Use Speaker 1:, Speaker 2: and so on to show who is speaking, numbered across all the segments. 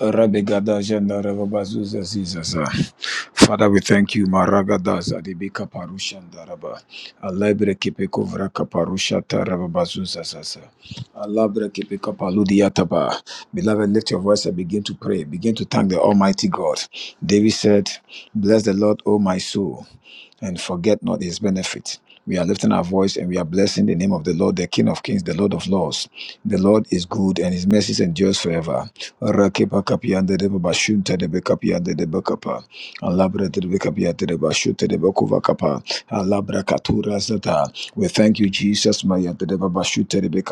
Speaker 1: Rabegada janda rababazuza zizaza. Father, we thank you. Maragadaza dibika parusha ndaraba. Alabre kipeko vraka parusha tarababazuza zaza. Alabre kipeka paludia taba. Beloved, lift your voice and begin to pray. Begin to thank the Almighty God. David said, Bless the Lord, O my soul and forget not his benefit. We are lifting our voice and we are blessing the name of the Lord, the King of Kings, the Lord of Lords. The Lord is good and his mercy endures forever. Rakepa kapiande de baba shunta de be de bakapa. Alabra de be de ba de bakuva kapa. Alabra katura zata. We thank you, Jesus. Maya de de baba shunta de be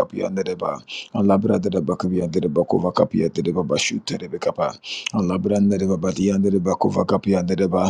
Speaker 1: de ba. Alabra de de bakapiande de bakuva kapiande de baba shunta de be Alabra de de baba diande de bakuva kapiande de ba.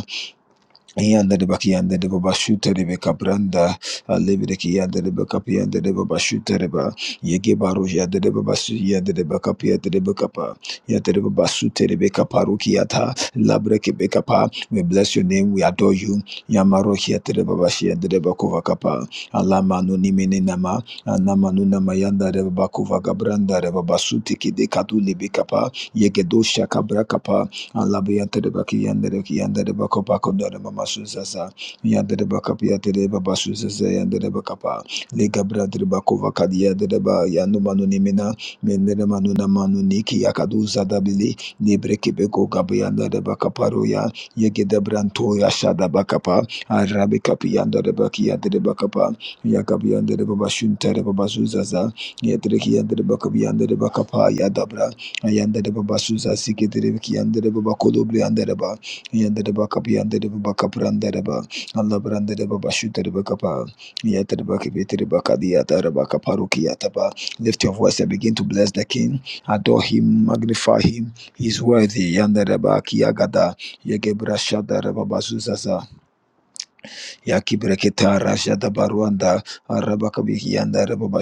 Speaker 1: Yanda da baki yanda da baba shuta da be kabranda alebe de ki yanda da baka pi yanda da baba shuta da ba yege baro yanda da baba su yanda da baka pi yanda da baka pa yanda da baba shuta da be kaparu ki yata labre ki be kapa we bless your name we adore you yamaro ki yanda da baba shi yanda da bako vakapa alama no ni mene nama anama no nama yanda da baba kuva kabranda da baba shuta ki de kadu lebe kapa yege do shaka bra kapa Alabiante de and the Ki and the Bacopaco Dada Mama Susasa, Yanda de Bacapia de Baba Susasa and the Bacapa, Legabra de Bacova Cadia de Ba, Yanu Manunimina, Mendere Manuna Manuniki Yakaduza Dabili, Libre Kibeko Gabianda de Bacaparoya, Yegida Brantoya Shada Bacapa, Arabi Capianda de Bakia de Bacapa, Yakabianda de Babashunta de Babasuzaza, Yetreki and the Bacabianda de Bacapa, Yadabra. Yandere baba suza sikidiri biki yandere baba kolobri yandere ba yandere ba kapı yandere baba kapı yandere ba Allah brandere baba şutere ba kapa yatere ba kibetire ba kadi yatere ba kaparu ki yata ba. Lift your voice and begin to bless the King. Adore him, magnify him. He's worthy. Yandere ba ki kiyagada yegebra şadere baba suza za yakibre ketara şada baruanda araba kabi yandere baba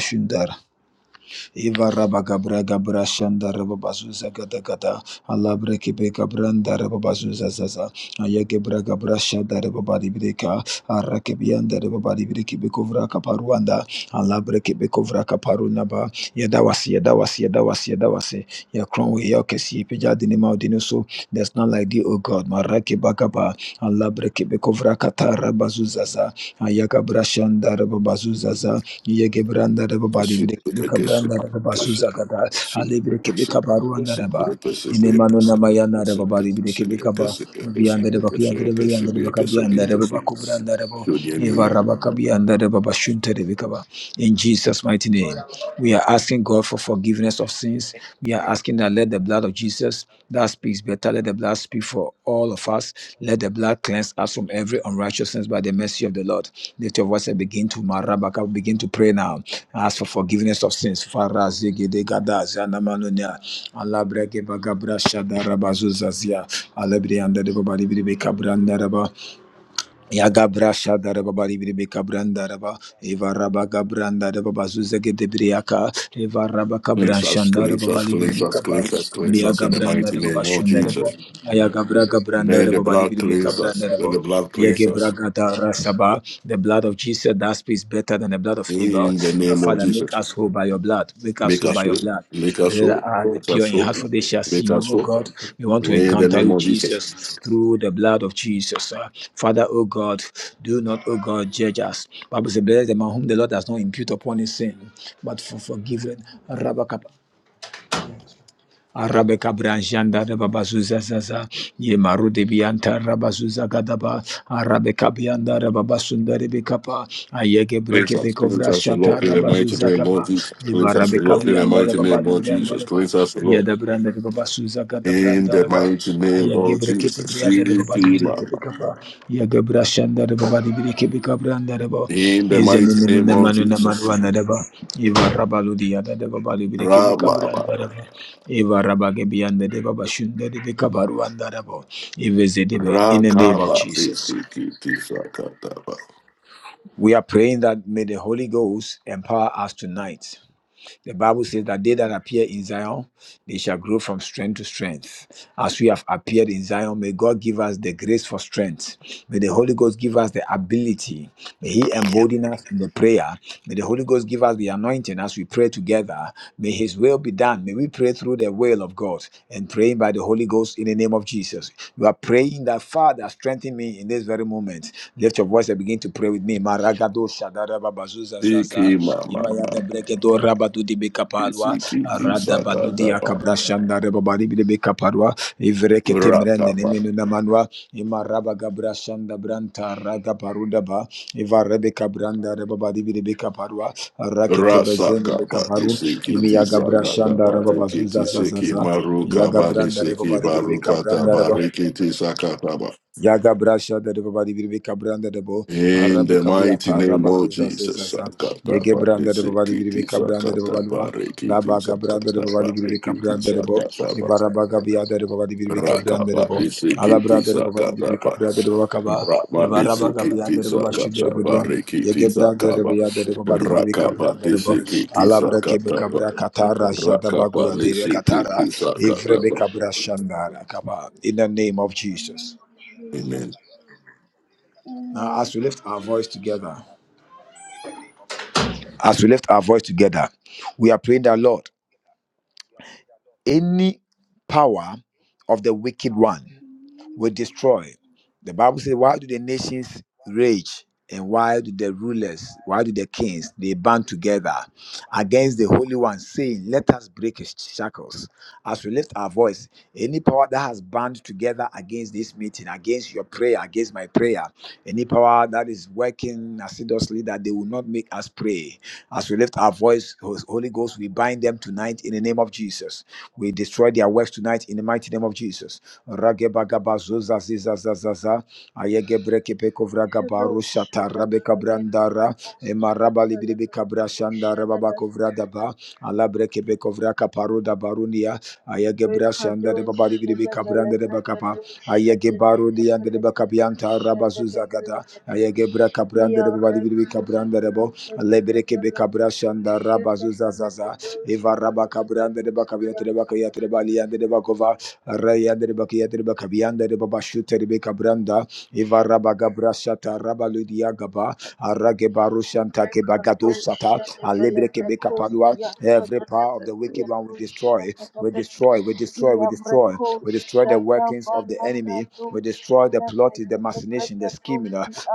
Speaker 1: Iva Rabagabra Gabra Shanda Rababazuza Gadagada, Alabre Kibeka Branda Rababazuza Zaza, Ayagebra Gabra Shada Rababadi Breka, Arakebianda Rababadi Breki Bekovra Kaparuanda, Alabre Kebekovra Kaparunaba, Yadawasi, Yadawasi, Yadawasi, Yadawasi, Yakronwe Yakesi, Pejadini Maudinuso, that's not like thee, O God, Marake Bagaba, Alabre Kebekovra Katara Bazuzaza, Ayaga brashanda raba bazuza za yege branda raba
Speaker 2: Cleanse
Speaker 1: badi bre bika branda raba bazuza gada ale bre bika baruanda anda raba ine mano na maya na raba badi bre bika ba vianda raba kiyanda raba yanda raba kabianda raba baku branda raba eva raba kabianda raba bashunte raba kaba in Jesus mighty Jesus' mighty name. We are asking God for forgiveness of sins. We are asking that let the blood of Jesus that speaks better, let the blood speak for all of us. Let the blood cleanse us from every unrighteousness by the mercy of the Lord. Lift your voice and begin to marabaka, begin to pray now. Ask for forgiveness of sins. Farazigedegada, zanamanonia, alabregebagabra, shadarabazuzazia, alebriandadebobadibribekabrandadaba. Yagabra shadara baba libri beka branda raba eva raba gabranda raba bazuze gede briaka eva raba kabran
Speaker 2: us,
Speaker 1: shandara
Speaker 2: cleanse
Speaker 1: baba
Speaker 2: us,
Speaker 1: libri
Speaker 2: cleanse us,
Speaker 1: beka ba
Speaker 2: cleanse us, cleanse
Speaker 1: biya
Speaker 2: us in the
Speaker 1: gabranda
Speaker 2: mighty
Speaker 1: raba
Speaker 2: name of
Speaker 1: bashunda raba
Speaker 2: Jesus.
Speaker 1: aya gabra gabranda
Speaker 2: May
Speaker 1: raba
Speaker 2: the
Speaker 1: baba
Speaker 2: blood
Speaker 1: libri beka
Speaker 2: cleanse us.
Speaker 1: branda
Speaker 2: May
Speaker 1: raba
Speaker 2: the blood cleanse
Speaker 1: yege
Speaker 2: us
Speaker 1: braga da rasaba the blood of Jesus that speaks better than the blood of blood of Abel.
Speaker 2: in the
Speaker 1: Uh,
Speaker 2: name of
Speaker 1: Father, make
Speaker 2: Jesus.
Speaker 1: us whole by your blood. Make us
Speaker 2: Make
Speaker 1: whole
Speaker 2: us
Speaker 1: by your
Speaker 2: whole,
Speaker 1: blood.
Speaker 2: make us
Speaker 1: They
Speaker 2: whole,
Speaker 1: are the
Speaker 2: make
Speaker 1: pure
Speaker 2: us
Speaker 1: in
Speaker 2: whole,
Speaker 1: heart, for they shall see
Speaker 2: make
Speaker 1: you,
Speaker 2: us
Speaker 1: oh
Speaker 2: whole
Speaker 1: God. We want to
Speaker 2: in the
Speaker 1: encounter
Speaker 2: name
Speaker 1: you,
Speaker 2: of Jesus.
Speaker 1: Jesus, through the blood of Jesus. Uh, Father, oh God, do not, oh God, judge us. Bible says, blessed the man whom the Lord does not impute upon his sin, but for forgiven. Arabe kabrajanda de babazuza zaza ye maru de bianta rabazuza gadaba arabe kabianda de babasunda de bekapa ayege
Speaker 2: Please
Speaker 1: breke
Speaker 2: us, please
Speaker 1: bekovra
Speaker 2: us, your
Speaker 1: shata
Speaker 2: Lord, in the mighty
Speaker 1: rabazuza
Speaker 2: name, Lord
Speaker 1: kapa
Speaker 2: Jesus.
Speaker 1: ye
Speaker 2: Please us,
Speaker 1: marabe
Speaker 2: your Lord, in the
Speaker 1: kabianda de
Speaker 2: mighty name,
Speaker 1: babali
Speaker 2: Lord
Speaker 1: branda
Speaker 2: Jesus.
Speaker 1: de ba
Speaker 2: Please us, your
Speaker 1: ye
Speaker 2: Lord,
Speaker 1: de branda de babasuza
Speaker 2: in
Speaker 1: gadabranda branda
Speaker 2: the
Speaker 1: de ba
Speaker 2: mighty name, Lord
Speaker 1: Gebrekete
Speaker 2: Jesus.
Speaker 1: briada de babali
Speaker 2: Siti
Speaker 1: breke
Speaker 2: Mama,
Speaker 1: bikapa. Ya gebra shanda de babali breke bikabra de ba.
Speaker 2: in the
Speaker 1: Ize
Speaker 2: mighty
Speaker 1: menu
Speaker 2: name,
Speaker 1: ne
Speaker 2: Lord
Speaker 1: manu ne manu
Speaker 2: Jesus.
Speaker 1: de ba. Iva rabalu diada de babali breke
Speaker 2: Rama
Speaker 1: bikabra de
Speaker 2: Mama,
Speaker 1: ba. Iva rabage bianda de baba shunda de bikabaru de ba. Ive zedebe. In the name of
Speaker 2: Rakaba,
Speaker 1: Jesus.
Speaker 2: Sikiti Sakataba,
Speaker 1: We are praying that may the Holy Ghost empower us tonight. The Bible says that they that appear in Zion, they shall grow from strength to strength. As we have appeared in Zion, may God give us the grace for strength. May the Holy Ghost give us the ability. May He embolden us in the prayer. May the Holy Ghost give us the anointing as we pray together. May His will be done. May we pray through the will of God and praying by the Holy Ghost in the name of Jesus. You are praying that Father, strengthen me in this very moment. Lift your voice and begin to pray with me. Maragado shadara babazuza zaza.
Speaker 2: Siki Mama Mama,
Speaker 1: Imayada brekedo rabadu di bekapalwa.
Speaker 2: Sikiti
Speaker 1: Arada badu di
Speaker 2: Sakataba,
Speaker 1: akabra shandare babari bi de bekaparwa. Ivreke temrende ne menu namanwa. Imaraba gabra shanda branta raga paruda ba. Ivarebe kabranda rebabadi bi de bekaparwa. Rakete bezende
Speaker 2: Rasaka
Speaker 1: bekaparu.
Speaker 2: Batisiki
Speaker 1: Imiyaga
Speaker 2: Sakata
Speaker 1: brashanda
Speaker 2: Barikiti
Speaker 1: rababazuza zaza
Speaker 2: Siki
Speaker 1: zaza.
Speaker 2: Maruka
Speaker 1: Yaga branda
Speaker 2: Banisiki
Speaker 1: rebabadi bi de
Speaker 2: Barukata
Speaker 1: bekabranda reba.
Speaker 2: Barikiti Sakataba.
Speaker 1: Yaga brasha da de baba di biribi kabranda de bo
Speaker 2: In
Speaker 1: arabe
Speaker 2: the
Speaker 1: kabia
Speaker 2: mighty name
Speaker 1: taraba
Speaker 2: of
Speaker 1: zuza zuza
Speaker 2: Jesus,
Speaker 1: za
Speaker 2: Sakata
Speaker 1: yege branda de baba di
Speaker 2: Banisiki
Speaker 1: biribi kabranda de baba
Speaker 2: Sakata
Speaker 1: lua la
Speaker 2: Barikiti
Speaker 1: baga branda de
Speaker 2: Sakata
Speaker 1: baba di biribi
Speaker 2: Barikiti
Speaker 1: kabranda de bo
Speaker 2: Sakataba.
Speaker 1: ivara baga bia da de baba di biribi
Speaker 2: Raka
Speaker 1: kabranda de bo ala
Speaker 2: Banisiki
Speaker 1: branda de baba di biribi
Speaker 2: Sakataba.
Speaker 1: kabranda de baba kaba ivara baga
Speaker 2: Ramanisiki
Speaker 1: bia da de baba shi de
Speaker 2: Sakata
Speaker 1: baba
Speaker 2: Barikiti
Speaker 1: yege branda de
Speaker 2: Sakaba.
Speaker 1: bia da de baba di biribi
Speaker 2: Raka
Speaker 1: kabranda de bo
Speaker 2: Banisiki
Speaker 1: ala brake be kabra katara jada bagu
Speaker 2: Rakapa
Speaker 1: adire
Speaker 2: nisi
Speaker 1: katara
Speaker 2: kiki saka
Speaker 1: ivrebe
Speaker 2: lapa.
Speaker 1: kabra shandara kaba in the name of Jesus
Speaker 2: Amen.
Speaker 1: now, as we lift our voice together, as we lift our voice together, we are praying that Lord, any power of the wicked one will destroy. The Bible says, Why do the nations rage? And why do the rulers, why do the kings, they band together against the Holy One, saying, Let us break his shackles. As we lift our voice, any power that has band together against this meeting, against your prayer, against my prayer, any power that is working assiduously that they will not make us pray. As we lift our voice, Holy Ghost, we bind them tonight in the name of Jesus. We destroy their works tonight in the mighty name of Jesus ragebagabazuza zizazazaza ayegebrekepekovragaba rushata rabekabrandara emarabalibribikabrashandarababakuvradaba alabrekebekovrakavarudabarunia ayegebrashandarebabalibiribikabrandarebakapa ayegebaruniandarebakabianta rabazuzagada ayegebrakabrandarababalibiribikabrandarebo lebrekebekabrashandarabazuzazaza evarabakabrandarebakabiatrebakayatrebaliandarebakova Rayandere Bakiyandere Bakabiyandere Babashutere Bekabranda, Ivara Bagabra Shata Rabaludia Gaba, Arage Barushanta Kebagado Sata, Alebre Kebeka Palua. Every power of the wicked one we destroy, we destroy, we destroy, we destroy, we destroy the workings of the enemy, we destroy the plot, the machination, the scheme.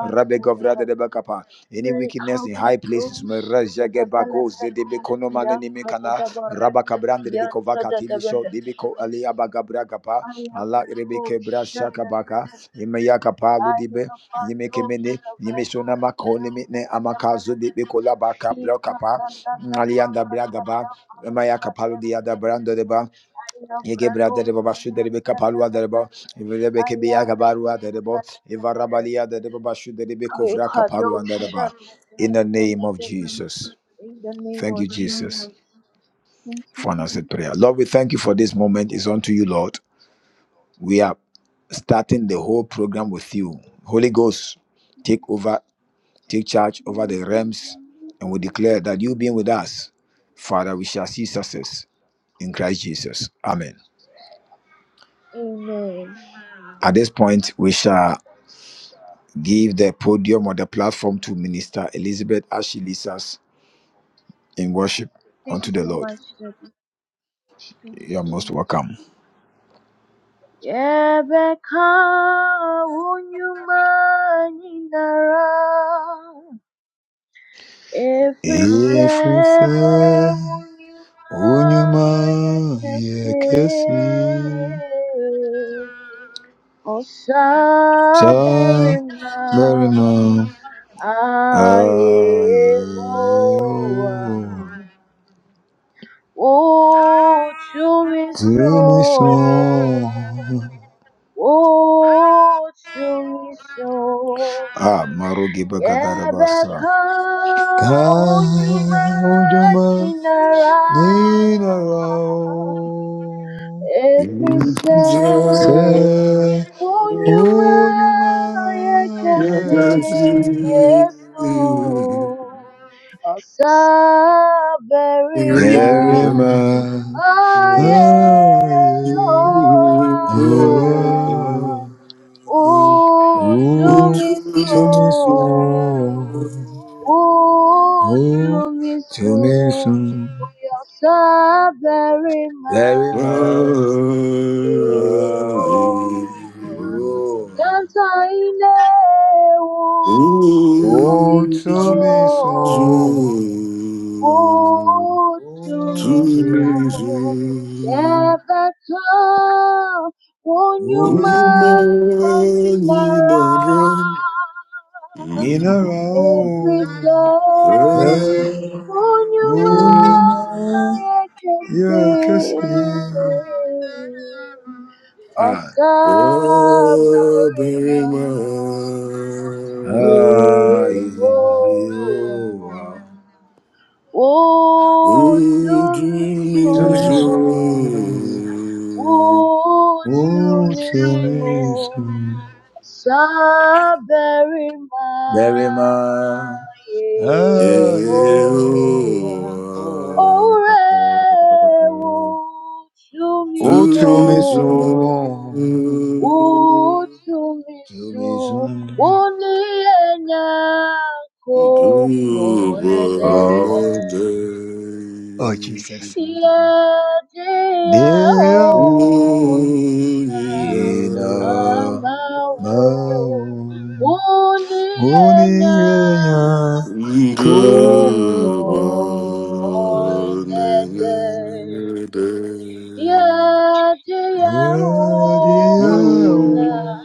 Speaker 1: Rabbe Govra de Bakapa. Any wickedness in high places, Meraja Gebago, Zedebe Konoman Nimikana, Rabakabran, Debekovaka Tilisho, Debeko Aliabagabragapa, Allah Rebeke Brashakabaka, Imayakapa Ludibe, Yimekemene, Yimeshonama Kolimine Amakazu, Debekola Baka, Brokapa, Alianda Bragaba, Maya kapalo. the other brand Yegebra dereba bashu derebe kapalwa dereba evrebe kebeya kabarwa dereba evarabalia dereba bashu derebe kovra kaparwa dereba. In the name of Jesus, thank you, Jesus, for an answered prayer. Lord, we thank you for this moment. It's unto you, Lord. We are starting the whole program with you. Holy Ghost, take over, take charge over the realms, and we declare that you being with us, Father, we shall see success in Christ Jesus. Amen. At this point, we shall. Give the podium or the platform to Minister Elizabeth as she leads us in worship unto the Lord. You are most welcome. Ɛfiri sɛ, wo nnwuma
Speaker 3: Oh, to me
Speaker 1: yɛ
Speaker 3: kese
Speaker 1: kɛse. Saa
Speaker 3: osaberima
Speaker 1: mmarima
Speaker 3: ayehowa utumiso
Speaker 1: so.
Speaker 3: utumiso
Speaker 1: Ah, Marugi Bagadarabasa.
Speaker 3: yebeka
Speaker 1: Ka
Speaker 3: unyuma
Speaker 1: ojuma
Speaker 3: ninara
Speaker 1: Ninarau
Speaker 3: Every step
Speaker 2: Jesus,
Speaker 1: se
Speaker 3: on your you mind?
Speaker 1: unyuma
Speaker 3: I can
Speaker 2: I bless
Speaker 1: yekesi
Speaker 3: say
Speaker 2: you.
Speaker 3: yes, oh, oh, very
Speaker 1: nerima
Speaker 3: much. Ah, yeah, oh,
Speaker 1: aye
Speaker 3: ah, oh,
Speaker 1: u
Speaker 3: to me
Speaker 1: tumiso
Speaker 3: so. Oo,
Speaker 1: u
Speaker 3: tumiso
Speaker 1: tumiso
Speaker 3: oyosha bere
Speaker 1: nerima
Speaker 3: maevo,
Speaker 1: aye
Speaker 2: Amen.
Speaker 3: ntsane wo
Speaker 1: u
Speaker 2: Oh,
Speaker 3: tumiso,
Speaker 2: Jesus,
Speaker 1: tumiso
Speaker 3: oo
Speaker 2: to
Speaker 3: tumiso,
Speaker 2: me,
Speaker 1: Outro,
Speaker 2: Jesus.
Speaker 3: yaba ka
Speaker 2: Oh,
Speaker 3: kunyuma
Speaker 2: man,
Speaker 1: olho,
Speaker 2: in
Speaker 3: inara.
Speaker 2: a drum.
Speaker 1: mineral,
Speaker 3: Every song on
Speaker 1: é,
Speaker 3: your way
Speaker 1: olho, mar,
Speaker 3: I
Speaker 2: Strawberry
Speaker 3: can
Speaker 1: e aqueci.
Speaker 3: see. Oh,
Speaker 1: Ai,
Speaker 3: Sabarima,
Speaker 2: man.
Speaker 1: ai,
Speaker 3: Yehovah.
Speaker 1: eu,
Speaker 3: Oh,
Speaker 2: Oh,
Speaker 3: to
Speaker 2: to
Speaker 3: me
Speaker 2: me,
Speaker 1: sumiço,
Speaker 3: so.
Speaker 2: Jesus.
Speaker 3: Oh, to
Speaker 1: o
Speaker 3: me
Speaker 1: sumiço,
Speaker 3: so. Saberi
Speaker 1: deve mar, ai,
Speaker 2: Yehovah,
Speaker 3: Yehovah, Ore
Speaker 2: to
Speaker 3: Utsumiso,
Speaker 1: outro,
Speaker 2: me
Speaker 1: me
Speaker 2: so
Speaker 1: soon. To me
Speaker 3: Utsumiso,
Speaker 1: soon.
Speaker 3: Uni Enya
Speaker 2: good
Speaker 3: Kopo
Speaker 2: on
Speaker 3: Enede.
Speaker 1: Oh,
Speaker 2: the
Speaker 1: Oh,
Speaker 2: day.
Speaker 1: Jesus.
Speaker 3: Yehovah,
Speaker 1: Dear oh,
Speaker 2: Ooh,
Speaker 1: Yena. oh, only yeah, could oh, any day. Yeah, dear
Speaker 2: Yonyina
Speaker 1: oh,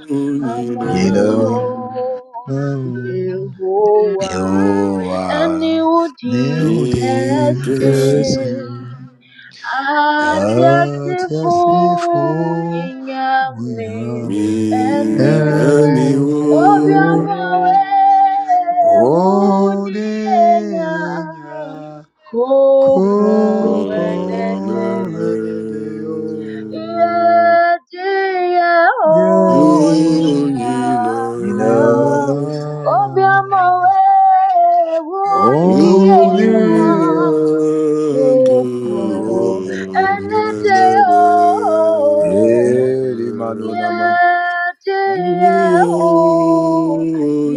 Speaker 1: Yena. oh,
Speaker 3: and
Speaker 1: Yehovah.
Speaker 3: you
Speaker 1: Neil
Speaker 2: kikasi
Speaker 3: did
Speaker 1: Dinkelsi.
Speaker 3: Atiasifu
Speaker 1: atasifu
Speaker 3: inyame
Speaker 2: mi
Speaker 1: uyame
Speaker 3: eniu
Speaker 2: aniwo
Speaker 1: eneo
Speaker 3: obiamowe huni enya
Speaker 1: onenya
Speaker 3: kopo
Speaker 1: kupo
Speaker 3: enede.
Speaker 2: onere
Speaker 1: enedeo
Speaker 3: Yediye
Speaker 1: yeo
Speaker 2: yonyina
Speaker 3: onyinama
Speaker 2: ma
Speaker 1: inama
Speaker 3: obiamowe huni
Speaker 2: nina,
Speaker 3: enya
Speaker 1: onenya
Speaker 3: kupo
Speaker 2: gubo
Speaker 1: kupo
Speaker 3: eneteo
Speaker 2: nenere
Speaker 1: elimanonama
Speaker 2: Yeah, yeah.
Speaker 3: yateo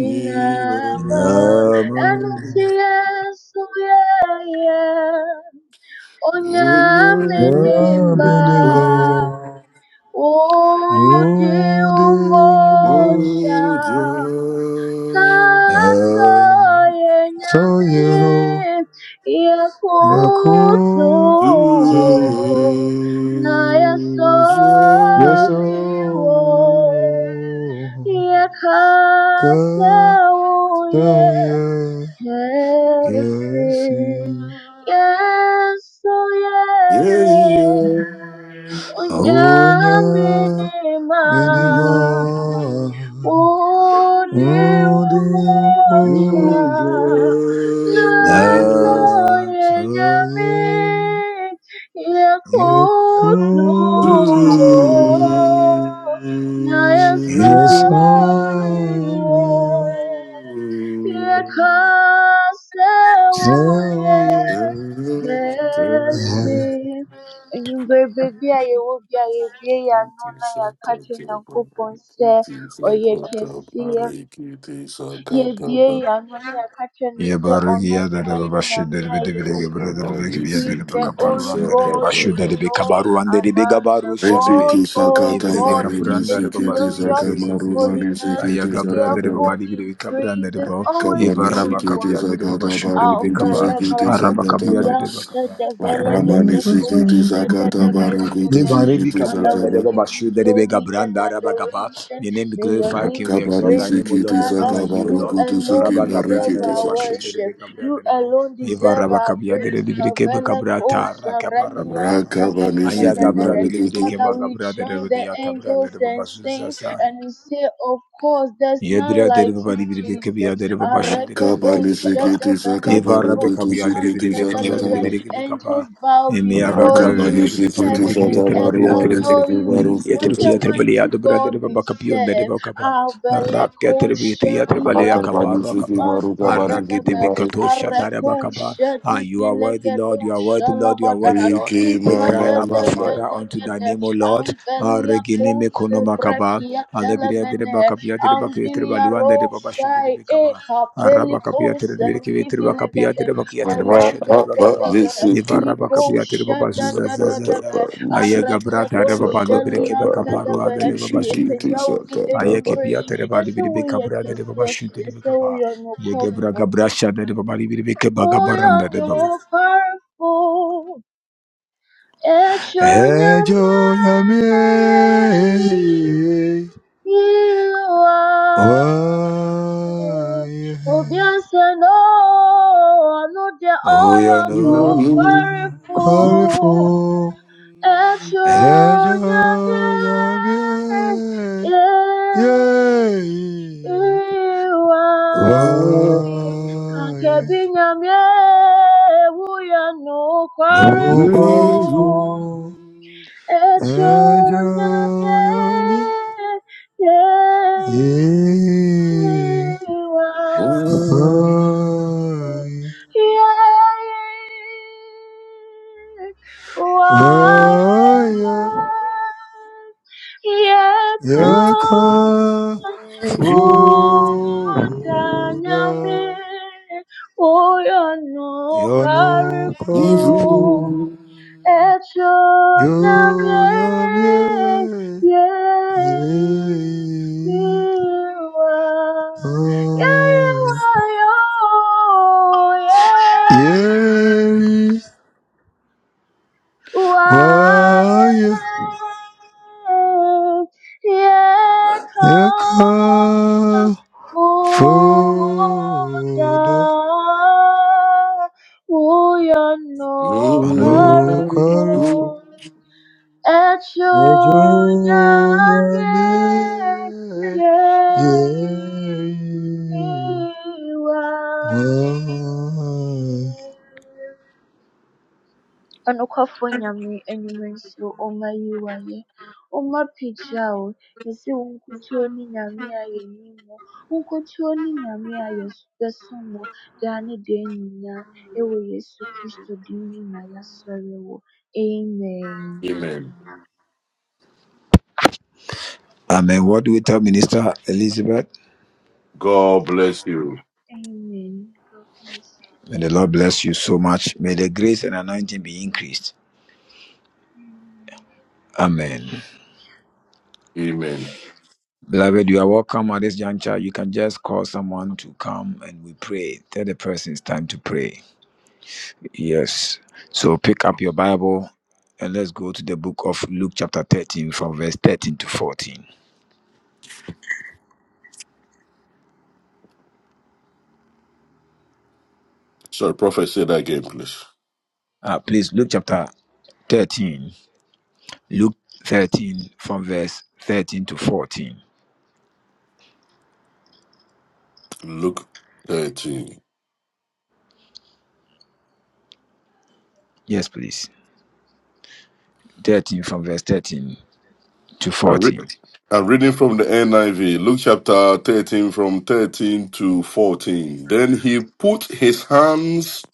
Speaker 3: inama
Speaker 1: inama
Speaker 3: anusiyesu yeye onyamenimba
Speaker 1: Nabinimo,
Speaker 3: uji
Speaker 1: Udimo,
Speaker 3: umoja Kasa yenye
Speaker 1: Soyero,
Speaker 3: ya
Speaker 1: Yakuti,
Speaker 3: kutuo na yasoriwo
Speaker 1: Yasoyo,
Speaker 3: ya kasa uye
Speaker 1: Katoya,
Speaker 3: yesi
Speaker 1: Kesi,
Speaker 3: Yesu yeye
Speaker 1: Onya,
Speaker 3: unyamini
Speaker 1: Minima,
Speaker 2: Mm.
Speaker 1: Udimo,
Speaker 2: Good.
Speaker 1: Natoye, Yekutu Yesoriya Sewi
Speaker 3: Baby, be a you,
Speaker 2: Rikiti
Speaker 1: Yebarugi yadara başı deri bede bile gebere deri the bir yadere be kaparu an deri başı deri be kabaru an deri be gabaru şade be
Speaker 2: sakata
Speaker 1: the be
Speaker 2: marini
Speaker 1: kapuran deri be
Speaker 2: sikiti
Speaker 1: basu se se the
Speaker 2: sakamaru
Speaker 1: se se
Speaker 2: mani
Speaker 1: Aya
Speaker 2: sikiti
Speaker 1: gabra deri be
Speaker 2: sakata
Speaker 1: bari bile be kabran deri be
Speaker 2: Kabani sikiti sakata barukutu sikiti sakata ba. Ramani sikiti sakata
Speaker 1: May
Speaker 2: barukutu
Speaker 1: my Rebbe
Speaker 2: sikiti
Speaker 1: the
Speaker 2: sakaba.
Speaker 1: Rebbe Bashu, the Rebbe Gabran, the Your name be glorified, King. We exalt
Speaker 2: Rakabani
Speaker 1: thy name, O Lord.
Speaker 2: sikiti
Speaker 1: There's none like
Speaker 2: sakaba
Speaker 1: you, O Lord.
Speaker 2: rukutu
Speaker 1: Rabba Gabran, the
Speaker 2: sikibarikiti
Speaker 1: Rebbe Bashu, the
Speaker 2: sakata.
Speaker 1: Rebbe Gabran, the Rebbe. Eva Rabba Kabia, the Rebbe Keba Gabra, Tara
Speaker 2: Rakabani
Speaker 1: Aya Gabra, the Rebbe
Speaker 2: sikibarikiti.
Speaker 1: Gabra, the Rebbe Yatabra, the Rebbe Bashu Zasa. Yebra deri baba deri biri beke biya deri baba şi deri biri beke
Speaker 2: Rakabani
Speaker 1: beka ba.
Speaker 2: sikiti sakaba
Speaker 1: Evara beka
Speaker 2: rukutu
Speaker 1: biya deri
Speaker 2: sikiti
Speaker 1: biri beka biya
Speaker 2: sakata
Speaker 1: deri
Speaker 2: ba.
Speaker 1: biri beke beka ba. Emiya gabra deri
Speaker 2: Rakabani
Speaker 1: biri beke beka
Speaker 2: sikiti
Speaker 1: biri beke biya deri
Speaker 2: sakaba
Speaker 1: beke biya deri
Speaker 2: rumani
Speaker 1: ba.
Speaker 2: sikibarukutu
Speaker 1: Yeter ki yeter
Speaker 2: sikiti.
Speaker 1: bali ya dobra deri baba kapiyon deri baba kapa. Rak ya deri bi yeter yeter bali ya kapa
Speaker 2: Rakabani
Speaker 1: rak kapa. Arak ya deri beke
Speaker 2: sikibarukabani
Speaker 1: tosha deri baba kapa. Ah, you are worthy, Lord. You are worthy, Lord. You are worthy, Lord.
Speaker 2: Iki
Speaker 1: We
Speaker 2: mama
Speaker 1: cry, Abba
Speaker 2: mama.
Speaker 1: Father, unto thy name, O Lord. Ah, Regine me kono makaba. Alebria de bakapia de bakia de baluanda de babashu de bekaba. Araba kapia de bikavia de bakapia de bakia de bashu de
Speaker 2: Rakapa
Speaker 1: bakaba.
Speaker 2: nisiki.
Speaker 1: Ivara bakapia de babasu
Speaker 2: Sakata ba
Speaker 1: zazazaza. Aye
Speaker 2: nisiki.
Speaker 1: gabra de babalu
Speaker 2: Sakata
Speaker 1: brekeba
Speaker 2: ba
Speaker 1: kaparua de
Speaker 2: hukutu
Speaker 1: babashu
Speaker 2: shiki.
Speaker 1: de ba.
Speaker 2: Sakata
Speaker 1: Aye
Speaker 2: ba.
Speaker 1: kepia de babalu brekabra de babashu de bekaba. Ye gabra gabra sha de babalu brekeba gabaranda de Hey Joe, yeah me,
Speaker 3: be
Speaker 1: yeah,
Speaker 3: a
Speaker 1: yeah.
Speaker 3: Obiase no anu de
Speaker 1: Oh
Speaker 3: oyo
Speaker 1: yeah,
Speaker 3: no
Speaker 1: no,
Speaker 2: Yalu.
Speaker 1: I'm
Speaker 3: kwarifu
Speaker 1: sorry for.
Speaker 3: echo
Speaker 1: Hey
Speaker 3: nyabi
Speaker 1: Joe, yeah me,
Speaker 3: ye
Speaker 1: yeah, yeah.
Speaker 3: iwa
Speaker 2: Why?
Speaker 3: ye kanke binyamye wuya no
Speaker 1: No, I'm
Speaker 3: kwarifu
Speaker 1: sorry for.
Speaker 3: Echo
Speaker 1: Hey
Speaker 3: nyamye
Speaker 1: Joe, yeah me,
Speaker 3: ye
Speaker 1: yeah,
Speaker 3: iwa
Speaker 1: yeah.
Speaker 3: ye wa
Speaker 1: Yeah, yeah,
Speaker 3: ye ko
Speaker 1: yeah, yeah.
Speaker 2: you- Why?
Speaker 3: fu
Speaker 2: you-
Speaker 3: ta
Speaker 1: Fuda
Speaker 3: nyamye o no
Speaker 1: Yano
Speaker 3: kwari
Speaker 2: If
Speaker 1: Kalfu
Speaker 2: we-
Speaker 1: Yo
Speaker 3: 애초남의 예의와 예의와요
Speaker 1: Ye Waya
Speaker 3: 예의와
Speaker 1: Yaka
Speaker 3: 예의가 모자
Speaker 1: Fuda
Speaker 3: 우연노
Speaker 1: Ano
Speaker 3: 과를
Speaker 1: Kalfu
Speaker 3: 보 Echo
Speaker 1: Ejo
Speaker 3: nyame
Speaker 1: Nyame Ye
Speaker 3: yeiwa.
Speaker 1: Waya
Speaker 3: Ɔnokwafoɔ nyame enyuma nsuo ɔma yiwa yɛ. Ɔma pagya o. Yɛse wo nkukuo ne nyame a yɛni
Speaker 2: Amen.
Speaker 1: Amen. What do we tell Minister Elizabeth?
Speaker 2: God bless you.
Speaker 1: May the Lord bless you so much. May the grace and anointing be increased. Amen.
Speaker 2: Amen.
Speaker 1: Beloved, you are welcome at this juncture. You can just call someone to come and we pray. Tell the person it's time to pray. Yes. So pick up your Bible and let's go to the book of Luke chapter 13 from verse 13 to 14.
Speaker 2: Sorry, prophet, say that again, please.
Speaker 1: Uh, please, Luke chapter 13. Luke 13 from verse 13 to 14.
Speaker 2: Luke 13.
Speaker 1: Yes, please. 13 from verse 13 to
Speaker 2: I'm, re-
Speaker 1: 14.
Speaker 2: I'm reading from the NIV, Luke chapter 13, from 13 to 14. Then he put his hands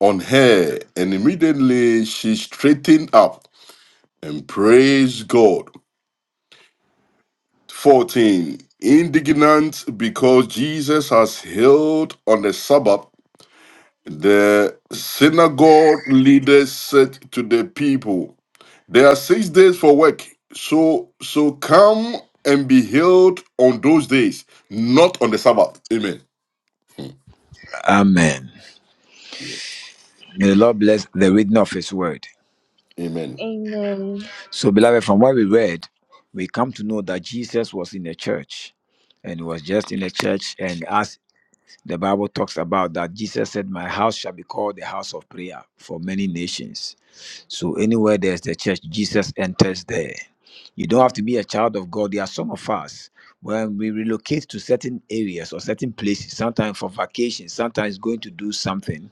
Speaker 2: on her, and immediately she straightened up and praised God. 14. Indignant because Jesus has healed on the Sabbath, the synagogue leaders said to the people, There are six days for work, so so come and be healed on those days, not on the Sabbath. Amen.
Speaker 1: Amen.
Speaker 2: Yeah.
Speaker 1: May the Lord bless the reading of His word.
Speaker 2: Amen.
Speaker 3: Amen.
Speaker 1: So, beloved, from what we read, we come to know that Jesus was in a church and he was just in a church. And as the Bible talks about that, Jesus said, My house shall be called the house of prayer for many nations. So, anywhere there's the church, Jesus enters there. You don't have to be a child of God. There are some of us when we relocate to certain areas or certain places, sometimes for vacation, sometimes going to do something.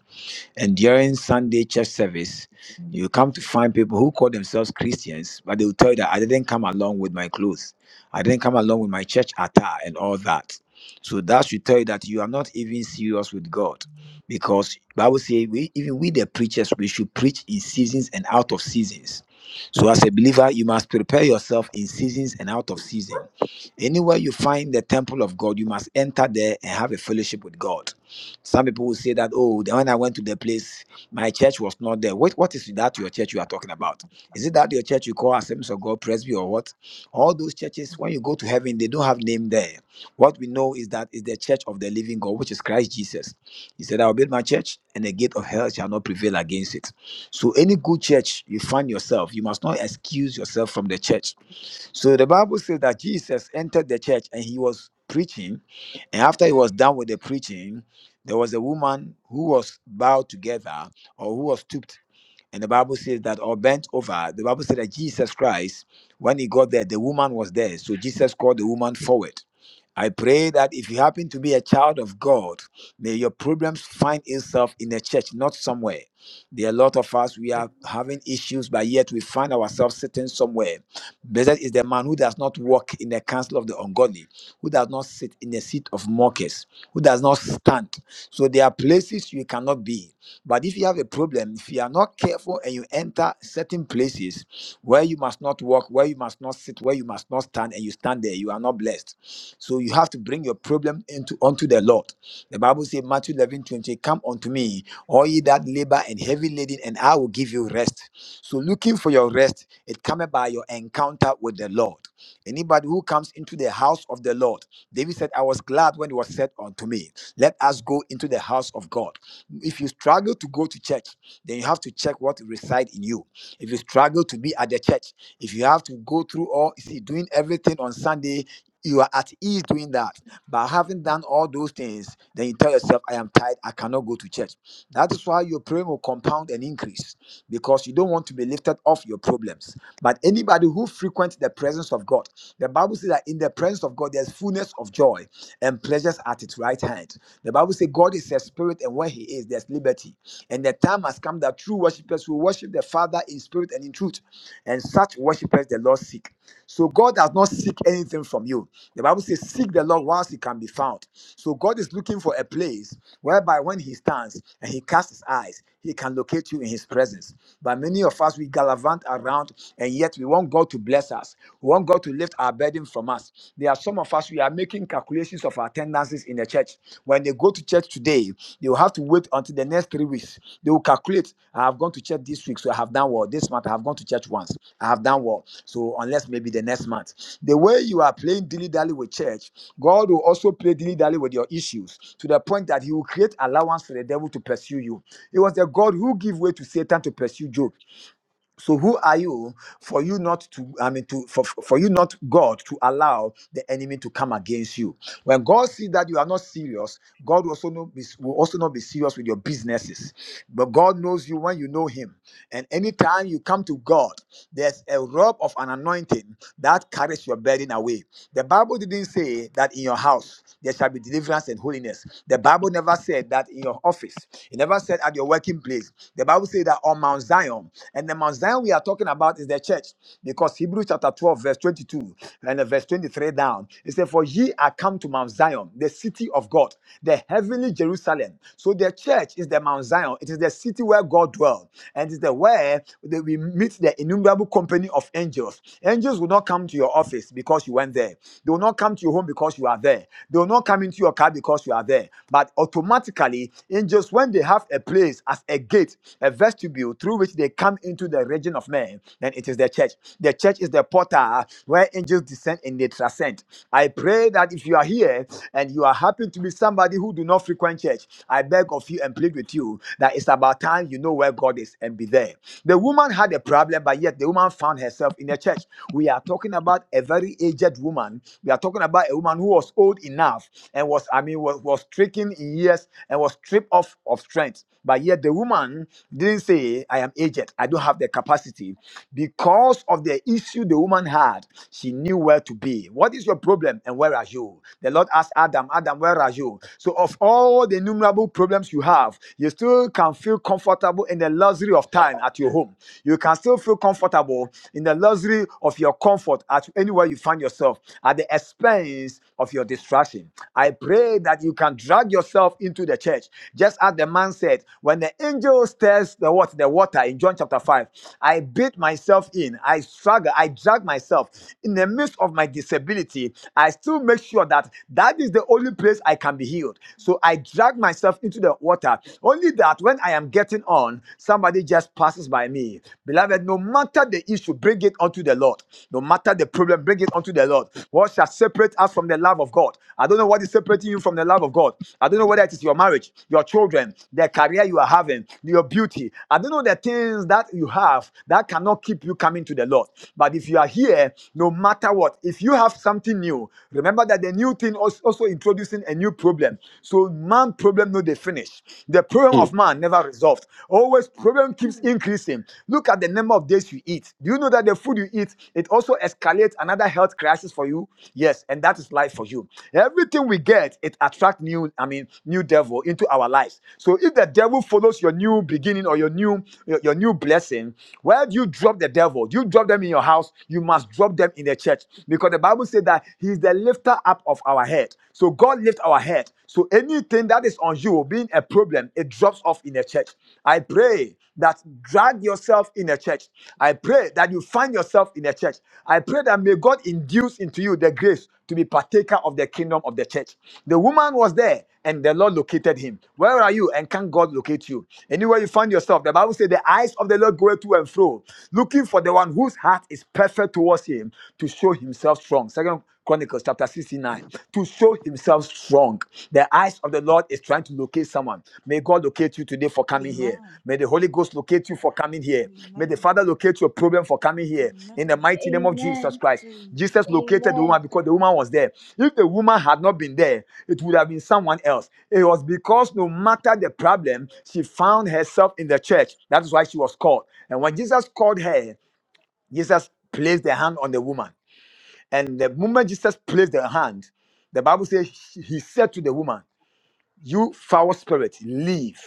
Speaker 1: And during Sunday church service, you come to find people who call themselves Christians, but they will tell you that I didn't come along with my clothes. I didn't come along with my church attire and all that. So that should tell you that you are not even serious with God. Because Bible says we even we the preachers, we should preach in seasons and out of seasons. So as a believer, you must prepare yourself in seasons and out of season. Anywhere you find the temple of God, you must enter there and have a fellowship with God. Some people will say that, oh, then when I went to the place, my church was not there. What, what is that your church you are talking about? Is it that your church you call Assemblies of God Presby or what? All those churches, when you go to heaven, they don't have name there. What we know is that is the church of the living God, which is Christ Jesus. He said, I will build my church, and the gate of hell shall not prevail against it. So any good church you find yourself, you must not excuse yourself from the church so the Bible says that Jesus entered the church and he was preaching. And after he was done with the preaching, there was a woman who was bowed together or who was stooped and the Bible says that, or bent over, the Bible said that Jesus Christ, when he got there, the woman was there. So Jesus called the woman forward. I pray that if you happen to be a child of God, may your problems find itself in a church, not somewhere. There are a lot of us, we are having issues, but yet we find ourselves sitting somewhere. Blessed is the man who does not walk in the counsel of the ungodly, who does not sit in the seat of mockers, who does not stand. So there are places you cannot be. But if you have a problem, if you are not careful and you enter certain places where you must not walk, where you must not sit, where you must not stand, and you stand there, you are not blessed. So you have to bring your problem into unto the Lord. The Bible says, Matthew 11:20, come unto me, all ye that labor and heavy laden, and I will give you rest. So looking for your rest, it cometh by your encounter with the Lord. Anybody who comes into the house of the Lord, David said, I was glad when it was said unto me, Let us go into the house of God. If you struggle to go to church, then you have to check what reside in you. If you struggle to be at the church, if you have to go through all, you see, doing everything on Sunday, you are at ease doing that. But having done all those things, then you tell yourself, I am tired, I cannot go to church. That is why your praying will compound and increase because you don't want to be lifted off your problems. But anybody who frequents the presence of God, the Bible says that in the presence of God, there's fullness of joy and pleasures at its right hand. The Bible says God is a spirit, and where He is, there's liberty. And the time has come that true worshipers will worship the Father in spirit and in truth. And such worshipers, the Lord the Lord seek. So God does not seek anything from you. The Bible says, Seek the Lord whilst he can be found. So God is looking for a place whereby when he stands and he casts his eyes, he can locate you in his presence. But many of us, we gallivant around and yet we want God to bless us. We want God to lift our burden from us. There are some of us, we are making calculations of our tendencies in the church church. When they go to church today, they will have to wait until the next three weeks. They will calculate, I have gone to church this week, so I have done what? This month, I have gone to church once. I have done what? So unless maybe the next month. The way you are playing dilly-dally with church, God will also play dilly-dally with your issues to the point that he will create allowance for the devil to pursue you. It was the God who gave way to Satan to pursue Job. So who are you for you not to I mean to for, for you not God to allow the enemy to come against you? When God sees that you are not serious, God will also not be, will also not be serious with your businesses. But God knows you when you know Him. And anytime you come to God, there's a robe of an anointing that carries your burden away. The Bible didn't say that in your house there shall be deliverance and holiness. The Bible never said that in your office. It never said at your working place. The Bible said that on Mount Zion. And the Mount Zion we are talking about is the church because Hebrews chapter 12, verse 22 and uh, verse 23 down. It said, For ye are come to Mount Zion, the city of God, the heavenly Jerusalem. So the church is the Mount Zion. It is the city where God dwells. And it is the where that we meet the innumerable company of angels. Angels will not come to your office because you went there. They will not come to your home because you are there. They will not come into your car because you are there. But..." But automatically, angels, when they have a place as a gate, a vestibule through which they come into the region of men, then it is the church. The church is the portal where angels descend and they transcend. I pray that if you are here and you are happy to be somebody who do not frequent church, I beg of you and plead with you that it's about time you know where God is and be there. The woman had a problem, but yet the woman found herself in the church. We are talking about a very aged woman. We are talking about a woman who was old enough and was, I mean, was, was stricken in years and was stripped off of strength. But yet the woman didn't say, I am aged. I don't have the capacity. Because of the issue the woman had, she knew where to be. What is your problem and where are you? The Lord asked Adam, Adam, where are you? So, of all the innumerable problems you have, you still can feel comfortable in the luxury of time at your home. You can still feel comfortable in the luxury of your comfort at anywhere you find yourself at the expense of your distraction. I pray that you can drag yourself into the church. Just as the man said, when the angel stirs the what the water in John chapter 5, I bid myself myself in. I struggle. I drag myself in the midst of my disability. I still make sure that that is the only place I can be healed. So I drag myself into the water. Only that when I am getting on, somebody just passes by me. Beloved, no matter the issue, bring it unto the Lord. No matter the problem, bring it unto the Lord. What shall separate us from the love of God? I don't know what is separating you from the love of God. I don't know whether it is your marriage, your children, the career you are having, your beauty. I don't know the things that you have that cannot keep keep you coming to the Lord. But if you are here, no matter what, if you have something new, remember that the new thing is also introducing a new problem. So man problem no they finish. The problem
Speaker 2: Hmm.
Speaker 1: of man never resolved. Always problem keeps increasing. Look at the number of days you eat. Do you know that the food you eat it also escalates another health crisis for you? Yes, and that is life for you. Everything we get it attracts new. I mean new devil into our lives. So if the devil follows your new beginning or your new your, your new blessing, where do you drop the the devil. You drop them in your house, you must drop them in the church because the Bible says that He is the lifter up of our head. So God lifts our head. So anything that is on you being a problem, it drops off in the church. I pray that drag yourself in the church. I pray that you find yourself in the church. I pray that may God induce into you the grace to be partaker of the kingdom of the church. The woman was there and the Lord located him. Where are you? And can God locate you? Anywhere you find yourself, the Bible says the eyes of the Lord go to and fro, looking looking for the one whose heart is perfect towards him to show himself strong. Second Chronicles chapter 69. To show himself strong. The eyes of the Lord is trying to locate someone. May God locate you today for
Speaker 4: Amen.
Speaker 1: coming here.
Speaker 4: Amen.
Speaker 1: May the Holy Ghost locate you for coming here.
Speaker 4: Amen.
Speaker 1: May the Father locate your problem for coming here. In the
Speaker 4: Amen.
Speaker 1: mighty name of Jesus Christ.
Speaker 4: Amen.
Speaker 1: Jesus located the woman because the woman was there. If the woman had not been there, it would have been someone else. It was because no matter the problem, she found herself in the church. That is why she was called. And when Jesus called her, Jesus placed the hand on the woman. And the moment Jesus placed the hand, the Bible says he he said to the woman, You foul spirit, leave.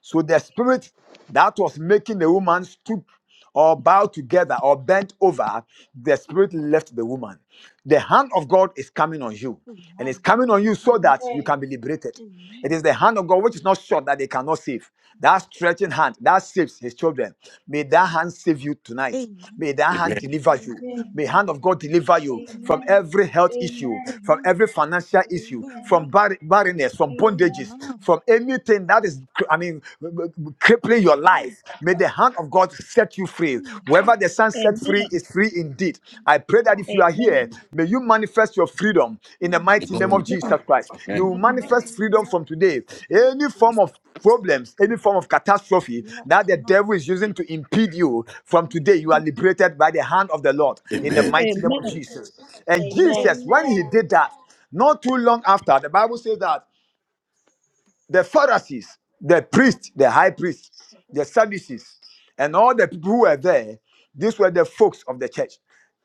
Speaker 1: So the spirit that was making the woman stoop or bow together or bent over, the spirit left the woman. The hand of God is coming on you, and it's
Speaker 4: Amen.
Speaker 1: coming on you so that you can be liberated. It
Speaker 4: Amen.
Speaker 1: is the hand of God which is not short that they cannot save. That stretching hand that saves his children. May that hand save you tonight. May
Speaker 4: Amen.
Speaker 1: that hand
Speaker 2: Amen.
Speaker 1: deliver you. May the hand
Speaker 4: Amen.
Speaker 1: of God deliver you from every health issue, from
Speaker 4: Amen.
Speaker 1: every financial issue, from
Speaker 4: Amen.
Speaker 1: bar- barrenness, from bondages,
Speaker 4: Amen.
Speaker 1: from anything that is, I mean, crippling your
Speaker 4: Mm,
Speaker 1: life. May the hand of God set you free.
Speaker 4: mm,
Speaker 1: Wherever the sun sets set free
Speaker 5: Amen.
Speaker 1: is free indeed. I pray that
Speaker 4: Lord.
Speaker 1: if you are
Speaker 5: Amen.
Speaker 1: here, may you manifest your freedom in the mighty
Speaker 4: Amen.
Speaker 1: name of
Speaker 2: Amen.
Speaker 5: Amen.
Speaker 1: Jesus Christ. You will
Speaker 5: Have
Speaker 2: Amen.
Speaker 5: mercy.
Speaker 4: Amen.
Speaker 1: manifest freedom from today. Any form
Speaker 4: Jesus.
Speaker 1: of problems, any form of catastrophe that
Speaker 4: Yes,
Speaker 1: the
Speaker 4: Lord
Speaker 1: devil is using to impede you from today, you are
Speaker 4: Jesus.
Speaker 5: Jesus.
Speaker 1: liberated by the hand of the Lord in the
Speaker 2: Amen.
Speaker 4: Amen.
Speaker 1: mighty name of
Speaker 5: Amen.
Speaker 1: Jesus. And
Speaker 5: Amen.
Speaker 1: Jesus, when he did that, not too long after, the Bible says that the Pharisees, the priests, the high priests, the Sadducees, and all the people who were there, these were the folks of the church.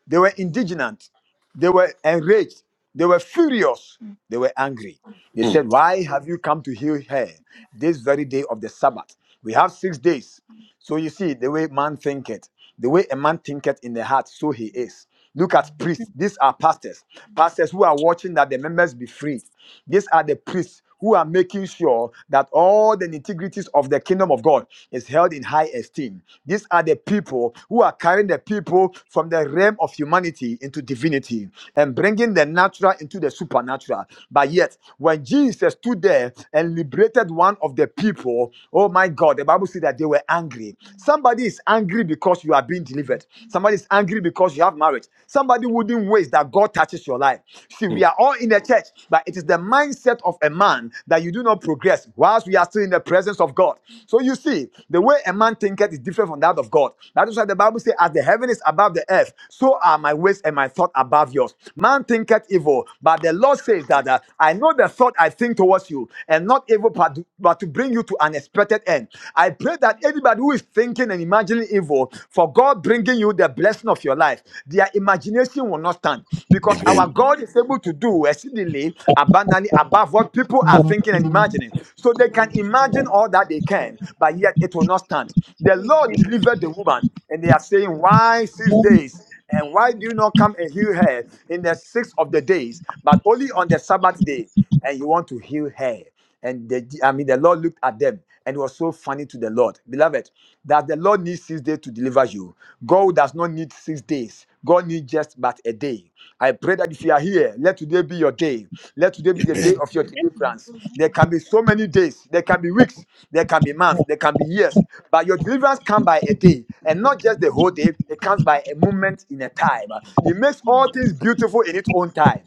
Speaker 1: They were indignant, they were enraged, they were furious,
Speaker 4: Mm,
Speaker 1: they were angry. They
Speaker 2: Hmm.
Speaker 1: said, Why have you come to heal her this very day of the Sabbath? We have six days so you see, the way man thinketh, the way a man thinketh in the heart, so he is. Look at priests. These are pastors. Pastors who are watching that the members be freed. These are the priests who are making sure that all the integrities of the kingdom of God is held in high esteem. These are the people who are carrying the people from the realm of humanity into divinity and bringing the natural into the supernatural. But yet, when Jesus stood there and liberated one of the people, Oh my God, the Bible says that they were angry.
Speaker 4: mm,
Speaker 1: Somebody is angry because you are being delivered.
Speaker 4: mm,
Speaker 1: Somebody is angry because you have marriage. Somebody wouldn't waste that God touches your life. See,
Speaker 2: Hmm.
Speaker 1: we are all in the church, but it is the mindset of a man that you do not progress whilst we are still in the presence of God. So you see, the way a man thinketh is different from that of God. That is why the Bible says, as the heaven is above the earth, so are my ways and my thought above yours. Man thinketh evil, but the Lord says that uh, I know the thought I think towards you, and not not evil, but to, but to bring you to an expected end. I pray that
Speaker 4: mm.
Speaker 1: anybody who is thinking and imagining evil, for God bringing you the blessing of your life, their imagination will not stand because our
Speaker 2: Amen.
Speaker 1: God
Speaker 4: Amen.
Speaker 1: is able to do exceedingly abundantly above what people are thinking and imagining. So they can
Speaker 4: Yes.
Speaker 1: imagine all that they can, but yet it will not stand. The Lord delivered the woman, and they are saying, Why six days? And
Speaker 4: Amen. Mm,
Speaker 1: why do you not come and heal her in the sixth of the days, but only on the Sabbath day? And you want to heal her. And the, I mean, the Lord looked at them and it was so funny to the Lord. Beloved, that the Lord needs six days to deliver you. God does not need six days. God needs just but a day. I pray that if you are here, let today be your day. Let today
Speaker 4: mm,
Speaker 1: be the day
Speaker 2: Amen.
Speaker 1: of your deliverance. There
Speaker 4: Amen.
Speaker 1: can be so many days. There can be weeks. There can be months. There can be years. But your deliverance comes by a day. And not just the whole day. It comes by a moment in a time.
Speaker 4: Mm,
Speaker 1: He makes all things beautiful in its own time.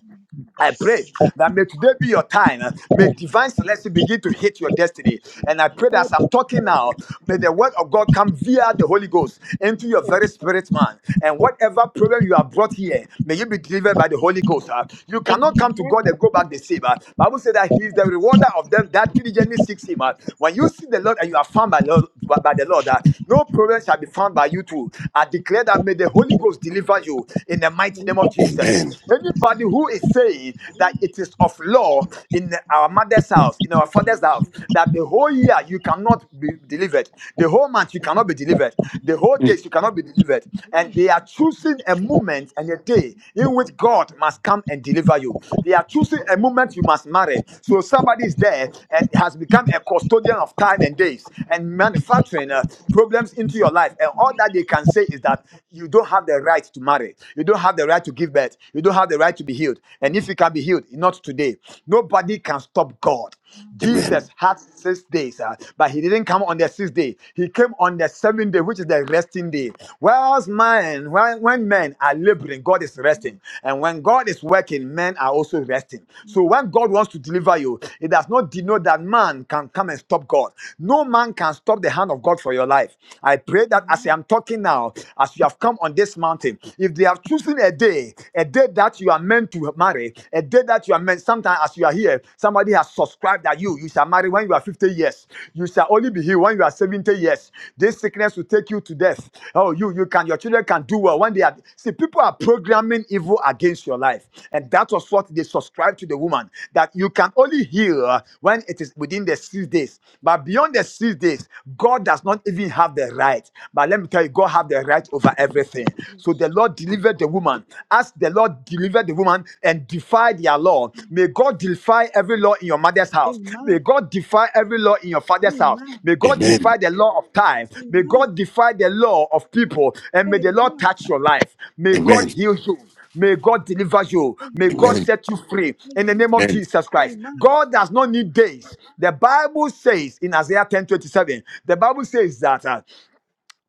Speaker 1: I pray that may today be your time. May divine selection begin to hit your destiny.
Speaker 4: mm,
Speaker 1: And I pray that as I'm talking now, may the word of God come via the Holy Ghost into your
Speaker 4: mm,
Speaker 1: very
Speaker 5: Amen.
Speaker 1: spirit, man. And whatever problem you have brought here, may you be delivered by the Holy Ghost. ah. You cannot come to God
Speaker 5: Amen.
Speaker 1: and go back the same. ah. Bible says that He is the rewarder of them that diligently seeks Him. ah. When you see the Lord and you are found by, Lord, by by the Lord, ah, no problem shall be found by you too. I declare that may the Holy Ghost deliver you in the mighty name of
Speaker 2: Amen.
Speaker 1: Jesus. Anybody who is saying that
Speaker 4: Amen.
Speaker 1: it is of law in our mother's house, in our father's
Speaker 4: Yes,
Speaker 1: house, that the whole year you cannot be delivered, the whole month you cannot be delivered, the
Speaker 4: Jesus.
Speaker 1: whole
Speaker 2: Hmm.
Speaker 1: days you cannot be delivered, and
Speaker 4: Jesus.
Speaker 1: they are choosing a moment and a day in which
Speaker 4: Jesus.
Speaker 1: God must come and deliver you. They are choosing a moment you must marry. So somebody is there and has become a custodian of time and days and manufacturing uh, problems into your life. And all that they can say is that you don't have the right to marry. You don't have the right to give birth. You don't have the right to be healed. And
Speaker 4: Mm,
Speaker 1: if you can be healed, not today. Nobody can stop God.
Speaker 4: my God.
Speaker 1: Jesus
Speaker 2: Amen.
Speaker 1: had six days, uh, but he didn't come on the sixth day. He came on the seventh day, which is the resting day.
Speaker 4: Yes.
Speaker 1: Whereas man, when, when men are laboring, God is resting.
Speaker 4: Mm,
Speaker 1: And when God is working, men are also resting. So
Speaker 4: mm.
Speaker 1: when God wants to deliver you, it does not denote that man can come and stop God. No man can stop the hand of God for your life. I pray that as I
Speaker 4: Amen.
Speaker 1: am talking now, as you have come on this mountain. If they have chosen a day, a day that you are meant to marry, a day that you are meant, sometimes as you are here, somebody has subscribed that you, you shall marry when you are 50 years. You shall only be here when you are 70 years.
Speaker 4: Mm,
Speaker 1: This sickness will take you to death. Oh, you, you can, your children can do well when they are. See, people are programming evil against your life. And that was what they subscribed to the woman that you can only heal when it is within the six days. But beyond the six days, God does not even have the right. But let me tell you, God. God have the right over everything. So
Speaker 4: Yes.
Speaker 1: the Lord delivered the woman. As the Lord delivered the woman and defied their law,
Speaker 4: Mm.
Speaker 1: may God defy every law in your mother's house. May
Speaker 4: Amen.
Speaker 1: God defy every law in your father's house.
Speaker 4: Amen.
Speaker 1: May God
Speaker 2: Amen.
Speaker 1: defy the law of time. May
Speaker 4: Amen.
Speaker 1: God defy the law of people. And may the
Speaker 4: Very
Speaker 1: Lord
Speaker 4: good.
Speaker 1: touch your life. May
Speaker 2: Amen.
Speaker 1: God heal you. May God deliver you. May God
Speaker 4: Amen.
Speaker 2: Amen.
Speaker 1: set you free in the name
Speaker 4: Amen.
Speaker 1: of
Speaker 2: Amen.
Speaker 1: Jesus Christ.
Speaker 4: Amen.
Speaker 1: God does not need days. The Bible says in Isaiah ten twenty seven. the Bible says that. uh,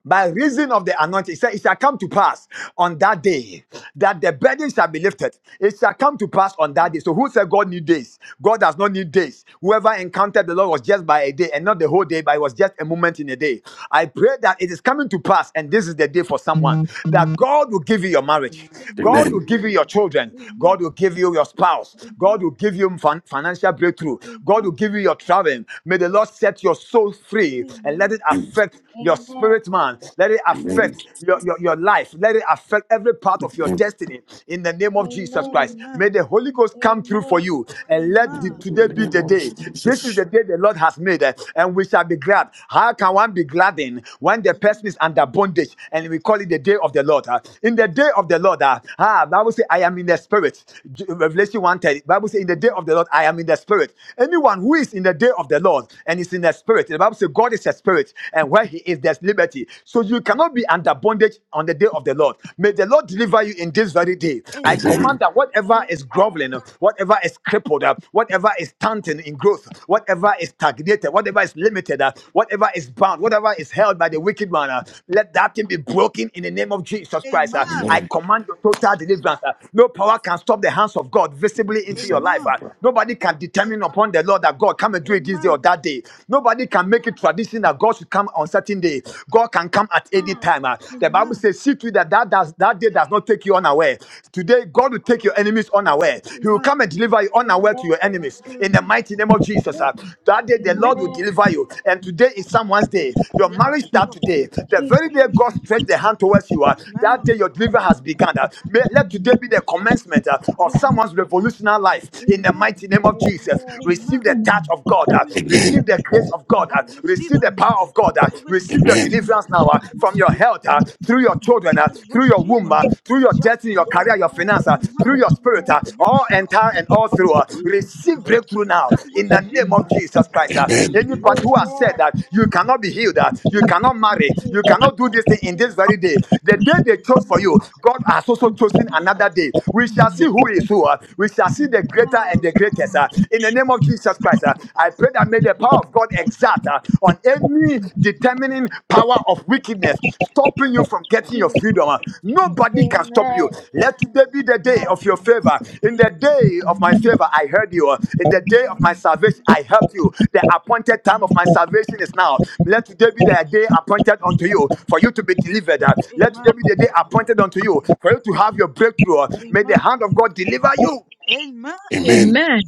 Speaker 1: by reason of the anointing. It said, It shall come to pass on that day that the burden shall be lifted. It shall come to pass on that
Speaker 4: Mm,
Speaker 1: day. So who said God need days? God does not need days. Whoever encountered the Lord was just by a day and not the whole day, but it was just a moment in a day. I pray that it is coming to pass, and this is the day for someone that God will give you your marriage.
Speaker 4: Amen.
Speaker 1: God
Speaker 2: Amen.
Speaker 1: will give you your children.
Speaker 4: Amen.
Speaker 1: God will give you your spouse. God will
Speaker 4: Amen.
Speaker 1: give you fin- financial breakthrough. God will give you your traveling. May the Lord set your soul free and let it
Speaker 4: Amen.
Speaker 1: affect
Speaker 2: Amen.
Speaker 1: affect your spirit man. Let it
Speaker 2: Amen.
Speaker 1: affect your, your, your life. Let it affect every part of your
Speaker 2: Amen.
Speaker 1: destiny in the name of Jesus Christ. May
Speaker 4: Amen.
Speaker 1: the Holy Ghost come through for you and let the,
Speaker 4: Amen.
Speaker 2: In
Speaker 1: today
Speaker 2: the
Speaker 1: be
Speaker 2: name
Speaker 1: the
Speaker 2: of
Speaker 1: day. This is the
Speaker 2: Jesus.
Speaker 1: day the Lord has made eh, and we shall be glad. How can one be glad in when the
Speaker 4: Yes.
Speaker 1: person is under bondage and we call it the day of the Lord? ah? In the day of the Lord, ah, ah, Bible say I am in the spirit. J- Revelation 1:30. Bible say in the day of the Lord I am in the spirit. Anyone who is in the day of the Lord and is in the spirit, the Bible the Bible says God is a spirit, and where He is, there's liberty. So you cannot be under bondage on the day of the Lord. May the Lord deliver you in this very day. I
Speaker 4: Amen.
Speaker 1: command
Speaker 2: Amen.
Speaker 1: that whatever is groveling, whatever is crippled, uh, whatever is stunting in growth, whatever is stagnated, whatever is limited, uh, whatever is bound, whatever is held by the wicked man, uh, let that thing be broken in the name of Jesus Christ. uh.
Speaker 4: Amen.
Speaker 1: I
Speaker 2: Amen.
Speaker 1: command your total deliverance. uh. No power can stop the hands of God visibly into
Speaker 4: Amen.
Speaker 2: Please, uh,
Speaker 1: your life.
Speaker 4: Amen.
Speaker 1: uh. Nobody can determine upon the Lord that God come and do it this day or
Speaker 4: Amen.
Speaker 1: of that day. Nobody can make it tradition that God should come on certain day. God can come at any time. ah. The Bible
Speaker 4: Amen.
Speaker 1: says, see to it that that, does, that day does not take you unaware. Today, God will take your enemies unaware. He will come and deliver you unaware to your enemies. In the
Speaker 4: Amen.
Speaker 1: mighty name of Jesus. ah. That day, the
Speaker 4: Amen.
Speaker 1: Lord will deliver you. And today is someone's day. Your
Speaker 4: Yes,
Speaker 1: marriage starts
Speaker 4: Lord
Speaker 1: today. The very day God
Speaker 4: Jesus.
Speaker 1: stretched the hand towards you, ah,
Speaker 4: Amen.
Speaker 1: that day your deliver has begun. ah. May, let today be the commencement ah, of
Speaker 4: Amen.
Speaker 1: someone's revolutionary life. In the
Speaker 4: Amen.
Speaker 1: mighty name of Jesus receive
Speaker 4: Amen.
Speaker 1: the touch of God,
Speaker 4: I
Speaker 1: uh,
Speaker 4: receive
Speaker 2: Amen.
Speaker 1: receive the grace of God,
Speaker 4: I
Speaker 1: uh,
Speaker 4: receive
Speaker 1: receive
Speaker 4: it.
Speaker 1: the power of God, uh,
Speaker 4: I receive
Speaker 1: receive your
Speaker 4: it.
Speaker 2: Amen.
Speaker 1: deliverance now uh,
Speaker 4: I
Speaker 1: from your
Speaker 4: receive it.
Speaker 1: health, uh, through your children, uh,
Speaker 4: I
Speaker 1: through your
Speaker 4: receive
Speaker 1: womb,
Speaker 4: it.
Speaker 1: uh, through your
Speaker 4: Yes,
Speaker 1: destiny, your
Speaker 4: Lord.
Speaker 1: career, your finances, uh,
Speaker 4: Amen.
Speaker 1: through your spirit, uh,
Speaker 4: Yes,
Speaker 1: all
Speaker 4: Lord.
Speaker 1: entire and all through. uh, receive
Speaker 4: Jesus.
Speaker 1: breakthrough now
Speaker 4: I
Speaker 1: in the name
Speaker 4: receive
Speaker 1: of
Speaker 4: it.
Speaker 1: Jesus
Speaker 4: I
Speaker 1: Christ. uh.
Speaker 2: Amen.
Speaker 4: receive
Speaker 1: anybody who has said that you cannot be healed, uh, you
Speaker 4: Jesus.
Speaker 1: cannot marry, you cannot do this thing in this very day, the day they chose for you, God has also chosen another day. We shall see who is who. uh. we shall see the greater and the
Speaker 4: Yes, Lord.
Speaker 1: greatest. uh, in the name of Jesus Christ, uh, I pray that may the power of God exert uh, on any determining power of wickedness, stopping you from getting your freedom. uh, nobody can stop you. Let today be the day of your favor. In the day of my favor, I heard you. uh, In the day of my salvation, I help you. The appointed time of my salvation is now. Let today be the day appointed unto you for you to be delivered. uh, Let today
Speaker 4: Amen.
Speaker 1: be the day appointed unto you for you to have your breakthrough. uh, May the
Speaker 4: Amen.
Speaker 1: hand of God deliver you.
Speaker 4: Amen.
Speaker 2: Amen.
Speaker 5: Amen.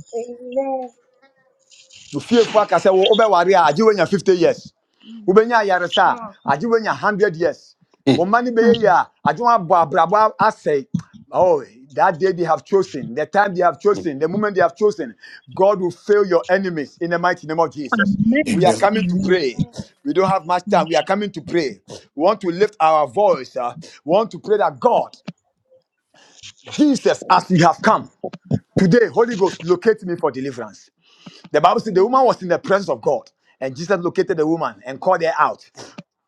Speaker 1: The fear for, fiefo aka sɛ wo wobɛware a agye woanya 50 years
Speaker 4: Mm.
Speaker 1: wobɛnya ayaresa a agye woanya 100 years wo
Speaker 2: Mm.
Speaker 1: mma no bɛyɛ
Speaker 5: Amen.
Speaker 1: yi a agye woabɔ abrabɔ a- asɛe Oh, that day they have chosen, the time they have
Speaker 2: Mm.
Speaker 1: chosen, the moment they have chosen, God will fail your enemies in the mighty name of Jesus. We
Speaker 4: Amen.
Speaker 1: are
Speaker 5: Amen.
Speaker 2: Amen.
Speaker 1: coming to
Speaker 5: Amen.
Speaker 1: pray. We don't have much time. We are coming to pray. We want to lift our voice. uh, we want to pray that God, Jesus, as we have come today, Holy Ghost, locate me for deliverance. The Bible says the woman was in the presence of God, and Jesus located the woman and called her out.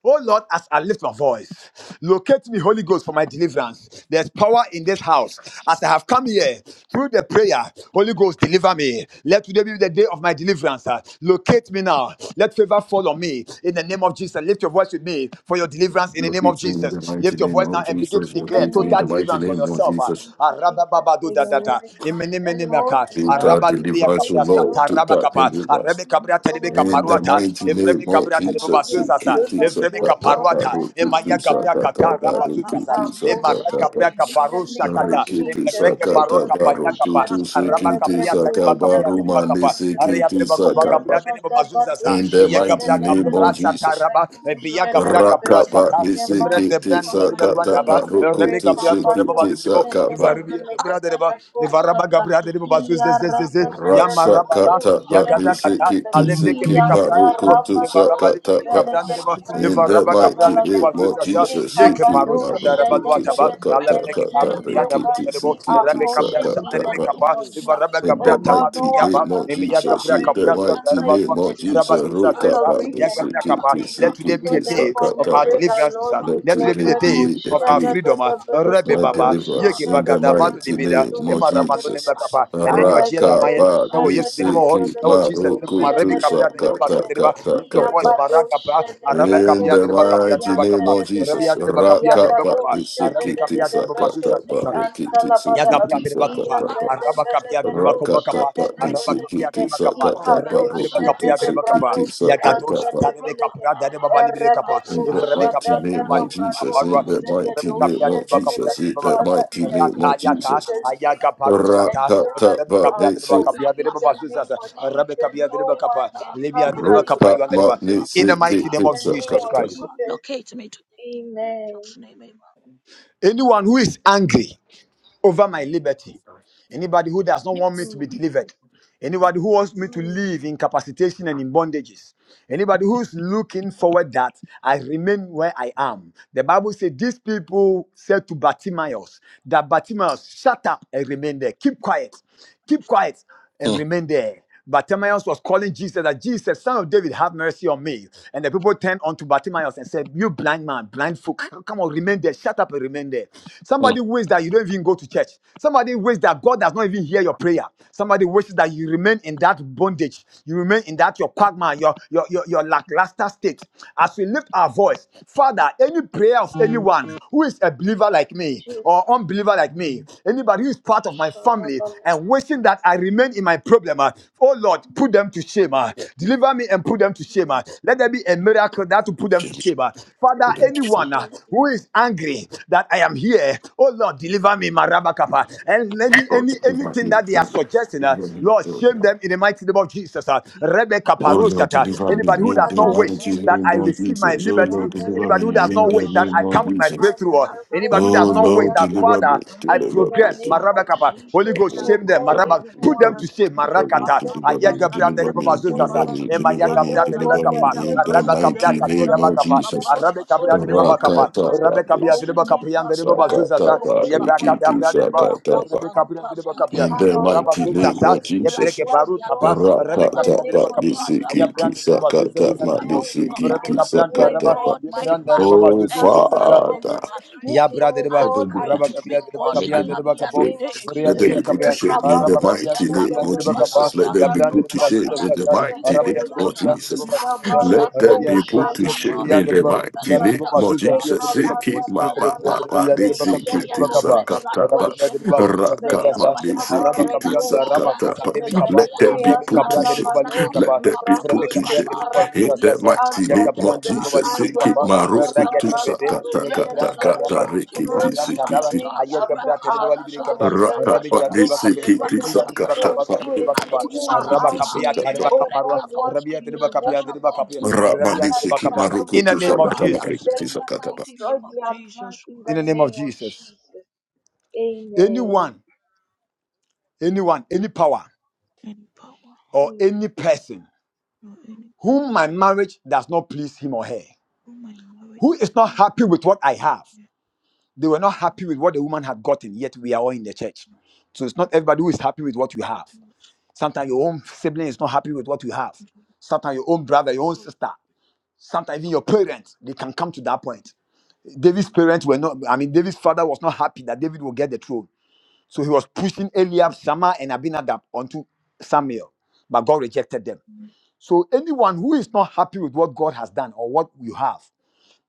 Speaker 1: Oh Lord, as I lift my voice, locate me, Holy Ghost, for my deliverance. There's power in this house. As I have come here through the prayer, Holy Ghost, deliver me. Let today be the day of my deliverance. uh. Locate me now. Let favor fall on me in the name of Jesus. Lift your voice with me for your deliverance in the name of
Speaker 2: Locate me in the
Speaker 1: Jesus.
Speaker 2: mighty
Speaker 1: Lift your
Speaker 2: name
Speaker 1: voice
Speaker 2: of
Speaker 1: now and begin to
Speaker 2: Jesus.
Speaker 1: declare
Speaker 2: Locate me in
Speaker 1: total
Speaker 2: the mighty
Speaker 1: deliverance for
Speaker 2: name of
Speaker 1: yourself. uh.
Speaker 2: Jesus.
Speaker 1: Arabababadudadada.
Speaker 4: My God,
Speaker 1: Imenimenimeaka.
Speaker 2: Total
Speaker 1: Rabalibria
Speaker 2: deliverance, O
Speaker 1: Cabria
Speaker 2: Lord.
Speaker 1: Shata
Speaker 2: Total
Speaker 1: Rabacapa,
Speaker 2: deliverance.
Speaker 1: Arabe Cabria Telebeca
Speaker 2: In the
Speaker 1: Paruata,
Speaker 2: mighty name
Speaker 1: Evreme
Speaker 2: of
Speaker 1: Cabria Telebaba
Speaker 2: Jesus.
Speaker 1: Zuzasa,
Speaker 2: Locate me,
Speaker 1: Evreme
Speaker 2: Sakata,
Speaker 1: Caparuata,
Speaker 2: Baru, Tutu,
Speaker 1: Emaya Cabria Cata
Speaker 2: Sakata, Baru,
Speaker 1: Rabazuzasa,
Speaker 2: Tutu,
Speaker 1: Emara
Speaker 2: Sakata, Baru.
Speaker 1: Cabria Caparu Shagata,
Speaker 2: Rikiti
Speaker 1: Emrege
Speaker 2: sakata
Speaker 1: Baroca
Speaker 2: baru
Speaker 1: Payacapa,
Speaker 2: tutu
Speaker 1: Araba
Speaker 2: sikiti
Speaker 1: Capia Teleba Capia
Speaker 2: sakabaru mani
Speaker 1: Telebacapa, Aria
Speaker 2: sikiti
Speaker 1: Telebacova Cabria
Speaker 2: sakaba.
Speaker 1: Telebaba Zuzasa,
Speaker 2: In the mighty
Speaker 1: Yagabria
Speaker 2: name of
Speaker 1: Cabra
Speaker 2: Jesus.
Speaker 1: Sataraba, Bia Cabria Cabra
Speaker 2: Rakapa
Speaker 1: Sata, Emre de
Speaker 2: nisikiti
Speaker 1: Brand
Speaker 4: my
Speaker 2: sakata
Speaker 4: Father,
Speaker 1: Daba,
Speaker 2: baru
Speaker 1: Rebbe
Speaker 4: let
Speaker 2: kutu
Speaker 4: this
Speaker 1: Gabriel
Speaker 4: be
Speaker 1: Toreba
Speaker 2: sikiti
Speaker 1: Balibibo,
Speaker 4: the
Speaker 2: sakaba.
Speaker 4: answer.
Speaker 1: Varibia,
Speaker 4: Ask
Speaker 1: Bradereba,
Speaker 4: my
Speaker 1: Varaba Gabriel de Bazus, this, this, this, Yamarabala,
Speaker 2: Rasakata pa
Speaker 1: Yagada Kata,
Speaker 2: nisikiti
Speaker 1: Alebre Kebe
Speaker 2: sikit
Speaker 1: Cabran
Speaker 2: baru kutu
Speaker 1: de Varaba
Speaker 2: sakata
Speaker 1: Libibi
Speaker 4: your
Speaker 2: pa.
Speaker 1: Cabran
Speaker 4: power, oh
Speaker 1: de
Speaker 2: In
Speaker 4: God,
Speaker 2: the
Speaker 1: Varaba Cabran
Speaker 4: let
Speaker 2: mighty
Speaker 1: de
Speaker 4: us
Speaker 2: name
Speaker 1: Bazus,
Speaker 2: of
Speaker 4: power upon
Speaker 1: Zaza,
Speaker 2: Jesus,
Speaker 1: Yeke
Speaker 4: us,
Speaker 2: Siki
Speaker 1: Parus,
Speaker 4: the
Speaker 2: Maru
Speaker 4: power
Speaker 2: Tutu
Speaker 4: to
Speaker 1: Darabaduataba,
Speaker 4: keep
Speaker 2: Sakata
Speaker 1: Alebre
Speaker 4: pressure, the
Speaker 2: Kata
Speaker 1: Parundi and
Speaker 4: power
Speaker 1: Abron
Speaker 4: to
Speaker 1: de
Speaker 2: Rikiti
Speaker 4: do it,
Speaker 2: Sikiti
Speaker 1: Rebbe Cabra
Speaker 4: the power
Speaker 1: Sandere
Speaker 2: Sakata
Speaker 4: to
Speaker 1: Kapa,
Speaker 4: move, like
Speaker 1: Varaba
Speaker 2: In
Speaker 1: Gabra
Speaker 2: that
Speaker 4: a
Speaker 2: mighty
Speaker 4: Buddha,
Speaker 1: Tamadukiaba,
Speaker 2: name of
Speaker 1: Emia
Speaker 2: Jesus?
Speaker 1: Gabra
Speaker 2: in that
Speaker 4: like a
Speaker 2: mighty
Speaker 1: Cabra
Speaker 2: name of
Speaker 4: Jezebel,
Speaker 1: let
Speaker 2: Jesus? Rock
Speaker 4: a
Speaker 2: up, up, this,
Speaker 4: Babushka,
Speaker 2: kick, kick,
Speaker 4: Rapapapa,
Speaker 1: today
Speaker 2: kick,
Speaker 1: be the
Speaker 2: kick,
Speaker 1: day
Speaker 2: suck up,
Speaker 1: of our
Speaker 2: up, up.
Speaker 1: deliverance, sir.
Speaker 2: Let
Speaker 1: Let today be
Speaker 2: today
Speaker 1: the day
Speaker 2: be the
Speaker 1: of our
Speaker 2: day
Speaker 1: freedom. ah.
Speaker 4: Rapapapa,
Speaker 2: of
Speaker 1: Rebbe
Speaker 2: my
Speaker 4: Rakata,
Speaker 1: Baba,
Speaker 2: deliverance
Speaker 1: Yege
Speaker 2: in the
Speaker 1: Bagada, Badu
Speaker 2: mighty
Speaker 1: Debeda,
Speaker 2: name of
Speaker 1: Emma Ramano
Speaker 2: Jesus.
Speaker 1: Nebakapa, and then your Jedamayan.
Speaker 2: Rakaba
Speaker 1: Oh yes, Dinamo.
Speaker 2: nisiki
Speaker 1: Oh Jesus, Dinamo.
Speaker 2: maruku
Speaker 1: Marabi
Speaker 2: tu
Speaker 1: Kabria, Dinamo Bashu, Dinamo. Lift your voice,
Speaker 2: shakata
Speaker 1: Maragapa, Arabe
Speaker 2: in
Speaker 1: Kapia,
Speaker 2: the
Speaker 1: Dinamo Kapia,
Speaker 2: mighty
Speaker 1: Dinamo
Speaker 2: name
Speaker 1: Kapa,
Speaker 2: of Jesus,
Speaker 1: Arabia, Dinamo Kapia, Dinamo
Speaker 2: Rakapa
Speaker 1: Kofa, Arabe
Speaker 2: Tisikiti
Speaker 1: Kapia, Dinamo Bashu,
Speaker 2: Sakatapa
Speaker 1: Tasa.
Speaker 2: Rikiti
Speaker 1: Yagabra
Speaker 2: Sikiti
Speaker 1: de Bacapa,
Speaker 2: Sakatapa
Speaker 1: Araba Capia de Bacovacapa,
Speaker 2: Rakatapa
Speaker 1: Araba Capia
Speaker 2: Tisikiti
Speaker 1: de Bacapa,
Speaker 2: Sakatapa
Speaker 1: Arabia de
Speaker 2: Rukutu
Speaker 1: Bacapia de Bacapa,
Speaker 2: Sikiti
Speaker 1: Yagado
Speaker 2: Sakatapa.
Speaker 1: Shatane de Capra de Babali de Capa,
Speaker 2: In the
Speaker 1: Evrebe
Speaker 2: mighty
Speaker 1: Capia de
Speaker 2: name of
Speaker 1: Babali de
Speaker 2: Jesus,
Speaker 1: Caparua,
Speaker 2: in the
Speaker 1: Evrebe
Speaker 2: mighty name
Speaker 1: Capia de
Speaker 2: of
Speaker 1: Bacapia
Speaker 2: Jesus,
Speaker 1: de
Speaker 2: in the
Speaker 1: Babacapa,
Speaker 2: mighty
Speaker 4: Spirit
Speaker 2: name of
Speaker 1: Rata Yaka,
Speaker 2: Jesus.
Speaker 1: Ayaga Parushata, Evrebe
Speaker 2: Rakatapa
Speaker 1: Capia de
Speaker 2: Tisi
Speaker 1: Bacapia de Babazuzas, Arabe Capia de Bacapa, Libia de Bacapa, you are the
Speaker 2: Rukatma
Speaker 1: River. In the mighty name
Speaker 2: Tisikiti
Speaker 1: of Jesus
Speaker 4: of
Speaker 1: Christ.
Speaker 2: Sakatapa.
Speaker 4: God, locate me today in Jesus'
Speaker 3: Amen.
Speaker 4: name, amen.
Speaker 1: Anyone who is angry over my liberty. Anybody who does not want me to
Speaker 3: Mm,
Speaker 1: be delivered. Anybody who wants me to
Speaker 3: mm,
Speaker 1: live in capacitation and in bondages. Anybody who's looking forward that I remain where I am. The Bible said. these people said to Bartimaeus that Bartimaeus, shut up and remain there. Keep quiet. Keep quiet and remain there. Bartimaeus was calling Jesus that Jesus, son of David, have mercy on me. And the people turned unto Bartimaeus and said, You blind man, blind folk, come on, remain there, shut up and remain there. Somebody wishes that you don't even go to church. Somebody wishes that God does not even hear your prayer. Somebody wishes that you remain in that bondage. You remain in that your quagmire, your, your, your, your lackluster state. As we lift our voice, Father, any prayer of anyone who is a believer like me or unbeliever like me, anybody that He is part of my family and wishing that I remain in my problem. uh, Oh Lord, put them to shame. uh, Deliver me and put them to shame. uh, Let there be a miracle that will put them to shame. uh. Father, anyone uh, who is angry that I am here, oh Lord, deliver me, Marabakapa. And any,
Speaker 2: Lord,
Speaker 1: any
Speaker 2: deliver
Speaker 1: anything
Speaker 2: me
Speaker 1: that they are
Speaker 2: from
Speaker 1: suggesting, uh,
Speaker 2: deliver
Speaker 4: Let
Speaker 2: me,
Speaker 1: Lord,
Speaker 4: us
Speaker 2: Lord.
Speaker 1: shame
Speaker 4: stand
Speaker 1: them in the
Speaker 4: up.
Speaker 1: mighty name of Jesus. uh.
Speaker 4: He can
Speaker 1: Rebecca
Speaker 4: do
Speaker 2: Oh
Speaker 4: it.
Speaker 2: Lord,
Speaker 1: Parosata.
Speaker 2: deliver
Speaker 4: Stand
Speaker 1: Anybody
Speaker 2: me
Speaker 1: who
Speaker 4: up.
Speaker 2: in
Speaker 1: does
Speaker 2: the
Speaker 1: not wish
Speaker 4: Let
Speaker 2: mighty
Speaker 1: that
Speaker 4: us
Speaker 2: name
Speaker 1: I
Speaker 4: have
Speaker 2: of
Speaker 1: receive
Speaker 4: hope.
Speaker 1: my
Speaker 2: Jesus. Oh
Speaker 4: Stand
Speaker 2: Lord,
Speaker 1: liberty,
Speaker 4: up. Let
Speaker 2: deliver
Speaker 1: anybody who
Speaker 2: me
Speaker 4: us
Speaker 1: does
Speaker 2: in
Speaker 1: not
Speaker 4: have
Speaker 2: the
Speaker 1: wish
Speaker 4: hope.
Speaker 1: that
Speaker 2: name
Speaker 1: I
Speaker 2: of
Speaker 1: come
Speaker 4: We
Speaker 1: with my
Speaker 2: Jesus.
Speaker 4: pass
Speaker 1: breakthrough,
Speaker 4: the
Speaker 1: uh,
Speaker 4: atas.
Speaker 1: anybody
Speaker 4: We
Speaker 1: who
Speaker 2: Oh
Speaker 1: does
Speaker 4: can
Speaker 1: not wish ways
Speaker 2: Lord,
Speaker 4: hope.
Speaker 1: that,
Speaker 4: Stand
Speaker 2: deliver me,
Speaker 1: Father,
Speaker 4: up.
Speaker 1: I
Speaker 4: We
Speaker 2: deliver
Speaker 4: are
Speaker 2: me,
Speaker 1: progress.
Speaker 4: pass
Speaker 2: deliver me.
Speaker 4: the
Speaker 1: Marabakapa.
Speaker 4: hope.
Speaker 1: Holy
Speaker 4: Stand up.
Speaker 1: Ghost,
Speaker 4: Let
Speaker 1: shame them.
Speaker 4: us have hope.
Speaker 1: Marabak. Put
Speaker 4: Stand
Speaker 2: Deliver
Speaker 1: them to
Speaker 4: up.
Speaker 2: me,
Speaker 1: shame.
Speaker 4: We
Speaker 2: deliver
Speaker 4: are
Speaker 2: me,
Speaker 4: pass
Speaker 1: Marakata.
Speaker 4: the
Speaker 2: deliver
Speaker 4: hope.
Speaker 2: me,
Speaker 1: Ayagabra
Speaker 4: Stand
Speaker 2: deliver
Speaker 1: Dereba
Speaker 2: me,
Speaker 4: up.
Speaker 1: Zuzasa.
Speaker 2: deliver me, deliver me, deliver me
Speaker 1: Emayagabra Dereba
Speaker 2: deliver
Speaker 1: Kapa.
Speaker 2: me! in the
Speaker 1: Arabakabra
Speaker 2: mighty name
Speaker 1: Katura
Speaker 2: of
Speaker 1: Bakapa.
Speaker 2: Jesus.
Speaker 1: Arabakabra Dereba Bakapa.
Speaker 2: Rakata, da
Speaker 1: Rabakabia Dereba Kaprian Dereba Zuzasa.
Speaker 2: Sakata,
Speaker 1: Yabakata
Speaker 2: Barikiti,
Speaker 1: Bra Dereba. Rabakabra Dereba Kapia.
Speaker 2: in the mighty name
Speaker 1: Rabazuzasa.
Speaker 2: of Jesus.
Speaker 1: Yabreke Baru Taba.
Speaker 2: ma,
Speaker 1: Rabakabia Dereba Kapa. Ayabran Dereba Zuzasa. Rebecca Brand, the
Speaker 4: My
Speaker 1: Rabba,
Speaker 4: God,
Speaker 1: the
Speaker 4: my
Speaker 1: Brand, Araba,
Speaker 4: Father,
Speaker 2: Oh,
Speaker 4: any man
Speaker 1: Bazu,
Speaker 4: or
Speaker 2: Father.
Speaker 4: woman who
Speaker 1: Ya
Speaker 4: is
Speaker 1: brother,
Speaker 4: angry
Speaker 1: raba kabia dereba
Speaker 4: because
Speaker 2: Let
Speaker 4: I
Speaker 1: kabia
Speaker 2: them be
Speaker 4: am
Speaker 1: dereba
Speaker 2: put to
Speaker 4: here
Speaker 1: kapo,
Speaker 2: shame.
Speaker 4: today,
Speaker 1: vria
Speaker 2: Let
Speaker 4: ye
Speaker 2: them be
Speaker 1: dereba
Speaker 2: put to
Speaker 4: Cobra,
Speaker 1: kabia,
Speaker 4: Yekobra
Speaker 2: shame in the
Speaker 1: raba
Speaker 4: Kosa
Speaker 1: kabia
Speaker 2: mighty
Speaker 1: dereba
Speaker 2: name
Speaker 1: kia
Speaker 2: of
Speaker 4: Brekatos
Speaker 1: dereba kapa,
Speaker 2: Jesus.
Speaker 4: Kataya,
Speaker 2: Let them
Speaker 1: ya
Speaker 2: be
Speaker 1: brother,
Speaker 2: put to shame
Speaker 1: basu
Speaker 2: in
Speaker 1: zaza
Speaker 2: the
Speaker 4: Lipazianta
Speaker 1: zaza,
Speaker 2: mighty name
Speaker 1: rabia dereba
Speaker 2: of
Speaker 4: Discodiata,
Speaker 1: kia
Speaker 2: Jesus.
Speaker 1: dereba
Speaker 4: La
Speaker 1: zaza,
Speaker 4: Pocha
Speaker 2: Let them
Speaker 1: rabia
Speaker 2: be
Speaker 1: dereba
Speaker 4: Bracata
Speaker 2: put to
Speaker 1: kabia dereba
Speaker 4: Zapa,
Speaker 2: shame
Speaker 1: kia
Speaker 2: in the
Speaker 1: dereba,
Speaker 2: mighty
Speaker 1: ya
Speaker 2: name
Speaker 1: dereba
Speaker 4: Representa
Speaker 2: of
Speaker 1: basu zaza
Speaker 4: Santa,
Speaker 1: ya
Speaker 2: Jesus.
Speaker 1: dereba
Speaker 4: La
Speaker 1: kap,
Speaker 2: Seek it,
Speaker 1: ya
Speaker 2: ma
Speaker 1: dereba
Speaker 2: ma
Speaker 1: kia
Speaker 4: Posianta,
Speaker 2: ma
Speaker 1: dereba
Speaker 2: ma.
Speaker 1: ya
Speaker 2: They
Speaker 4: may
Speaker 1: dereba
Speaker 4: your
Speaker 2: seek
Speaker 1: kabia
Speaker 2: it,
Speaker 4: fire
Speaker 2: they
Speaker 1: dereba kapa,
Speaker 4: arrest that
Speaker 2: sakata
Speaker 1: raba
Speaker 2: ba.
Speaker 1: kia
Speaker 4: person,
Speaker 1: dereba
Speaker 4: ah.
Speaker 1: basu zaza
Speaker 4: may
Speaker 2: Raka
Speaker 4: your
Speaker 2: ma
Speaker 1: zaza,
Speaker 2: they
Speaker 4: fire
Speaker 2: seek
Speaker 1: raba
Speaker 4: arrest
Speaker 2: it, they
Speaker 4: that
Speaker 1: kabia
Speaker 4: man,
Speaker 1: dereba basu
Speaker 4: ah.
Speaker 2: sakata
Speaker 1: zaza
Speaker 2: ba.
Speaker 4: may your
Speaker 1: kapa,
Speaker 2: Let
Speaker 4: fire
Speaker 2: them be
Speaker 4: arrest
Speaker 1: Evreme
Speaker 2: put
Speaker 4: that
Speaker 2: to
Speaker 1: kabra de
Speaker 2: shame.
Speaker 4: woman,
Speaker 1: baba libri
Speaker 4: ah.
Speaker 2: Let
Speaker 1: kapa.
Speaker 2: them be
Speaker 4: Rapa
Speaker 1: Evreme
Speaker 2: put to
Speaker 1: kabra
Speaker 2: shame
Speaker 1: de baba
Speaker 4: Pascapaya,
Speaker 2: in
Speaker 1: zuza
Speaker 2: the
Speaker 1: sasa.
Speaker 2: mighty
Speaker 1: Ya
Speaker 2: name of
Speaker 1: kaptan de
Speaker 4: Likitadoskata,
Speaker 1: baba
Speaker 2: Jesus.
Speaker 1: libri
Speaker 2: Seek it,
Speaker 1: kapa.
Speaker 4: Apapos
Speaker 2: ma roku tu
Speaker 1: Rakete bede. Ya
Speaker 2: sakata kata
Speaker 1: gebran de
Speaker 4: Representa
Speaker 1: raba
Speaker 2: kata
Speaker 1: zuza di ya
Speaker 4: Rakasata,
Speaker 1: tadaba.
Speaker 2: riki
Speaker 1: Aya gebra de baba libri
Speaker 4: Rakasata,
Speaker 1: kapa.
Speaker 2: Raka
Speaker 1: Rabi ya de
Speaker 2: Bandi
Speaker 1: baba
Speaker 4: Rakashadasha,
Speaker 1: kapa.
Speaker 2: Siki
Speaker 1: Riya de
Speaker 2: Tisaka
Speaker 1: baba
Speaker 4: Rakashadasha,
Speaker 1: kapa.
Speaker 2: Tapa
Speaker 1: Ruan de baba kapa.
Speaker 2: Siki
Speaker 1: Raba
Speaker 4: Ipatroskadanta,
Speaker 1: kapa ya
Speaker 2: Tisaka
Speaker 1: tare baba
Speaker 2: Tapa
Speaker 1: kapa ruan. Rabi ya de baba kapa ya de
Speaker 4: Lebrekatoskadiantashapa,
Speaker 1: baba kapa. Rabi ya
Speaker 2: Rabandi
Speaker 1: de baba
Speaker 2: Siki
Speaker 1: kapa.
Speaker 2: Maruku
Speaker 1: In the name
Speaker 2: Tusaka
Speaker 1: of
Speaker 2: Tapa
Speaker 4: Nikastiakastimuskabaya.
Speaker 1: Jesus.
Speaker 4: In the
Speaker 2: Tisaka Tapa
Speaker 4: mighty name of Jesus,
Speaker 1: In the name of Jesus.
Speaker 3: amen.
Speaker 1: Anyone, anyone, any power
Speaker 4: any power,
Speaker 1: or
Speaker 3: Mm.
Speaker 1: any person
Speaker 4: no any
Speaker 1: whom my marriage does not please him or her
Speaker 4: through my marriage.
Speaker 1: Who is not happy with what I have? They were not happy with what the woman had gotten, yet we are all in the church. So it's not everybody who is happy with what you have. Sometimes your own sibling is not happy with what you have. Sometimes your own brother, your own sister, sometimes even your parents, they can come to that point. David's parents were not, I mean, David's father was not happy that David will get the throne. So he was pushing Eliab, Shammah, and Abinadab onto Samuel, but God rejected them. So anyone who is not happy with what God has done or what you have,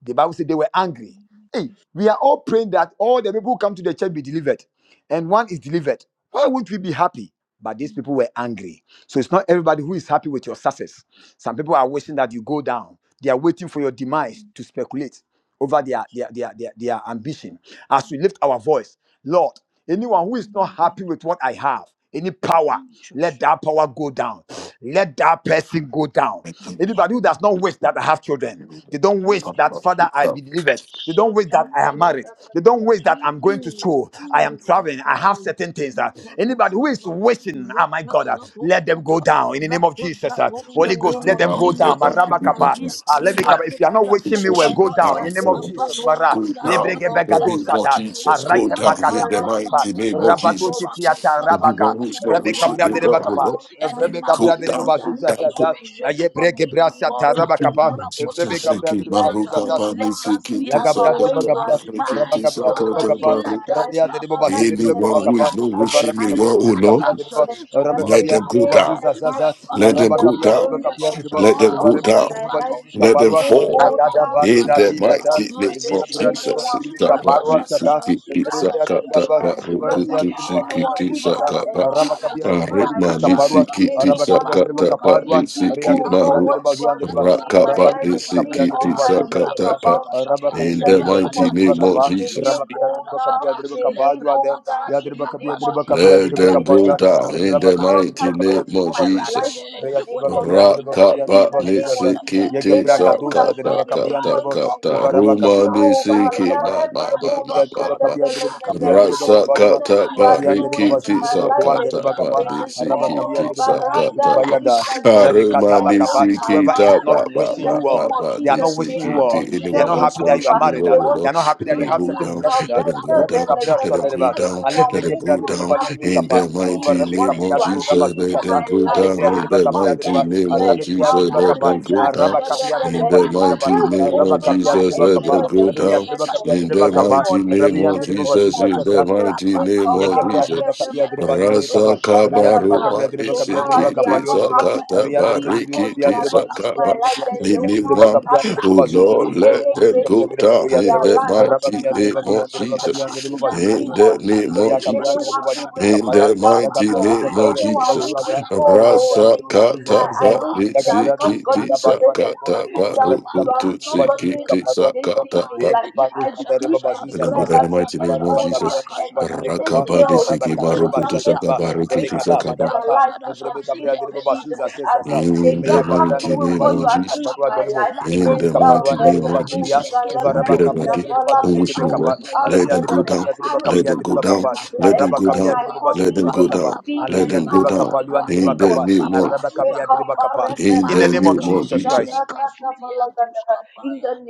Speaker 1: the Bible said they were angry. Hey, we are all praying that all the people who come to the church be delivered, and one is delivered. Why won't we be happy? But these people were angry. So it's not everybody who is happy with your success. Some people are wishing that you go down. They are waiting for your demise to speculate over their, their, their, their, their ambition. As we lift our voice, Lord, anyone who is not
Speaker 4: My God,
Speaker 1: happy with what I have, any power, let
Speaker 4: Jesus,
Speaker 1: that power go down. Let that person go down.
Speaker 4: yes,
Speaker 1: Anybody who
Speaker 4: Lord,
Speaker 1: does not wish that I have children, they don't wish that
Speaker 4: Jesus,
Speaker 1: father I be delivered. They don't wish that I am
Speaker 4: Jesus,
Speaker 1: married. They don't wish that I'm going
Speaker 4: Jesus,
Speaker 1: to school. I am
Speaker 3: Mm,
Speaker 1: traveling. I
Speaker 4: Jesus,
Speaker 1: have
Speaker 3: mm.
Speaker 1: certain things.
Speaker 4: My
Speaker 1: uh,
Speaker 4: God, my
Speaker 1: anybody who is wishing, oh my God, uh, let them go down in the name of Jesus. uh, Holy
Speaker 2: Let them
Speaker 1: Ghost,
Speaker 2: go
Speaker 1: let them
Speaker 2: down
Speaker 1: go
Speaker 2: in their
Speaker 1: down.
Speaker 2: life in the name of
Speaker 1: Marabakapa.
Speaker 2: Jesus.
Speaker 1: Ah, let me come. If you are not wishing me well,
Speaker 2: relationship
Speaker 1: go
Speaker 2: and
Speaker 1: down.
Speaker 2: now
Speaker 1: In the name of
Speaker 2: for
Speaker 1: Jesus, Mara.
Speaker 2: go down
Speaker 1: Lebrege
Speaker 2: in the
Speaker 1: begado
Speaker 2: name of
Speaker 1: sata.
Speaker 2: Jesus. Go
Speaker 1: Arake
Speaker 2: down in
Speaker 1: pakata
Speaker 2: the
Speaker 1: brekepa.
Speaker 2: mighty name of
Speaker 1: Rabato
Speaker 2: Jesus.
Speaker 1: titiata
Speaker 2: Anyone
Speaker 1: rabaka.
Speaker 2: who's not
Speaker 1: Rebecca
Speaker 2: wishing they
Speaker 1: brother
Speaker 2: well will
Speaker 4: Father,
Speaker 1: rebakapa.
Speaker 2: not
Speaker 4: any man
Speaker 1: Rebecca
Speaker 2: go
Speaker 4: or
Speaker 1: brother
Speaker 4: woman
Speaker 2: down,
Speaker 4: who
Speaker 1: rebabazuza
Speaker 2: down,
Speaker 4: is
Speaker 2: go.
Speaker 1: zaza.
Speaker 4: racial
Speaker 1: Aye
Speaker 4: from
Speaker 1: breke
Speaker 4: me to
Speaker 1: brasa
Speaker 4: God,
Speaker 1: tarabakapa.
Speaker 2: Jesus,
Speaker 1: Rebecca
Speaker 4: Rakosapa,
Speaker 1: brother
Speaker 2: Eki,
Speaker 4: Idiata,
Speaker 2: Maruka,
Speaker 1: rebabazuza
Speaker 2: Pani,
Speaker 4: Lekas,
Speaker 2: Siki,
Speaker 1: Ya Gabriel
Speaker 2: Tisa,
Speaker 4: Dianta,
Speaker 1: de Riba
Speaker 2: Data,
Speaker 4: Shapa,
Speaker 1: Gabriel,
Speaker 2: Pari,
Speaker 1: Rabba
Speaker 4: my
Speaker 2: Kiti, Saka,
Speaker 1: Gabia de
Speaker 4: God.
Speaker 1: Riba Gapa,
Speaker 4: Let
Speaker 2: Tapari.
Speaker 4: that
Speaker 1: Rabia de Riba
Speaker 4: person
Speaker 1: Bashu de
Speaker 4: to
Speaker 1: Riba Koma
Speaker 2: Anyone
Speaker 4: go
Speaker 2: who is
Speaker 1: Kapa,
Speaker 4: down
Speaker 2: not
Speaker 4: now.
Speaker 2: wishing
Speaker 1: Varabi
Speaker 2: me
Speaker 1: Gabia
Speaker 2: well,
Speaker 4: Let
Speaker 1: de
Speaker 2: oh
Speaker 1: Riba
Speaker 4: that
Speaker 2: Lord,
Speaker 1: Gabia de
Speaker 4: person
Speaker 1: Riba,
Speaker 4: to
Speaker 1: Rabbe
Speaker 4: go
Speaker 2: let
Speaker 1: Gabia
Speaker 2: them
Speaker 1: de
Speaker 4: down
Speaker 2: go
Speaker 1: Riba Basu
Speaker 4: now.
Speaker 2: down.
Speaker 1: Zazaza,
Speaker 2: Let them
Speaker 1: Rabba
Speaker 4: Repasapra,
Speaker 2: go
Speaker 1: Gabia de
Speaker 2: down.
Speaker 1: Riba Gabia de Riba,
Speaker 2: Let
Speaker 4: Rekesata,
Speaker 2: them go
Speaker 1: Varabia
Speaker 2: down.
Speaker 1: de Riba Bali Bibi
Speaker 2: Let them
Speaker 4: Ipatoskata,
Speaker 1: Kaparwa,
Speaker 2: fall.
Speaker 1: Yagada Badu
Speaker 2: In the
Speaker 1: Dati
Speaker 4: Apatoskatanta,
Speaker 1: Data,
Speaker 2: mighty name
Speaker 1: Evia
Speaker 2: of
Speaker 1: Bira de
Speaker 4: Rekesatasa,
Speaker 2: Jesus. In the
Speaker 1: Rivica Parua
Speaker 2: mighty
Speaker 4: Rekasadasa,
Speaker 1: Shata, Evrebia de
Speaker 4: Rekasadasa,
Speaker 1: Balua, Evrebia de
Speaker 4: Rapapaya,
Speaker 1: Bubasisa Sitasa,
Speaker 4: Rapapaya,
Speaker 1: Arabacabia de Bubalivica Parua,
Speaker 4: Rakasanta,
Speaker 1: Arabacabia de Bucapadua,
Speaker 4: Ipatoskatiata,
Speaker 1: Ria de Bakia de Bazuan de Ba,
Speaker 4: Apatoskatiata, Yakasata,
Speaker 1: Arabalivica Pia de Bubasusa Sata,
Speaker 4: Yakasata,
Speaker 1: Arabacabia
Speaker 4: Yakasata,
Speaker 1: de Bacabia de
Speaker 2: name of
Speaker 4: Yakasata,
Speaker 1: Bacapa,
Speaker 2: Jesus.
Speaker 1: Rabacabia de
Speaker 4: Yakatana
Speaker 1: Bacabia
Speaker 4: Shata,
Speaker 1: de Bacapadua,
Speaker 4: Leprakata,
Speaker 1: Yadriba
Speaker 4: Yapasaba,
Speaker 1: Cabia
Speaker 2: Let
Speaker 1: de
Speaker 2: them
Speaker 1: Bocapa,
Speaker 2: go
Speaker 4: Rapasata,
Speaker 2: down. In the mighty
Speaker 4: Ipagotkaba,
Speaker 2: name of Jesus.
Speaker 4: Maratie, Onipapia,
Speaker 2: Rakapa
Speaker 4: Bimbeta in the
Speaker 2: nitsiki
Speaker 4: hand,
Speaker 2: tisa
Speaker 4: Yamin
Speaker 2: kata
Speaker 4: Koswanika,
Speaker 2: kata kata
Speaker 4: Dokawa no
Speaker 2: ruma
Speaker 4: Kwa,
Speaker 2: nisiki
Speaker 4: Nakamin to
Speaker 2: ma ma
Speaker 4: Kwa,
Speaker 2: ma ma ma
Speaker 4: Dokawa no
Speaker 2: ma
Speaker 4: Kwa, Yamawa
Speaker 2: rasa
Speaker 4: and a
Speaker 2: kata
Speaker 4: cry,
Speaker 2: pa riki
Speaker 4: Yekebrapo,
Speaker 2: tisa kata pa
Speaker 4: Katianta,
Speaker 2: nisiki
Speaker 4: Oh
Speaker 2: tisa
Speaker 4: God,
Speaker 2: kata pa
Speaker 4: let that person
Speaker 2: aruma
Speaker 4: go down now.
Speaker 2: nisiki
Speaker 1: whoever is
Speaker 2: ta
Speaker 1: not
Speaker 2: ba
Speaker 4: Eradi,
Speaker 2: ba
Speaker 1: wishing
Speaker 2: ba
Speaker 1: you well
Speaker 2: ba
Speaker 1: well.
Speaker 2: ba
Speaker 4: Manipani,
Speaker 1: They
Speaker 4: what
Speaker 1: are
Speaker 4: to
Speaker 1: not
Speaker 4: do.
Speaker 1: wishing you
Speaker 2: nisiki
Speaker 1: well.
Speaker 2: ti
Speaker 1: They are
Speaker 2: anyone
Speaker 1: not
Speaker 2: who's
Speaker 1: happy
Speaker 2: not
Speaker 1: that you are
Speaker 2: wishing you
Speaker 1: married.
Speaker 2: well,
Speaker 1: uh,
Speaker 2: oh
Speaker 1: They
Speaker 2: Lord,
Speaker 1: are not happy
Speaker 2: let
Speaker 1: that you
Speaker 2: them
Speaker 1: have
Speaker 2: go
Speaker 1: certain
Speaker 2: down,
Speaker 1: blessing. uh,
Speaker 2: let them go
Speaker 1: Rebecca
Speaker 2: down, let
Speaker 1: Brasha
Speaker 2: them go
Speaker 1: Dereba,
Speaker 2: down, let them
Speaker 1: Alebrege Bra
Speaker 2: go
Speaker 1: Dereba
Speaker 2: down,
Speaker 1: Balibi
Speaker 2: in
Speaker 1: Kappa,
Speaker 2: the
Speaker 1: Eva
Speaker 2: mighty
Speaker 1: Rebecca
Speaker 2: name
Speaker 4: May
Speaker 2: of
Speaker 4: your
Speaker 1: Biato Rabba
Speaker 2: Jesus, let them
Speaker 1: Susasa,
Speaker 2: go
Speaker 4: judgment
Speaker 1: Ayebrea
Speaker 2: down. In
Speaker 4: uh,
Speaker 1: Dereba
Speaker 2: the
Speaker 4: of
Speaker 1: Capria
Speaker 2: mighty
Speaker 1: Dereba,
Speaker 2: name of
Speaker 1: Arabekia
Speaker 4: execution
Speaker 2: Jesus,
Speaker 1: Dereba
Speaker 4: uh,
Speaker 2: let
Speaker 1: Kappa,
Speaker 2: them go
Speaker 4: judge
Speaker 2: down.
Speaker 4: that
Speaker 1: Araba Capia
Speaker 4: woman
Speaker 2: In
Speaker 1: Dereba
Speaker 4: and
Speaker 2: the
Speaker 4: man
Speaker 1: Balibi Kappa,
Speaker 2: mighty
Speaker 4: uh,
Speaker 2: name
Speaker 1: Araba
Speaker 2: of
Speaker 4: in the
Speaker 1: Capia
Speaker 2: Jesus,
Speaker 4: mighty
Speaker 1: Dereba
Speaker 2: let
Speaker 4: name
Speaker 2: them
Speaker 1: Kappa,
Speaker 4: of
Speaker 2: go
Speaker 1: Rea
Speaker 2: down.
Speaker 1: Dereba
Speaker 4: Jesus,
Speaker 1: Capia
Speaker 2: In
Speaker 4: in
Speaker 2: the
Speaker 1: Dereba
Speaker 4: the
Speaker 1: Kappa,
Speaker 2: mighty
Speaker 4: mighty
Speaker 2: name
Speaker 4: name
Speaker 1: Rabian
Speaker 4: of
Speaker 2: of
Speaker 1: Dereba
Speaker 2: Jesus, in
Speaker 4: Jesus,
Speaker 1: Susasa,
Speaker 2: the mighty name of
Speaker 1: Yagabra
Speaker 4: Rapapapaya,
Speaker 1: Driba
Speaker 2: Jesus.
Speaker 1: Capia Driba
Speaker 4: Yekenda
Speaker 1: Libri
Speaker 2: Rasa
Speaker 1: Capa, Ria Driba
Speaker 2: kabaro
Speaker 1: Capia
Speaker 2: mani
Speaker 1: Driba Capia Driba
Speaker 2: sikiti
Speaker 4: Ruskapianta,
Speaker 1: Capayo Driba,
Speaker 2: sakata
Speaker 1: Ria Driba Libri
Speaker 4: Apatos
Speaker 1: Capia
Speaker 2: barikiti
Speaker 1: Driba, Ria
Speaker 2: sakaba.
Speaker 1: Driba
Speaker 4: kaprekasulia,
Speaker 1: Capia Driba Yan Driba
Speaker 2: Anyone,
Speaker 4: lipasa
Speaker 1: Capia Driba
Speaker 2: oh
Speaker 1: Basus,
Speaker 2: Lord, let
Speaker 4: prakulabaya,
Speaker 1: Driba
Speaker 2: them
Speaker 1: Capia
Speaker 2: go
Speaker 1: Driba
Speaker 2: down
Speaker 1: Capia
Speaker 2: in
Speaker 1: Driba,
Speaker 2: the
Speaker 4: yepekatosapa,
Speaker 2: mighty
Speaker 1: Rabapia
Speaker 2: name
Speaker 1: Driba Capia
Speaker 2: of
Speaker 1: Driba
Speaker 4: yakazadazada,
Speaker 1: Capia
Speaker 2: Jesus.
Speaker 1: Driba Basus,
Speaker 2: In the name
Speaker 4: yakazadazada,
Speaker 2: of
Speaker 1: Via Cabran
Speaker 2: Jesus.
Speaker 1: Driba Libri
Speaker 4: rakazadazada,
Speaker 2: In
Speaker 1: Capara,
Speaker 2: the mighty
Speaker 4: bababa,
Speaker 1: Yagabia Driba
Speaker 2: name of
Speaker 1: Capia Driba
Speaker 2: Jesus,
Speaker 1: Urata,
Speaker 4: rakazaba,
Speaker 1: Yagabran
Speaker 2: Rasa
Speaker 1: Driba
Speaker 2: kata
Speaker 1: Basus,
Speaker 4: ipapuskapa,
Speaker 2: pari
Speaker 1: Yagabra
Speaker 2: sikiti
Speaker 1: Driba
Speaker 4: lakasiantasu,
Speaker 1: Baguan Driba,
Speaker 2: sakata paru
Speaker 1: Rabbi
Speaker 4: lakatoskapaya,
Speaker 1: Capia
Speaker 2: kutu
Speaker 1: Driba Libri
Speaker 2: sikiti
Speaker 1: Caparuan
Speaker 4: yepesatoskapa,
Speaker 2: sakata pa.
Speaker 1: Driba, Rujandere
Speaker 4: yekesadasa,
Speaker 1: baba
Speaker 2: And
Speaker 1: zuza
Speaker 2: then go down
Speaker 1: zaza.
Speaker 2: the mighty name
Speaker 4: yakatadasa,
Speaker 1: Vara
Speaker 2: of
Speaker 1: baka
Speaker 2: Jesus.
Speaker 1: biyandere baba nibire
Speaker 4: yakazadasa,
Speaker 1: kapa.
Speaker 2: Rakabani
Speaker 1: Araba
Speaker 2: siki
Speaker 4: yakazadasa,
Speaker 1: kadere
Speaker 2: marukutu
Speaker 1: başandere ba.
Speaker 2: sakabari
Speaker 1: Bebe
Speaker 2: kiti
Speaker 4: yakazadasa,
Speaker 1: kada bada
Speaker 2: sakaba.
Speaker 1: baka.
Speaker 4: yakazadasa, my
Speaker 1: Evrebe
Speaker 4: God,
Speaker 1: kabriyandere baba zuza zaza zaza.
Speaker 2: In
Speaker 1: Eme
Speaker 2: the
Speaker 1: ya
Speaker 2: mighty
Speaker 1: kabriyandere
Speaker 2: name
Speaker 1: baba
Speaker 2: of
Speaker 1: nibire
Speaker 2: Jesus.
Speaker 1: kaparua dere bo.
Speaker 2: In
Speaker 1: Evrebe
Speaker 2: the mighty
Speaker 1: kaparua nere
Speaker 2: name
Speaker 1: baba
Speaker 2: of
Speaker 1: zudiya.
Speaker 2: Jesus, we
Speaker 1: Vara
Speaker 2: rebuke
Speaker 1: baka
Speaker 2: every day
Speaker 1: biyandere baba
Speaker 2: on
Speaker 1: zubire
Speaker 2: which you
Speaker 1: kebe
Speaker 2: know well.
Speaker 1: kapa. Ala
Speaker 2: Let them
Speaker 1: biyandere
Speaker 2: go
Speaker 1: baka
Speaker 2: down.
Speaker 1: biyandere baka
Speaker 2: Let them
Speaker 1: biyandere
Speaker 2: go
Speaker 1: baka
Speaker 2: down.
Speaker 1: pa.
Speaker 2: Let them
Speaker 1: Araba
Speaker 2: go down.
Speaker 1: kapiyandere baba
Speaker 2: Let them
Speaker 1: sundere
Speaker 2: go
Speaker 1: baka pa.
Speaker 2: down.
Speaker 1: Ala
Speaker 2: Let them
Speaker 1: biyandere
Speaker 2: go
Speaker 1: baka
Speaker 2: down.
Speaker 1: pa. Luandere
Speaker 2: In
Speaker 1: baka
Speaker 2: the
Speaker 1: pa.
Speaker 2: name of
Speaker 1: Araba kapiyandere baka pa.
Speaker 2: in
Speaker 1: In the
Speaker 2: the
Speaker 1: name of
Speaker 2: name of
Speaker 1: Jesus
Speaker 2: Jesus.
Speaker 1: Christ.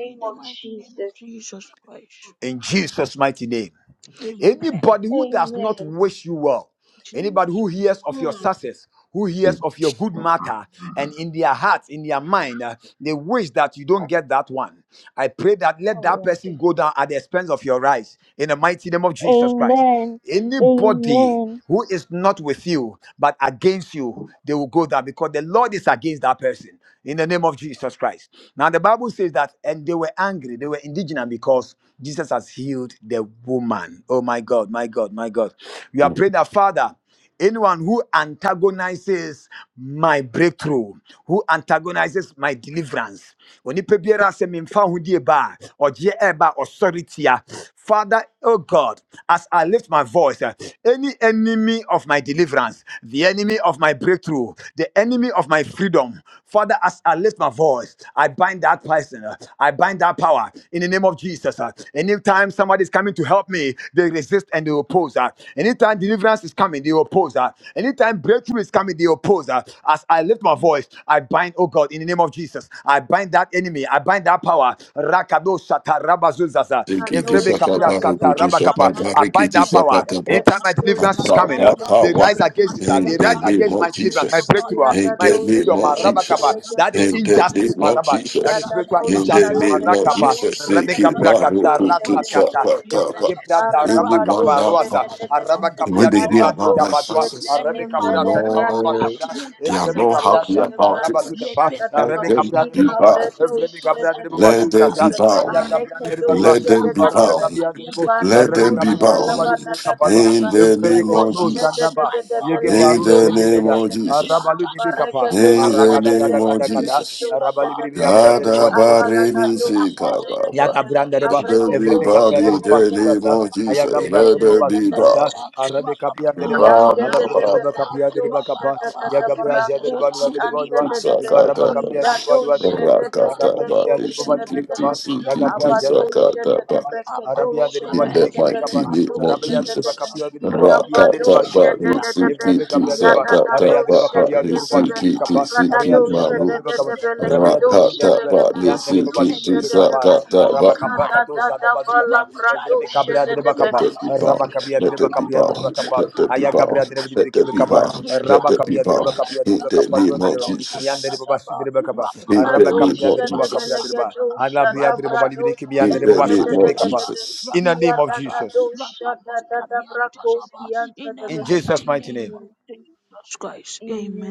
Speaker 4: in the mighty name of Jesus Christ.
Speaker 1: In Jesus' mighty name.
Speaker 4: Amen.
Speaker 1: Anybody who does not
Speaker 3: Amen.
Speaker 1: wish you well, anybody
Speaker 4: Jesus,
Speaker 1: who hears of your
Speaker 3: Mm.
Speaker 1: success, who hears
Speaker 2: Mm,
Speaker 1: of your good matter, and in their heart, in their mind, uh, they wish that you don't get that one. I pray that let that
Speaker 3: Alrighty.
Speaker 1: person go down at the expense of your rise in the mighty name of Jesus Christ.
Speaker 3: Amen.
Speaker 1: Anybody
Speaker 3: Amen.
Speaker 1: who is not with you but against you, they will go down because the Lord is against that person in the name of Jesus Christ. Now, the Bible says that, and they were angry. They were indigenous because Jesus has healed the woman. Oh my God, my God, my God. We
Speaker 2: mm.
Speaker 1: are praying that Father, anyone who antagonizes my breakthrough, who antagonizes my deliverance, onipa biara sɛ memfa ahodie ba a ɔgyeɛ ɛba a ɔsɔre tia. Father, oh God, as I lift my voice, eh, any enemy of my deliverance, the enemy of my breakthrough breakthrough, the enemy of my freedom. Father, as I lift my voice, I bind that person, uh, I bind that power in the name of Jesus. uh. Anytime somebody is coming to help me, they resist and they oppose. uh. Anytime deliverance is coming, they oppose. uh. Anytime breakthrough is coming, they oppose. uh. As I lift my voice, I bind, oh God, in the name of Jesus. I bind that enemy, I bind that power. Rakado shata rabazuzaza.
Speaker 2: Zikiti
Speaker 1: Evrebe
Speaker 4: there's a
Speaker 1: kabra
Speaker 2: sakapa
Speaker 4: book,
Speaker 1: shata
Speaker 4: not,
Speaker 2: rukutu
Speaker 4: not,
Speaker 1: rabakapa.
Speaker 4: not.
Speaker 2: sakapa
Speaker 1: I bind
Speaker 2: rikiti
Speaker 1: that
Speaker 4: Yet,
Speaker 1: power.
Speaker 4: that's
Speaker 2: sakapa
Speaker 4: the
Speaker 1: Anytime my
Speaker 4: purpose
Speaker 1: deliverance is coming, uh,
Speaker 2: ababa
Speaker 4: that
Speaker 1: they
Speaker 2: power
Speaker 1: rise
Speaker 4: My
Speaker 1: against
Speaker 4: God,
Speaker 1: altar.
Speaker 4: my
Speaker 2: in
Speaker 1: They rise
Speaker 2: the name
Speaker 4: Father,
Speaker 1: against
Speaker 2: of
Speaker 1: my deliverance, my
Speaker 2: Jesus.
Speaker 1: breakthrough, ah,
Speaker 2: In
Speaker 1: my
Speaker 2: the name
Speaker 1: freedom, my
Speaker 2: of Jesus.
Speaker 1: rabakapa. That is
Speaker 2: In the name
Speaker 1: injustice, my
Speaker 2: of
Speaker 1: rabba. That is
Speaker 2: Jesus.
Speaker 1: spiritual
Speaker 2: In the
Speaker 1: injustice, my
Speaker 2: name of
Speaker 1: rakapa.
Speaker 2: Jesus.
Speaker 1: Rebecca
Speaker 2: Ziki
Speaker 1: Braga,
Speaker 2: marukutu
Speaker 1: Rasatata,
Speaker 2: sakapa.
Speaker 1: ebrege prada raba
Speaker 2: Anyone that found
Speaker 1: kaparuasa araba
Speaker 2: when
Speaker 1: kapia
Speaker 2: they hear
Speaker 1: deriba
Speaker 2: about
Speaker 1: tuta
Speaker 2: thy
Speaker 1: batua
Speaker 2: success,
Speaker 1: arabe
Speaker 4: any
Speaker 2: oh
Speaker 4: man
Speaker 1: kabra
Speaker 4: or
Speaker 1: deriba
Speaker 4: woman
Speaker 1: batua
Speaker 4: ah,
Speaker 2: Lord,
Speaker 1: kabra
Speaker 4: who
Speaker 2: they are
Speaker 1: evrebe
Speaker 4: doesn't
Speaker 2: not
Speaker 1: kabra
Speaker 4: wish
Speaker 2: happy
Speaker 4: me
Speaker 1: santa
Speaker 2: about
Speaker 4: well,
Speaker 2: it.
Speaker 1: raba tuta
Speaker 4: le
Speaker 1: ba
Speaker 4: pesa
Speaker 2: Let
Speaker 1: arabe
Speaker 2: them
Speaker 1: kabra
Speaker 4: tosca
Speaker 2: be
Speaker 1: deriba batua
Speaker 4: dieta,
Speaker 2: bound.
Speaker 4: le
Speaker 1: evrebe kabra
Speaker 4: pesa
Speaker 1: deriba
Speaker 2: Let
Speaker 1: batua
Speaker 2: them
Speaker 4: teseba,
Speaker 2: be
Speaker 1: sasa aya
Speaker 2: bound.
Speaker 4: rekese
Speaker 1: kabra deriba
Speaker 4: tese,
Speaker 1: batua
Speaker 2: Let them be
Speaker 1: evarabe
Speaker 4: apatos
Speaker 2: bound.
Speaker 1: kabia deriba
Speaker 4: kadieta,
Speaker 2: Let
Speaker 1: arabe
Speaker 2: them be
Speaker 4: rakam
Speaker 1: kabra deriba
Speaker 2: bound
Speaker 4: zibra
Speaker 1: batua kaparua
Speaker 2: in the
Speaker 1: evrebe
Speaker 2: name of
Speaker 1: kano
Speaker 4: Rebazada,
Speaker 1: sanda
Speaker 2: Jesus.
Speaker 1: ba
Speaker 4: my God,
Speaker 1: yege
Speaker 4: my
Speaker 2: In
Speaker 1: barun
Speaker 2: the
Speaker 4: Father,
Speaker 1: zende
Speaker 2: name
Speaker 4: may
Speaker 1: beda
Speaker 2: of
Speaker 4: you
Speaker 2: Jesus.
Speaker 4: judge
Speaker 1: arabalu
Speaker 4: and
Speaker 1: dibi kapa
Speaker 4: perfect
Speaker 2: In the
Speaker 1: aragada
Speaker 4: according to
Speaker 2: name
Speaker 1: gada
Speaker 4: your
Speaker 2: of
Speaker 1: gada gada
Speaker 4: execution,
Speaker 2: Jesus.
Speaker 4: O
Speaker 1: arabali
Speaker 4: God.
Speaker 1: bibi
Speaker 4: May
Speaker 1: abra
Speaker 4: you
Speaker 1: deriba
Speaker 2: Yada
Speaker 4: judge and
Speaker 1: batua
Speaker 4: come
Speaker 2: barini sika
Speaker 4: according to
Speaker 2: ba ba
Speaker 4: your
Speaker 2: ba.
Speaker 1: Yagabrandeba,
Speaker 2: Let
Speaker 4: execution,
Speaker 2: them
Speaker 4: O
Speaker 2: be
Speaker 1: Evrebe
Speaker 4: God.
Speaker 2: bound
Speaker 1: Gabriadeba
Speaker 2: in the name
Speaker 4: Rapasakura,
Speaker 1: Basusasa,
Speaker 2: of Jesus. Let
Speaker 1: Ayagabrandeba
Speaker 2: them be bound.
Speaker 1: Basusasa,
Speaker 4: Rakasakura,
Speaker 1: Arabe
Speaker 2: Ba
Speaker 1: Capiandeba,
Speaker 2: ba ba
Speaker 4: Rapapa,
Speaker 2: ba
Speaker 1: Alabriadeba
Speaker 2: ba
Speaker 1: Capiadeba Capa,
Speaker 4: Rapapapa,
Speaker 2: ba ba ba.
Speaker 1: Yagabrajadeba
Speaker 4: Rekazada,
Speaker 1: Luadeba,
Speaker 2: Sikiti
Speaker 4: Iparuskapa,
Speaker 1: Evaraba
Speaker 2: Sakata ba.
Speaker 1: Capiadeba Luadebo,
Speaker 4: Raposiantaba,
Speaker 2: Rakata ba.
Speaker 1: Arabalibriadeba Balibre
Speaker 2: Siki
Speaker 4: Likazakapa,
Speaker 1: Capa,
Speaker 2: siki siki
Speaker 1: Yagabrajadeba Balibre
Speaker 2: sakata
Speaker 4: Laposiantaba,
Speaker 2: ba.
Speaker 1: Capa, Arabiadeba
Speaker 2: in
Speaker 4: Aparoskape,
Speaker 2: the
Speaker 1: Balibre
Speaker 2: mighty
Speaker 1: Kebicapa,
Speaker 2: name of
Speaker 1: Arabiadeba
Speaker 4: Iparuskianta,
Speaker 2: Jesus.
Speaker 1: Capiadeba Copiadeba
Speaker 4: Rekazadasa,
Speaker 2: Rakata ba ni
Speaker 1: Shadeba, Evrebe
Speaker 2: siki ti
Speaker 4: Yakazadasa,
Speaker 2: sakata ba
Speaker 4: Rapapapa,
Speaker 2: ba
Speaker 1: Capiadeba,
Speaker 2: ni
Speaker 1: Baba dibri
Speaker 2: siki
Speaker 4: Yakazada,
Speaker 2: ti
Speaker 1: kapa Ria
Speaker 2: siki
Speaker 1: dibri bakia
Speaker 4: Lakoshanda,
Speaker 2: maru.
Speaker 1: dibri kapa Rabia
Speaker 4: Lekashaya.
Speaker 1: dibri bakia
Speaker 4: My
Speaker 2: Rakata
Speaker 1: dibri
Speaker 2: ba ni
Speaker 1: Yan
Speaker 4: God,
Speaker 1: dibri baba
Speaker 4: may
Speaker 1: shi
Speaker 2: siki ti
Speaker 4: you
Speaker 1: dibri
Speaker 4: judge
Speaker 1: kapa
Speaker 4: that
Speaker 2: sakata
Speaker 4: man.
Speaker 1: Raba
Speaker 2: ba.
Speaker 1: kapa
Speaker 4: My
Speaker 1: kato
Speaker 4: God,
Speaker 1: zada badi
Speaker 4: may
Speaker 1: daba
Speaker 4: you judge
Speaker 1: Dibri
Speaker 4: that
Speaker 1: kabra dibri
Speaker 4: woman
Speaker 2: Let
Speaker 1: kapa
Speaker 4: by
Speaker 2: them
Speaker 4: your
Speaker 2: be
Speaker 1: Raba
Speaker 2: bound.
Speaker 1: kabia
Speaker 4: execution
Speaker 2: Let
Speaker 1: dibri
Speaker 4: of
Speaker 2: them be
Speaker 1: kapia
Speaker 4: God.
Speaker 1: dibri
Speaker 2: bound.
Speaker 1: kapa
Speaker 2: Let them be
Speaker 4: Yakata
Speaker 1: Aya gabra
Speaker 2: bound.
Speaker 1: dibri dibri
Speaker 2: Let them
Speaker 4: Brakaskata,
Speaker 2: be
Speaker 1: kapa
Speaker 2: bound. Let
Speaker 1: Raba
Speaker 2: them
Speaker 4: Hipatu
Speaker 2: be
Speaker 1: kabia dibri
Speaker 2: bound.
Speaker 1: kapia
Speaker 4: Kapeta,
Speaker 2: In
Speaker 1: dibri
Speaker 2: the
Speaker 1: kapa Yon
Speaker 2: name of
Speaker 1: dibri
Speaker 4: Apatos
Speaker 1: Yan
Speaker 4: Kapeta
Speaker 1: dibri
Speaker 2: Jesus.
Speaker 1: baba shi
Speaker 4: Saba,
Speaker 1: dibri kapa
Speaker 2: In
Speaker 1: Raba
Speaker 2: the
Speaker 4: Rapapapa,
Speaker 2: name
Speaker 1: kabia
Speaker 2: of
Speaker 1: dibri baba kapia
Speaker 2: Jesus.
Speaker 1: dibri
Speaker 4: Rakapakasa,
Speaker 1: Ala bia dibri baba kibi
Speaker 4: Rakasanasa,
Speaker 1: Yan
Speaker 2: In
Speaker 1: dibri
Speaker 2: the
Speaker 1: baba shi
Speaker 2: name
Speaker 1: dibri
Speaker 2: of
Speaker 1: kapa
Speaker 4: Rakasanasa,
Speaker 2: Jesus.
Speaker 1: In the name of
Speaker 4: Rakasanasa,
Speaker 1: Jesus
Speaker 4: Rapapos Kabianta Saba, in the
Speaker 1: In Jesus
Speaker 4: mighty
Speaker 1: mighty
Speaker 4: name
Speaker 1: name
Speaker 4: of Jesus Christ.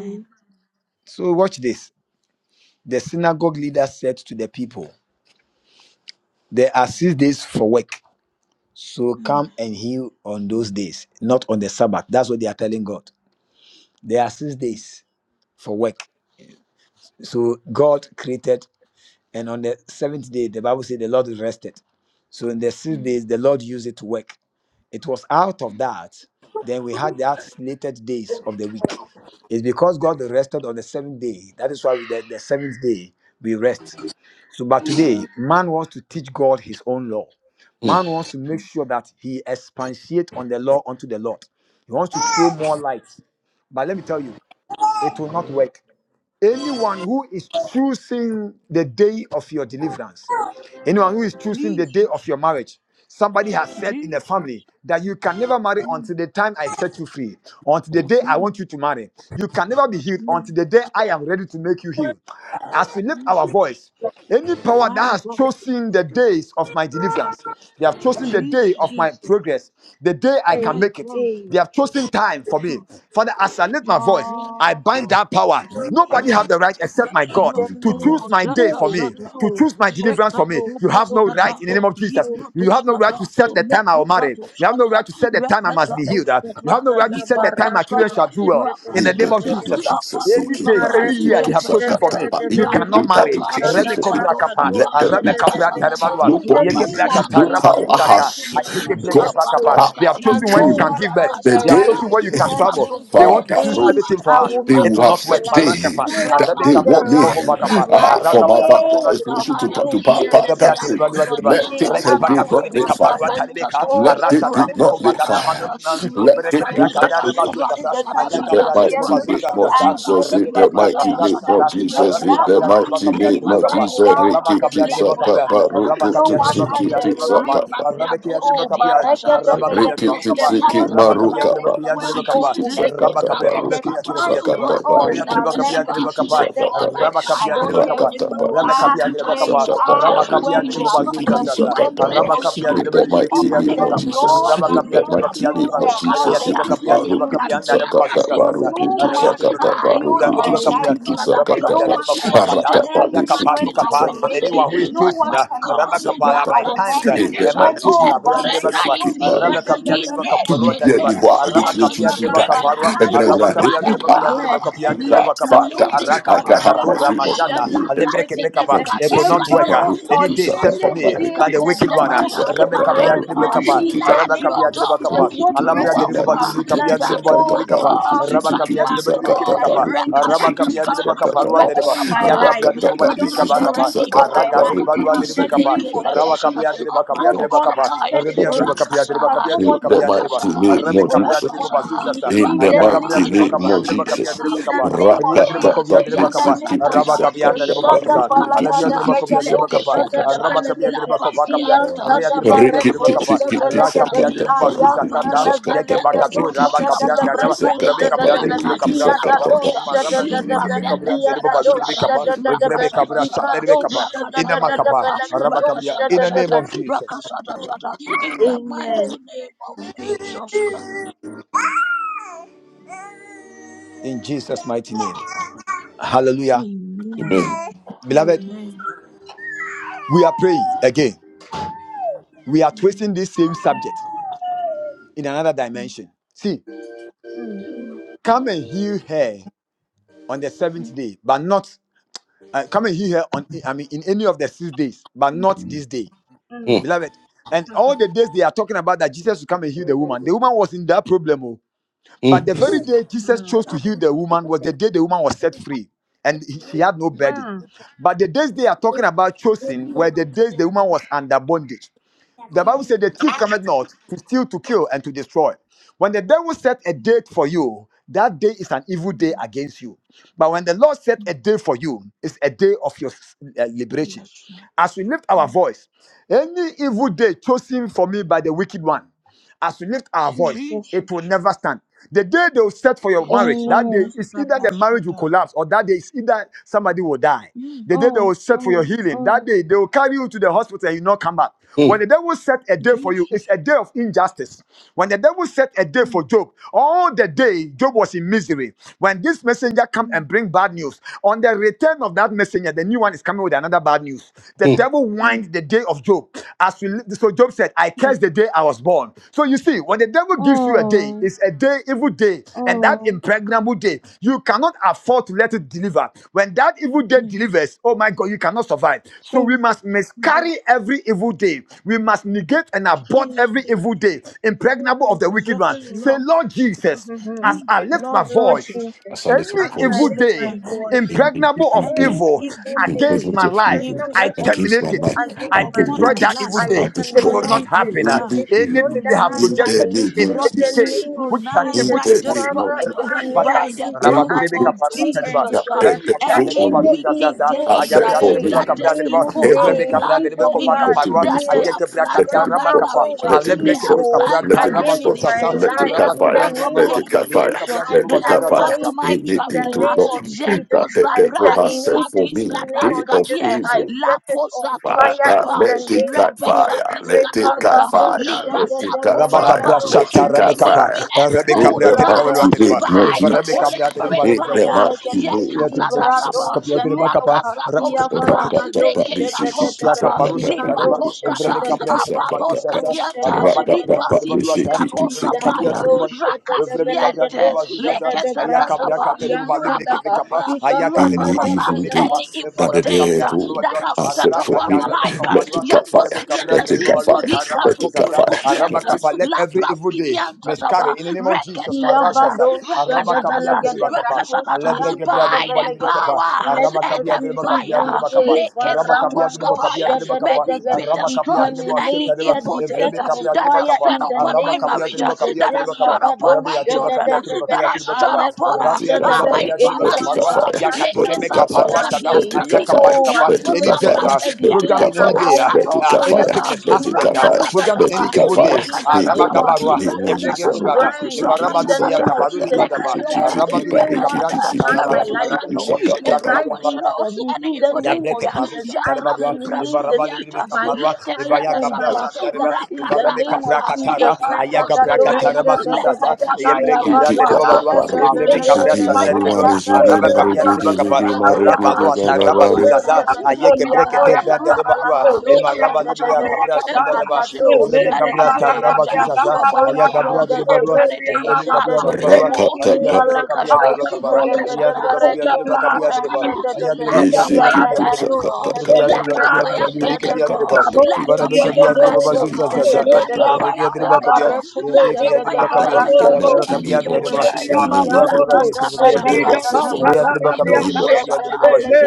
Speaker 4: Amen.
Speaker 1: So watch this the synagogue leader said to the people There are six days for work. So come and heal on those days, not on the Sabbath. That's what they are telling God. There are six days for work. So God created, and on the seventh day, the Bible says the Lord rested. So in the six days, the Lord used it to work. It was out of that. Then we had the isolated days of the week. It's because God rested on the seventh day. That is why we, the, the seventh day we rest. So, but today, man wants to teach God his own law.
Speaker 2: Hmm.
Speaker 1: Man wants to make sure that he expatiates on the law unto the Lord. He wants to throw more light. But let me tell you, it will not work. Anyone who is choosing the day of your deliverance, anyone who is choosing the day
Speaker 4: Jesus.
Speaker 1: of your marriage, somebody has said in the family
Speaker 4: Jesus.
Speaker 1: that you can never marry until
Speaker 4: Mm,
Speaker 1: the time I set you free, until the
Speaker 2: Hmm.
Speaker 1: day I
Speaker 4: mm,
Speaker 1: want you to marry. You can never be healed until
Speaker 4: mm,
Speaker 1: the day I am ready to make you healed. As we lift our
Speaker 4: Jesus.
Speaker 1: voice, any power that
Speaker 4: My
Speaker 1: has
Speaker 4: God.
Speaker 1: chosen the days of my deliverance, they have chosen the day of
Speaker 4: Jesus.
Speaker 1: my progress, the day I can
Speaker 4: My
Speaker 1: make it.
Speaker 4: God.
Speaker 1: They have chosen time for me. Father, as I lift
Speaker 4: Yes,
Speaker 1: my voice,
Speaker 4: Lord.
Speaker 1: I
Speaker 3: Ah,
Speaker 1: bind that power.
Speaker 2: I
Speaker 4: Jesus.
Speaker 1: Nobody
Speaker 2: thank
Speaker 1: have the right except
Speaker 4: Yes,
Speaker 1: my
Speaker 3: in
Speaker 1: God
Speaker 3: the
Speaker 4: Lord.
Speaker 2: you,
Speaker 1: to
Speaker 3: name
Speaker 1: choose
Speaker 3: of
Speaker 2: Father.
Speaker 1: my day
Speaker 4: Zada,
Speaker 1: for
Speaker 3: no,
Speaker 1: me,
Speaker 4: zada.
Speaker 3: no,
Speaker 1: to choose my
Speaker 3: no,
Speaker 1: deliverance
Speaker 4: Zeka
Speaker 1: for
Speaker 3: no,
Speaker 1: me.
Speaker 3: no,
Speaker 1: You have
Speaker 3: no,
Speaker 1: no right
Speaker 4: zobaskada,
Speaker 1: in the name
Speaker 3: no,
Speaker 1: of Jesus. You have
Speaker 3: no,
Speaker 1: no right
Speaker 4: yipotoskada,
Speaker 1: to
Speaker 3: no.
Speaker 1: set the time I will marry. You have no
Speaker 4: lepezatoskada,
Speaker 1: right to set the time I must be healed. Uh, You
Speaker 4: repezatoskada,
Speaker 1: have no right
Speaker 3: Kata
Speaker 1: to set the time my
Speaker 3: barado
Speaker 1: children
Speaker 4: yipantaskada,
Speaker 1: shall do well. In the
Speaker 2: In
Speaker 1: name
Speaker 2: the
Speaker 1: of
Speaker 3: sebele
Speaker 4: rakaziata,
Speaker 2: name of
Speaker 1: Jesus. uh,
Speaker 2: Jesus, he
Speaker 1: any
Speaker 2: came
Speaker 1: days,
Speaker 4: apatoskapa,
Speaker 2: out
Speaker 1: any
Speaker 2: with
Speaker 3: ipareko
Speaker 2: it
Speaker 1: year
Speaker 2: to
Speaker 1: they have chosen for
Speaker 4: yepesata,
Speaker 1: me,
Speaker 2: Sakatapa. In
Speaker 1: you
Speaker 2: the
Speaker 1: cannot
Speaker 2: name that
Speaker 1: marry.
Speaker 2: it
Speaker 4: yaprakata,
Speaker 2: takes it
Speaker 1: Rebecca
Speaker 2: to
Speaker 1: Vrakapa,
Speaker 4: ipatoskapa,
Speaker 2: let
Speaker 1: a
Speaker 2: them be
Speaker 1: Rebecca
Speaker 2: bound.
Speaker 4: lekazadada,
Speaker 1: Prataramadua, Yeke
Speaker 2: Nobody,
Speaker 1: Brakata,
Speaker 2: no
Speaker 4: rapasianta,
Speaker 2: power
Speaker 1: Rabasutata,
Speaker 2: has
Speaker 1: and
Speaker 4: Lipadiata,
Speaker 1: Yeke Breke
Speaker 2: got
Speaker 1: Pakapa.
Speaker 4: Abadoska
Speaker 1: They
Speaker 2: power
Speaker 1: have
Speaker 2: to
Speaker 1: chosen when
Speaker 4: Diata,
Speaker 1: you can
Speaker 2: choose.
Speaker 1: give birth.
Speaker 2: The
Speaker 1: They have
Speaker 4: Rakasanta,
Speaker 1: chosen when you can
Speaker 2: day,
Speaker 1: travel. They want to
Speaker 2: Father
Speaker 4: Rapasofekata
Speaker 1: choose
Speaker 4: Shapa,
Speaker 2: Rose,
Speaker 1: everything for us.
Speaker 2: they
Speaker 1: It
Speaker 2: will
Speaker 1: will
Speaker 2: have
Speaker 1: not
Speaker 4: Ipadoska
Speaker 2: said
Speaker 1: work.
Speaker 4: Diata,
Speaker 2: they
Speaker 1: Marakapa, a
Speaker 2: that they
Speaker 1: Rebecca
Speaker 2: want me
Speaker 4: Repasiata,
Speaker 1: Brakapa,
Speaker 2: ah,
Speaker 1: a
Speaker 2: for
Speaker 4: Lakotiata,
Speaker 2: my
Speaker 4: Taboska
Speaker 1: Raka
Speaker 2: especially to
Speaker 4: Paya,
Speaker 2: come to power.
Speaker 1: Yegabra
Speaker 2: That's it.
Speaker 1: teriba lua
Speaker 4: Lekeziatoska
Speaker 1: teriba.
Speaker 2: Let
Speaker 4: Diata,
Speaker 1: Reke
Speaker 2: it be
Speaker 1: pakatoni
Speaker 2: not
Speaker 1: me
Speaker 2: lit
Speaker 4: Abadoska
Speaker 1: kaparua
Speaker 2: fire.
Speaker 4: Venta Shapa,
Speaker 2: Let
Speaker 1: Arasa
Speaker 2: it be
Speaker 1: tanimeko
Speaker 2: not lit
Speaker 4: Rapasata
Speaker 1: vagada
Speaker 4: Shapa,
Speaker 2: fire.
Speaker 1: manonima.
Speaker 2: Let it
Speaker 1: Imreke
Speaker 4: Rapasata
Speaker 2: be not
Speaker 4: Shata,
Speaker 1: prakadara
Speaker 2: lit fire
Speaker 1: bazuza
Speaker 4: Rapasata Shata,
Speaker 2: that
Speaker 1: Ayagabra deriba
Speaker 2: mighty name
Speaker 1: bazuza sa
Speaker 4: Rapasata
Speaker 2: of
Speaker 1: sa.
Speaker 4: Shata,
Speaker 2: Jesus,
Speaker 1: Rebe
Speaker 2: hit that
Speaker 1: kapra
Speaker 2: mighty
Speaker 4: Rapasata
Speaker 1: kapra
Speaker 2: name
Speaker 4: Shata,
Speaker 2: of
Speaker 1: sata.
Speaker 2: Jesus,
Speaker 1: Arabe
Speaker 2: hit that
Speaker 4: Rekasata,
Speaker 1: kapra deriba
Speaker 2: mighty
Speaker 1: kapra
Speaker 2: name
Speaker 1: deriba
Speaker 2: of
Speaker 1: kapa.
Speaker 4: Lepasato
Speaker 2: Jesus,
Speaker 4: Skata,
Speaker 1: Araba
Speaker 2: Ricky
Speaker 1: kapra deriba
Speaker 2: Kitsaka
Speaker 1: kapra.
Speaker 4: Leprekasia
Speaker 2: Paru
Speaker 1: Araba
Speaker 2: Tutu
Speaker 1: kapra deriba
Speaker 2: Siki
Speaker 4: Tasibaskuvia,
Speaker 1: kapra deriba kapa.
Speaker 2: Titsaka.
Speaker 1: Arabe kia
Speaker 4: Lipasiatoska
Speaker 1: deriba kapra.
Speaker 4: diataja,
Speaker 1: Araba
Speaker 4: la
Speaker 1: kapra deriba
Speaker 2: Rikiti
Speaker 4: proski
Speaker 1: kapa.
Speaker 2: siki
Speaker 4: dianta
Speaker 1: Araba kapra
Speaker 2: maruka
Speaker 1: deriba
Speaker 2: ba
Speaker 4: suprakoska
Speaker 1: kia deriba
Speaker 4: paya,
Speaker 1: kapa.
Speaker 2: sikiti
Speaker 1: Araba
Speaker 2: sakata ba
Speaker 1: kapra
Speaker 4: lekestatoska
Speaker 2: rikiti
Speaker 4: pa,
Speaker 2: sakata ba
Speaker 4: rakozete
Speaker 2: rikiti
Speaker 4: sheba.
Speaker 2: sikiti
Speaker 4: My
Speaker 2: sakata
Speaker 4: God,
Speaker 2: ba
Speaker 4: my
Speaker 1: Rabakapia
Speaker 4: Father,
Speaker 1: de
Speaker 4: when
Speaker 1: Bakapa,
Speaker 4: the
Speaker 2: rakata ba
Speaker 4: people can
Speaker 1: Rabakapia de
Speaker 4: water,
Speaker 2: sikiti
Speaker 1: Bakapa,
Speaker 4: so
Speaker 2: sakata
Speaker 4: what
Speaker 2: ba
Speaker 4: else I
Speaker 1: Rabakapia
Speaker 4: see
Speaker 1: de
Speaker 2: rikiti
Speaker 4: so bloody,
Speaker 1: Babazuza
Speaker 2: sikiti
Speaker 1: Sasa,
Speaker 4: my
Speaker 2: sakata ba
Speaker 4: breakthrough
Speaker 1: Rabakapia de
Speaker 2: in
Speaker 4: bloody,
Speaker 2: the mighty
Speaker 1: Belivikia de
Speaker 2: name of
Speaker 4: omanemva
Speaker 1: Baka,
Speaker 4: motano
Speaker 2: Jesus in
Speaker 1: Rabakapia
Speaker 2: the
Speaker 1: de
Speaker 4: leka
Speaker 2: mighty
Speaker 1: Bakia de
Speaker 2: name
Speaker 1: Baka,
Speaker 2: of Jesus
Speaker 4: brokoshkataya
Speaker 2: siki
Speaker 1: Riatribakapia de
Speaker 2: maruku
Speaker 4: leka
Speaker 1: Bakapia
Speaker 2: tu
Speaker 1: and
Speaker 4: siata
Speaker 2: sakata
Speaker 1: Babazuza
Speaker 2: ba
Speaker 1: Sasa,
Speaker 2: ruku tu
Speaker 4: sepuskidiaya
Speaker 2: sakata
Speaker 4: my
Speaker 2: ba
Speaker 1: Riatribakia
Speaker 2: ruku
Speaker 1: de
Speaker 2: tu
Speaker 4: God I
Speaker 1: Bakapia,
Speaker 4: know
Speaker 2: sikiti
Speaker 4: that that
Speaker 2: sakata
Speaker 1: Rabakapia de
Speaker 2: ba
Speaker 4: person is
Speaker 1: Bakopakata,
Speaker 4: just
Speaker 2: rakata
Speaker 4: a
Speaker 2: ba
Speaker 4: woman
Speaker 1: Ayakapa,
Speaker 4: be
Speaker 2: sikiti
Speaker 4: like
Speaker 1: nukapa.
Speaker 4: me
Speaker 2: sakata
Speaker 4: he
Speaker 1: anyone who
Speaker 2: ba
Speaker 4: is
Speaker 1: is
Speaker 4: not
Speaker 1: choosing
Speaker 4: my God
Speaker 2: in
Speaker 4: la
Speaker 1: Rabakapa, my times uh,
Speaker 2: that
Speaker 1: and
Speaker 4: praskidiatasha
Speaker 1: my
Speaker 2: mighty
Speaker 1: days,
Speaker 2: name
Speaker 4: and
Speaker 2: of
Speaker 1: Abria de
Speaker 2: Jesus,
Speaker 4: greater
Speaker 2: you
Speaker 1: Bakapa,
Speaker 4: is
Speaker 2: keep my
Speaker 4: he
Speaker 2: rook to
Speaker 4: he
Speaker 1: Rabakapia de
Speaker 2: to
Speaker 4: lives
Speaker 2: me,
Speaker 4: in
Speaker 1: Bakaparota de
Speaker 2: dead me
Speaker 4: men
Speaker 2: why
Speaker 1: Bakapa,
Speaker 4: and
Speaker 2: which let
Speaker 4: he is
Speaker 2: you
Speaker 1: Rabakapia de
Speaker 2: should die.
Speaker 4: greater
Speaker 1: Bacaparua,
Speaker 2: And
Speaker 4: oh
Speaker 2: then I
Speaker 1: Rabakapia.
Speaker 2: think
Speaker 1: Kabia
Speaker 4: father
Speaker 1: de Bakia de
Speaker 4: world
Speaker 2: ah
Speaker 1: Bacapia de
Speaker 2: that
Speaker 4: leka
Speaker 1: Babacapa,
Speaker 2: fat that
Speaker 4: sopriska
Speaker 1: Araka
Speaker 2: I can
Speaker 1: praga
Speaker 2: have
Speaker 1: to
Speaker 2: my dream
Speaker 4: katoskapaya,
Speaker 2: of
Speaker 1: ramazada.
Speaker 2: in that my
Speaker 1: Alebre
Speaker 2: name
Speaker 1: kebekapa.
Speaker 2: of
Speaker 1: It will
Speaker 2: Jesus, you
Speaker 1: not
Speaker 2: keep
Speaker 1: work.
Speaker 4: lakazidis-katiskatia,
Speaker 2: my
Speaker 1: ah.
Speaker 2: rook
Speaker 1: Any
Speaker 2: to
Speaker 1: day
Speaker 2: suck
Speaker 1: set
Speaker 2: up
Speaker 1: for
Speaker 2: that
Speaker 1: me
Speaker 2: barrel
Speaker 1: by the wicked one. ah.
Speaker 2: to
Speaker 4: liposophis-katoskapaya.
Speaker 2: suck up that
Speaker 1: Rameka
Speaker 4: My
Speaker 1: bia
Speaker 2: barrel
Speaker 1: de
Speaker 4: God,
Speaker 2: to
Speaker 1: bekapa.
Speaker 2: suck it up.
Speaker 4: let
Speaker 1: Arabaka
Speaker 4: your
Speaker 1: de
Speaker 2: In
Speaker 4: daughter
Speaker 1: bekapa.
Speaker 2: the
Speaker 4: rule
Speaker 1: Alabra de baba
Speaker 4: over
Speaker 1: libri de
Speaker 4: that
Speaker 1: baba libri
Speaker 4: woman,
Speaker 1: kapa.
Speaker 4: does, that
Speaker 1: de
Speaker 4: man,
Speaker 1: baba libri
Speaker 4: does.
Speaker 1: kebekapa. Arabaka bia de
Speaker 4: Rekasataskata,
Speaker 1: bekapa rua de baba.
Speaker 4: repapapa,
Speaker 1: Yaka bia de baba libri
Speaker 4: yakantasha,
Speaker 1: kabakapa. Araga de baba
Speaker 4: ipatroskapa,
Speaker 1: de bekapa. Arabaka
Speaker 4: lekisakasha,
Speaker 1: de bekapa de bekapa.
Speaker 4: apatoskapaya,
Speaker 1: de bekapa de bekapa
Speaker 4: rakasa,
Speaker 1: de bekapa
Speaker 4: Rakasha,
Speaker 2: mighty name
Speaker 1: Arabe
Speaker 2: of
Speaker 1: kapri
Speaker 2: Jesus,
Speaker 1: adri
Speaker 4: Rakasha,
Speaker 1: baba susasa.
Speaker 2: in the
Speaker 1: Aya
Speaker 4: Rapapa,
Speaker 1: kapri
Speaker 2: mighty
Speaker 1: adri baba
Speaker 2: name
Speaker 1: kapri
Speaker 2: of
Speaker 1: adri baba
Speaker 4: Rapapa,
Speaker 1: kapri
Speaker 2: Jesus,
Speaker 1: baba Ria
Speaker 4: Rapapa,
Speaker 1: adri baba
Speaker 2: Rakata
Speaker 1: kapri adri baba kapa.
Speaker 2: Panisiki
Speaker 4: Yakazatasha,
Speaker 1: Araba kapri adri
Speaker 2: Tisakata
Speaker 1: baba
Speaker 4: Ipatus
Speaker 1: susa. Alabi adri
Speaker 4: Katiata,
Speaker 1: baba kapri adri baba kapa.
Speaker 2: Parukutu
Speaker 4: Lekeshatasha,
Speaker 1: Araba Capia
Speaker 4: La
Speaker 1: adri baba kofa kapri.
Speaker 4: Pasienta,
Speaker 1: Ria adri baba kapri adri baba
Speaker 3: Barekos
Speaker 1: kapa.
Speaker 4: Likasidus
Speaker 1: Ra kapri
Speaker 3: Delegate,
Speaker 4: Katiatashi,
Speaker 1: adri baba
Speaker 3: Ayat
Speaker 1: susa tata.
Speaker 4: Apatos
Speaker 1: Yake
Speaker 3: Delegate,
Speaker 4: Katiatas,
Speaker 1: bakato raba
Speaker 3: dosha
Speaker 1: kapri
Speaker 4: Laboskapa,
Speaker 1: adri raba.
Speaker 3: Bareko
Speaker 1: Rabe kapri adri
Speaker 3: Sevelegede, de Shadada Brako Shadadebe,
Speaker 1: baba
Speaker 4: Repasientas
Speaker 1: kapri asata.
Speaker 3: Iadado
Speaker 2: Rikititsikititsakataparikititsakataparikititsakataparikititsakatapa.
Speaker 4: Iskatosha,
Speaker 1: Ima
Speaker 3: Shadadebe,
Speaker 1: raba lebre kebe kapri
Speaker 4: Lipasientes
Speaker 1: adri baba lebre
Speaker 4: Evashkata,
Speaker 1: kapa. Evrebe kapri
Speaker 3: de
Speaker 1: asata
Speaker 4: Rakashatasha,
Speaker 1: lebre kapa.
Speaker 4: Rakashata
Speaker 1: Inama
Speaker 3: Shadadebe,
Speaker 1: kapa.
Speaker 4: shata,
Speaker 1: Araba Capia,
Speaker 3: dosha
Speaker 4: rakashata
Speaker 1: In
Speaker 3: de
Speaker 1: the name
Speaker 3: Lekado
Speaker 4: shata,
Speaker 3: de
Speaker 1: of Jesus.
Speaker 4: rakashata shata. In the mighty
Speaker 3: Amen.
Speaker 4: name of Jesus Christ.
Speaker 1: In Jesus' mighty name. Hallelujah.
Speaker 4: Amen.
Speaker 2: Amen.
Speaker 1: Beloved,
Speaker 4: Amen.
Speaker 1: we are praying again. We are
Speaker 4: Amen.
Speaker 1: twisting this same subject in another
Speaker 4: Amen.
Speaker 1: dimension. See,
Speaker 3: Mm,
Speaker 1: come and heal her on the seventh day, but not uh,
Speaker 3: mm,
Speaker 1: come and heal her on I mean in any of the six days, but not this day,
Speaker 2: Hmm,
Speaker 3: mm,
Speaker 1: beloved. And all the days they are talking about that Jesus will come and heal the woman. The woman was in that problem, oh. but
Speaker 2: hmm,
Speaker 1: the very day Jesus
Speaker 3: mm,
Speaker 1: chose to heal the woman was the day the woman was set free. And he- she had no burden.
Speaker 3: mm.
Speaker 1: But the days they are talking about chosen were the days the woman was under bondage. The Bible said the thief
Speaker 4: Amen.
Speaker 1: cometh not to steal, to kill, and to destroy. When the devil set a date for you, that day is an evil day
Speaker 4: Amen.
Speaker 1: against you. But when the Lord set a day for you, it's a day of your uh, liberation.
Speaker 4: Yes,
Speaker 1: As we lift our
Speaker 4: ma'am.
Speaker 1: voice, any evil day chosen for me by the wicked one, as we lift our voice,
Speaker 3: Jesus.
Speaker 1: it
Speaker 4: Jesus.
Speaker 1: will never stand. The day they will set for your
Speaker 4: It's
Speaker 1: marriage, that
Speaker 4: Santa
Speaker 1: day
Speaker 3: Amen.
Speaker 1: is either the marriage will
Speaker 4: Sabaskata.
Speaker 1: collapse or that day is either somebody will die.
Speaker 4: Mm,
Speaker 1: The day they
Speaker 3: Oh.
Speaker 1: will set for your
Speaker 3: Oh.
Speaker 1: healing, that
Speaker 3: Oh.
Speaker 1: day they will carry you to the hospital and you not come back.
Speaker 2: hmm,
Speaker 1: When the devil set a day for
Speaker 4: Jesus.
Speaker 1: you, it's a day of injustice. When the devil set a day for
Speaker 4: Mm,
Speaker 1: Job, all the day Job was in misery. When this messenger come
Speaker 4: mm,
Speaker 1: and bring bad news, on the return of that messenger, the new one is coming with another bad news. The
Speaker 2: hmm.
Speaker 1: devil
Speaker 4: mm,
Speaker 1: winds the day of Job. As we, li- so Job said, I cursed the day I was born. So you see, when the devil gives you a day,
Speaker 3: Oh.
Speaker 1: it's a day, evil day, and that
Speaker 3: Oh. mm.
Speaker 1: impregnable day, you cannot afford to let it deliver. When that evil day
Speaker 4: mm,
Speaker 1: delivers, oh my God, you cannot survive. So we
Speaker 3: Jesus.
Speaker 1: must
Speaker 4: mm.
Speaker 1: miscarry
Speaker 3: Jesus.
Speaker 1: every evil day. We must negate and abort
Speaker 3: Jesus.
Speaker 1: every
Speaker 4: Jesus.
Speaker 1: evil day, impregnable of the
Speaker 3: Mm,
Speaker 1: wicked one.
Speaker 4: Yes,
Speaker 3: mm,
Speaker 1: Say,
Speaker 4: Lord.
Speaker 1: Lord Jesus,
Speaker 3: mm,
Speaker 1: as
Speaker 4: Please,
Speaker 1: I lift my
Speaker 4: Lord
Speaker 3: Lord
Speaker 1: voice.
Speaker 4: Jesus.
Speaker 3: Jesus,
Speaker 2: That's our little
Speaker 1: Any
Speaker 3: as
Speaker 4: As
Speaker 3: I
Speaker 4: I
Speaker 1: evil
Speaker 2: voice
Speaker 3: lift
Speaker 4: lift
Speaker 3: my
Speaker 1: day,
Speaker 4: my
Speaker 3: voice,
Speaker 4: voice.
Speaker 2: in the
Speaker 1: impregnable of
Speaker 2: written
Speaker 3: any
Speaker 4: any
Speaker 1: evil
Speaker 3: evil
Speaker 4: evil
Speaker 2: in
Speaker 3: day,
Speaker 1: against
Speaker 4: day
Speaker 1: my
Speaker 2: pregnancy of
Speaker 1: life,
Speaker 2: evil
Speaker 3: pregnancy
Speaker 1: I
Speaker 3: of
Speaker 4: impregnant
Speaker 2: against
Speaker 1: terminate
Speaker 2: their
Speaker 4: of
Speaker 3: evil
Speaker 1: it.
Speaker 2: life.
Speaker 4: evil
Speaker 3: against
Speaker 1: I
Speaker 2: I
Speaker 3: my
Speaker 4: upon
Speaker 1: destroy
Speaker 2: terminate
Speaker 4: my
Speaker 3: life,
Speaker 1: that evil
Speaker 2: it.
Speaker 3: I
Speaker 4: life.
Speaker 2: I
Speaker 1: day. It
Speaker 2: destroy
Speaker 1: will not
Speaker 2: it.
Speaker 3: terminate it.
Speaker 1: happen. Uh,
Speaker 3: I
Speaker 4: Zabuza.
Speaker 3: destroy
Speaker 2: Everything
Speaker 1: Anything they
Speaker 3: that
Speaker 1: have
Speaker 4: Tonight
Speaker 2: in
Speaker 3: evil
Speaker 4: I
Speaker 2: the
Speaker 1: projected
Speaker 3: day
Speaker 2: name
Speaker 1: in
Speaker 3: in
Speaker 2: of
Speaker 4: destroy
Speaker 1: any
Speaker 3: the
Speaker 4: it.
Speaker 2: Jesus.
Speaker 1: day,
Speaker 3: name of
Speaker 1: which is an
Speaker 4: Tonight
Speaker 1: evil
Speaker 2: In
Speaker 3: Jesus.
Speaker 4: I
Speaker 1: day
Speaker 2: the
Speaker 1: for me.
Speaker 2: name
Speaker 4: destroy
Speaker 2: of
Speaker 3: Father,
Speaker 4: it
Speaker 2: Jesus.
Speaker 3: in
Speaker 4: uh,
Speaker 3: the name
Speaker 1: Rekebaka,
Speaker 4: by
Speaker 3: of
Speaker 4: the
Speaker 3: Jesus,
Speaker 1: rabado
Speaker 4: power
Speaker 3: I
Speaker 1: debeka
Speaker 2: Everything
Speaker 4: of
Speaker 1: parwa
Speaker 3: decree
Speaker 1: tedeba,
Speaker 3: and
Speaker 4: Jesus.
Speaker 2: that
Speaker 4: uh,
Speaker 3: declare
Speaker 1: rebeka
Speaker 2: the
Speaker 1: bra
Speaker 3: that
Speaker 2: devil
Speaker 4: any
Speaker 1: dedeba
Speaker 2: on you
Speaker 3: any
Speaker 1: basu
Speaker 4: wicked
Speaker 1: zazaza,
Speaker 2: are
Speaker 3: evil
Speaker 4: date
Speaker 1: aya
Speaker 2: set
Speaker 4: uh,
Speaker 1: bra
Speaker 2: for
Speaker 1: dedeba
Speaker 3: day,
Speaker 4: that
Speaker 1: baka
Speaker 2: him.
Speaker 4: the
Speaker 1: bra dedeba,
Speaker 3: evil
Speaker 4: evil
Speaker 2: Ahead
Speaker 4: have
Speaker 2: of
Speaker 3: day,
Speaker 1: evrebeka
Speaker 2: time.
Speaker 1: bra
Speaker 4: planned
Speaker 1: dedeba
Speaker 4: for me,
Speaker 1: kovaka
Speaker 2: Let
Speaker 3: and
Speaker 2: it be
Speaker 1: parwa,
Speaker 4: that they
Speaker 3: yes,
Speaker 2: destroyed.
Speaker 4: have
Speaker 1: ayeke bra
Speaker 4: planned
Speaker 2: Let it
Speaker 1: kata
Speaker 4: for
Speaker 2: be
Speaker 4: my
Speaker 2: destroyed.
Speaker 1: rabaka
Speaker 3: pregnable
Speaker 4: marriage, uh,
Speaker 3: with
Speaker 2: Let it be
Speaker 4: they
Speaker 1: alebreke
Speaker 4: have
Speaker 2: destroyed.
Speaker 1: peka
Speaker 3: evil
Speaker 1: bra
Speaker 4: planned
Speaker 2: Let
Speaker 4: for
Speaker 2: it be
Speaker 4: my
Speaker 3: against
Speaker 1: tarabasu
Speaker 2: destroyed.
Speaker 3: my
Speaker 4: ministry,
Speaker 1: zaza,
Speaker 2: Let it
Speaker 4: they
Speaker 3: life
Speaker 2: catch
Speaker 4: have
Speaker 1: arabaka
Speaker 3: in
Speaker 2: fire.
Speaker 1: bra
Speaker 4: planned
Speaker 3: the
Speaker 4: for
Speaker 1: dedeba
Speaker 3: name
Speaker 4: my
Speaker 2: Let
Speaker 1: rua,
Speaker 3: of
Speaker 2: it catch
Speaker 3: Jesus.
Speaker 2: fire.
Speaker 1: rebeka
Speaker 4: education,
Speaker 1: bra
Speaker 3: I
Speaker 1: dedeba
Speaker 2: Let
Speaker 4: they
Speaker 2: it
Speaker 1: basu
Speaker 4: have
Speaker 2: catch fire.
Speaker 1: zaza,
Speaker 4: planned for
Speaker 3: terminate
Speaker 4: my
Speaker 3: in the
Speaker 2: Anything
Speaker 4: traveling.
Speaker 2: to
Speaker 4: uh,
Speaker 3: name
Speaker 2: know
Speaker 3: of Jesus,
Speaker 4: Zeko
Speaker 2: that the
Speaker 3: I
Speaker 4: Zabra
Speaker 2: devil has said
Speaker 3: terminate it.
Speaker 2: for
Speaker 3: In
Speaker 2: me,
Speaker 3: the
Speaker 4: Ikadiska
Speaker 3: name of
Speaker 2: day
Speaker 3: Jesus,
Speaker 2: of
Speaker 4: Daskadia
Speaker 3: I
Speaker 2: evil.
Speaker 3: set it on
Speaker 4: Laposa
Speaker 2: Fire,
Speaker 3: fire. In
Speaker 4: Toskapa
Speaker 2: let it catch
Speaker 4: Repesa
Speaker 2: fire, let it catch
Speaker 4: Diskadanta
Speaker 2: fire, let
Speaker 4: Lipasia
Speaker 2: it catch
Speaker 1: Rabaka
Speaker 2: fire,
Speaker 4: Toskapaya.
Speaker 2: let
Speaker 1: brashata
Speaker 2: it
Speaker 4: May
Speaker 2: catch
Speaker 1: Rebecca
Speaker 4: it
Speaker 1: pa
Speaker 4: be
Speaker 2: fire.
Speaker 1: Rebecca
Speaker 2: It
Speaker 4: exposed
Speaker 2: the
Speaker 1: brate
Speaker 4: now
Speaker 2: mighty
Speaker 4: uh,
Speaker 1: ba
Speaker 2: name of
Speaker 4: by
Speaker 1: if
Speaker 4: the
Speaker 1: Rebecca
Speaker 2: Jesus,
Speaker 4: Holy
Speaker 1: brate de
Speaker 4: Spirit
Speaker 2: it
Speaker 4: fire.
Speaker 2: the
Speaker 1: zaza zaza
Speaker 2: mighty
Speaker 1: to be
Speaker 2: name
Speaker 1: at the
Speaker 2: of
Speaker 4: Yekasatasapa,
Speaker 2: Jesus.
Speaker 4: Rakasatoskapa,
Speaker 2: Rakatapa di sikiti
Speaker 1: Shaka
Speaker 4: Lekesatoskata,
Speaker 1: parusha
Speaker 2: sakatapa
Speaker 1: tareba
Speaker 2: rukuku
Speaker 4: Lipatoskata,
Speaker 1: evrebe
Speaker 2: sikiti
Speaker 1: kabria tereba bazuza
Speaker 2: sakatapa.
Speaker 4: Apatoskatianta,
Speaker 1: araba kabria
Speaker 2: Rakatapa
Speaker 1: tereba
Speaker 2: di
Speaker 1: duata
Speaker 2: sikiti
Speaker 1: evrebe
Speaker 2: siki
Speaker 1: kabria
Speaker 4: Lipasidiskatoskapaya,
Speaker 1: tereba
Speaker 2: maru.
Speaker 1: evrebe kabria tereba
Speaker 4: Rakasiente,
Speaker 1: bazuza sa aya kabria
Speaker 4: Lekesatasapa,
Speaker 1: ka tereba balu bire kebe kapa
Speaker 4: Rapapapa,
Speaker 1: aya ka tereba
Speaker 2: Any
Speaker 4: Rapapapa,
Speaker 2: evil date
Speaker 4: any evil
Speaker 2: that the
Speaker 4: data
Speaker 2: devil
Speaker 4: that has
Speaker 2: has
Speaker 4: set
Speaker 2: set for
Speaker 1: araka
Speaker 4: upon my
Speaker 2: me,
Speaker 1: taraba
Speaker 4: life,
Speaker 2: let
Speaker 1: kapalua
Speaker 2: it catch fire,
Speaker 1: evrebe kabria
Speaker 2: let it
Speaker 1: tereba
Speaker 4: Yakosientasi,
Speaker 2: catch fire,
Speaker 1: taraba
Speaker 2: let it
Speaker 1: bazuza
Speaker 2: catch
Speaker 1: araba
Speaker 2: fire.
Speaker 1: kapa let every evil day
Speaker 4: Ikasopruskovienta,
Speaker 1: miscarry in the
Speaker 4: Rakasatasa,
Speaker 1: name of Jesus maraza
Speaker 4: Rakasatasa,
Speaker 1: sa araba kabria
Speaker 4: Rakasatasa,
Speaker 1: tereba kapa
Speaker 4: Rakasatasa,
Speaker 1: alebre kabria
Speaker 4: by
Speaker 1: tereba
Speaker 4: the
Speaker 1: balu
Speaker 4: power
Speaker 1: araba
Speaker 4: and
Speaker 1: kabria
Speaker 4: the
Speaker 1: tereba kabria
Speaker 4: fire,
Speaker 1: tereba Rabakapa, Rabakapia de Bacapia
Speaker 4: Lekesatoskapaya,
Speaker 1: de
Speaker 4: make
Speaker 1: Bacapa,
Speaker 4: it be
Speaker 3: be
Speaker 1: Rabakapia
Speaker 4: destroyed,
Speaker 1: de
Speaker 4: any
Speaker 3: terminated,
Speaker 1: Bacapa,
Speaker 4: evil
Speaker 3: be set
Speaker 4: deed
Speaker 1: Evrebe
Speaker 3: on
Speaker 1: Capia de
Speaker 4: that
Speaker 3: fire.
Speaker 4: has
Speaker 1: Bacapa,
Speaker 4: set
Speaker 3: In the
Speaker 4: upon my
Speaker 3: name of
Speaker 1: Rabakapia
Speaker 4: marriage,
Speaker 1: de
Speaker 4: uh,
Speaker 3: Jesus,
Speaker 1: Bacapia
Speaker 4: that
Speaker 1: de
Speaker 4: has
Speaker 1: Bacapa,
Speaker 4: set upon
Speaker 3: Rekabado
Speaker 4: my
Speaker 1: Arabia de
Speaker 4: children,
Speaker 1: Bacapia
Speaker 4: uh,
Speaker 1: de
Speaker 3: Shadadadebe,
Speaker 4: that
Speaker 1: Bacapia de
Speaker 4: has set
Speaker 1: Bacapa,
Speaker 4: upon
Speaker 3: Aleko
Speaker 2: Let
Speaker 4: uh,
Speaker 2: it
Speaker 1: Arakia de
Speaker 2: catch
Speaker 4: uh,
Speaker 3: Shadadebe,
Speaker 4: my
Speaker 2: fire.
Speaker 1: Bacapia de
Speaker 2: Let it
Speaker 3: one who
Speaker 2: catch
Speaker 4: finances,
Speaker 1: Bacaparua,
Speaker 2: fire.
Speaker 3: has
Speaker 4: uh,
Speaker 1: Yakatone
Speaker 2: Let
Speaker 3: down
Speaker 2: it
Speaker 3: to
Speaker 2: catch fire.
Speaker 1: Becaparua
Speaker 3: plan
Speaker 1: Saga,
Speaker 2: Let
Speaker 3: days.
Speaker 2: it catch
Speaker 4: Lekesatoskatiantasi,
Speaker 2: fire.
Speaker 1: Ayakaparu
Speaker 3: Oh, a
Speaker 1: Capa,
Speaker 2: Let it
Speaker 1: any
Speaker 3: true
Speaker 2: catch fire.
Speaker 1: death,
Speaker 3: days,
Speaker 1: uh,
Speaker 3: at the
Speaker 2: Let it
Speaker 1: program
Speaker 3: date,
Speaker 4: Lakosapraskiviata,
Speaker 2: catch
Speaker 1: in any
Speaker 2: fire.
Speaker 1: day, uh,
Speaker 3: Abowo,
Speaker 2: Let it
Speaker 1: uh,
Speaker 2: catch fire.
Speaker 1: any
Speaker 3: Boyesu,
Speaker 1: sickness,
Speaker 2: Let it
Speaker 1: accident,
Speaker 2: catch
Speaker 1: uh,
Speaker 4: Apatoskapepa,
Speaker 2: fire.
Speaker 3: Onyami.
Speaker 1: program in
Speaker 2: Let
Speaker 1: any
Speaker 2: it catch
Speaker 1: evil
Speaker 2: fire.
Speaker 1: day,
Speaker 3: In the
Speaker 1: uh,
Speaker 2: In the
Speaker 3: name
Speaker 2: mighty
Speaker 1: Rabakabarua,
Speaker 2: name of
Speaker 3: Let
Speaker 2: Jesus,
Speaker 1: Yebrege
Speaker 3: it
Speaker 1: de
Speaker 2: Roku
Speaker 1: Bada,
Speaker 3: burn
Speaker 2: Siki
Speaker 3: in
Speaker 1: Evarabadu
Speaker 3: the
Speaker 1: de
Speaker 3: name of
Speaker 2: Tisakata
Speaker 1: Yatabadu de
Speaker 3: Jesus.
Speaker 2: Baruku
Speaker 3: I
Speaker 1: Badaba,
Speaker 3: don't want
Speaker 2: Tisiki
Speaker 1: Rabadu de
Speaker 3: anyone
Speaker 2: Bariki
Speaker 1: Capra
Speaker 3: to
Speaker 2: Tisiki
Speaker 3: plan
Speaker 1: Sataraba,
Speaker 3: my life
Speaker 2: Baruku
Speaker 3: for me,
Speaker 1: Rabadu de Capra
Speaker 3: to
Speaker 2: Sakata
Speaker 3: write dates
Speaker 1: Televana,
Speaker 3: for me.
Speaker 4: and
Speaker 3: In the
Speaker 4: evil day
Speaker 3: name
Speaker 4: to be
Speaker 1: Yabreke
Speaker 3: of
Speaker 4: a
Speaker 3: Jesus,
Speaker 1: parusha
Speaker 3: I
Speaker 4: Yakra
Speaker 1: tarabadua,
Speaker 3: terminate it
Speaker 1: Ivarabali
Speaker 4: Subrascuvianta,
Speaker 1: bibi
Speaker 3: by
Speaker 1: kaparua,
Speaker 3: fire
Speaker 1: Ivaya
Speaker 4: Lekeseta
Speaker 3: and
Speaker 1: gabra
Speaker 3: by
Speaker 4: Sabra,
Speaker 3: tender.
Speaker 1: shatareba,
Speaker 3: In the
Speaker 1: Ivarabe
Speaker 3: name
Speaker 4: Rakasatasa,
Speaker 1: kapra
Speaker 3: of
Speaker 6: I cancel
Speaker 1: katara,
Speaker 3: Jesus,
Speaker 1: Aya
Speaker 4: Ipados
Speaker 1: gabra
Speaker 4: Kataya,
Speaker 1: kataraba
Speaker 3: Rekadadosha
Speaker 1: zuzasa, Yebreke
Speaker 4: Leprecasitia,
Speaker 2: Thank
Speaker 1: brade
Speaker 2: you.
Speaker 1: de
Speaker 2: That
Speaker 3: Iyabadosha
Speaker 1: babadua,
Speaker 4: Apados
Speaker 1: Ivrebe
Speaker 4: Katiata,
Speaker 1: kabra
Speaker 3: Debelegede,
Speaker 1: shatarebedua,
Speaker 4: Lekesatos
Speaker 1: Araba kabia
Speaker 4: Kapaya,
Speaker 1: de
Speaker 3: Iyadadadadosha
Speaker 1: bakapa,
Speaker 4: Rapapa,
Speaker 1: Araba loa taraba
Speaker 3: Debelegedosha,
Speaker 4: Rapapa,
Speaker 1: zuzasa, Ayeke
Speaker 4: Rapapa,
Speaker 1: breke te brade de badua,
Speaker 4: Rababa,
Speaker 3: Iyadadadadabalakadosha
Speaker 1: Imaraba libria
Speaker 4: Aratuchano,
Speaker 1: kabra
Speaker 3: Debedebe,
Speaker 4: and
Speaker 1: shatareba,
Speaker 4: Tomoshino,
Speaker 1: Ivrebe
Speaker 3: Adadosha
Speaker 4: and
Speaker 1: kabra
Speaker 3: Debe,
Speaker 1: taraba
Speaker 4: Ifutejara, upon the
Speaker 1: zuzasa, Aya
Speaker 3: Ikadosha
Speaker 4: Fuano,
Speaker 1: Gabra
Speaker 3: de
Speaker 1: de Badua,
Speaker 3: Debre
Speaker 4: upon it,
Speaker 1: Evrebe
Speaker 3: da da
Speaker 1: Cabia
Speaker 3: da
Speaker 1: de
Speaker 3: da.
Speaker 1: Badua,
Speaker 4: Atomishmo,
Speaker 1: Alevia de Bacapia de
Speaker 4: Yebrekasha,
Speaker 3: Ivalagadosa
Speaker 1: Bacapa,
Speaker 3: da
Speaker 6: it
Speaker 3: da
Speaker 1: Aya
Speaker 3: da
Speaker 4: Rakasata,
Speaker 1: de
Speaker 6: with
Speaker 1: Bacapia
Speaker 6: the
Speaker 1: de
Speaker 3: verekosi
Speaker 6: blood
Speaker 1: Bacapia
Speaker 6: of
Speaker 1: de Ba,
Speaker 3: anta
Speaker 4: Ipatoskata.
Speaker 6: Jesus,
Speaker 3: da da
Speaker 1: Aya
Speaker 3: da.
Speaker 1: de
Speaker 4: Let
Speaker 6: with the
Speaker 1: Bacia
Speaker 4: your
Speaker 1: de
Speaker 3: Ia
Speaker 4: fire
Speaker 6: blood
Speaker 3: da
Speaker 1: Bacapia
Speaker 6: of
Speaker 1: de
Speaker 3: da
Speaker 4: burn
Speaker 1: Ba,
Speaker 4: it,
Speaker 6: Jesus,
Speaker 4: God.
Speaker 3: dosa da
Speaker 6: with
Speaker 1: Yadribia
Speaker 6: the
Speaker 3: da
Speaker 1: de
Speaker 4: Let your
Speaker 1: Bacapia
Speaker 6: blood
Speaker 1: de
Speaker 6: of
Speaker 4: fire
Speaker 3: verekosa
Speaker 6: Jesus.
Speaker 4: burn
Speaker 3: da
Speaker 4: it,
Speaker 1: Bacapia
Speaker 3: da
Speaker 1: de
Speaker 3: le
Speaker 4: God.
Speaker 1: Ba,
Speaker 4: Let your
Speaker 1: Varabe
Speaker 4: fire
Speaker 1: de
Speaker 4: burn it, oh
Speaker 1: Babazuza
Speaker 3: verekosa da
Speaker 1: Zaza,
Speaker 3: da
Speaker 4: Let
Speaker 3: da da.
Speaker 4: your fire
Speaker 1: Arabegia de
Speaker 4: burn it,
Speaker 1: Bacapia,
Speaker 4: oh. Let
Speaker 3: Verekosa
Speaker 4: your
Speaker 1: Yadekia
Speaker 3: da
Speaker 1: de
Speaker 3: da
Speaker 4: fire
Speaker 1: Bacapia,
Speaker 4: burn
Speaker 2: in
Speaker 4: it,
Speaker 2: the
Speaker 4: oh.
Speaker 2: mighty
Speaker 4: And
Speaker 3: barakadosa
Speaker 2: name
Speaker 1: Yadribacabian
Speaker 3: da
Speaker 2: of
Speaker 1: de
Speaker 3: da da.
Speaker 2: Jesus,
Speaker 4: Ifutej,
Speaker 2: any
Speaker 1: Basuda,
Speaker 3: Ia
Speaker 4: La
Speaker 2: evil
Speaker 3: da
Speaker 1: Yadribacia de
Speaker 3: da
Speaker 4: Paskata
Speaker 2: deeds
Speaker 3: da
Speaker 1: Bacia
Speaker 2: the
Speaker 1: de
Speaker 3: da
Speaker 4: Shava,
Speaker 3: da
Speaker 2: devil
Speaker 1: Bacapia,
Speaker 2: has
Speaker 3: da
Speaker 2: set
Speaker 3: da
Speaker 2: for me,
Speaker 1: Area
Speaker 4: Lipa,
Speaker 1: de
Speaker 2: may
Speaker 1: Bacapia
Speaker 4: Lipa,
Speaker 2: he
Speaker 1: de
Speaker 2: not
Speaker 3: valagadosa
Speaker 1: Bacapia
Speaker 3: da
Speaker 1: de
Speaker 4: Osata,
Speaker 1: Babashu
Speaker 3: velega.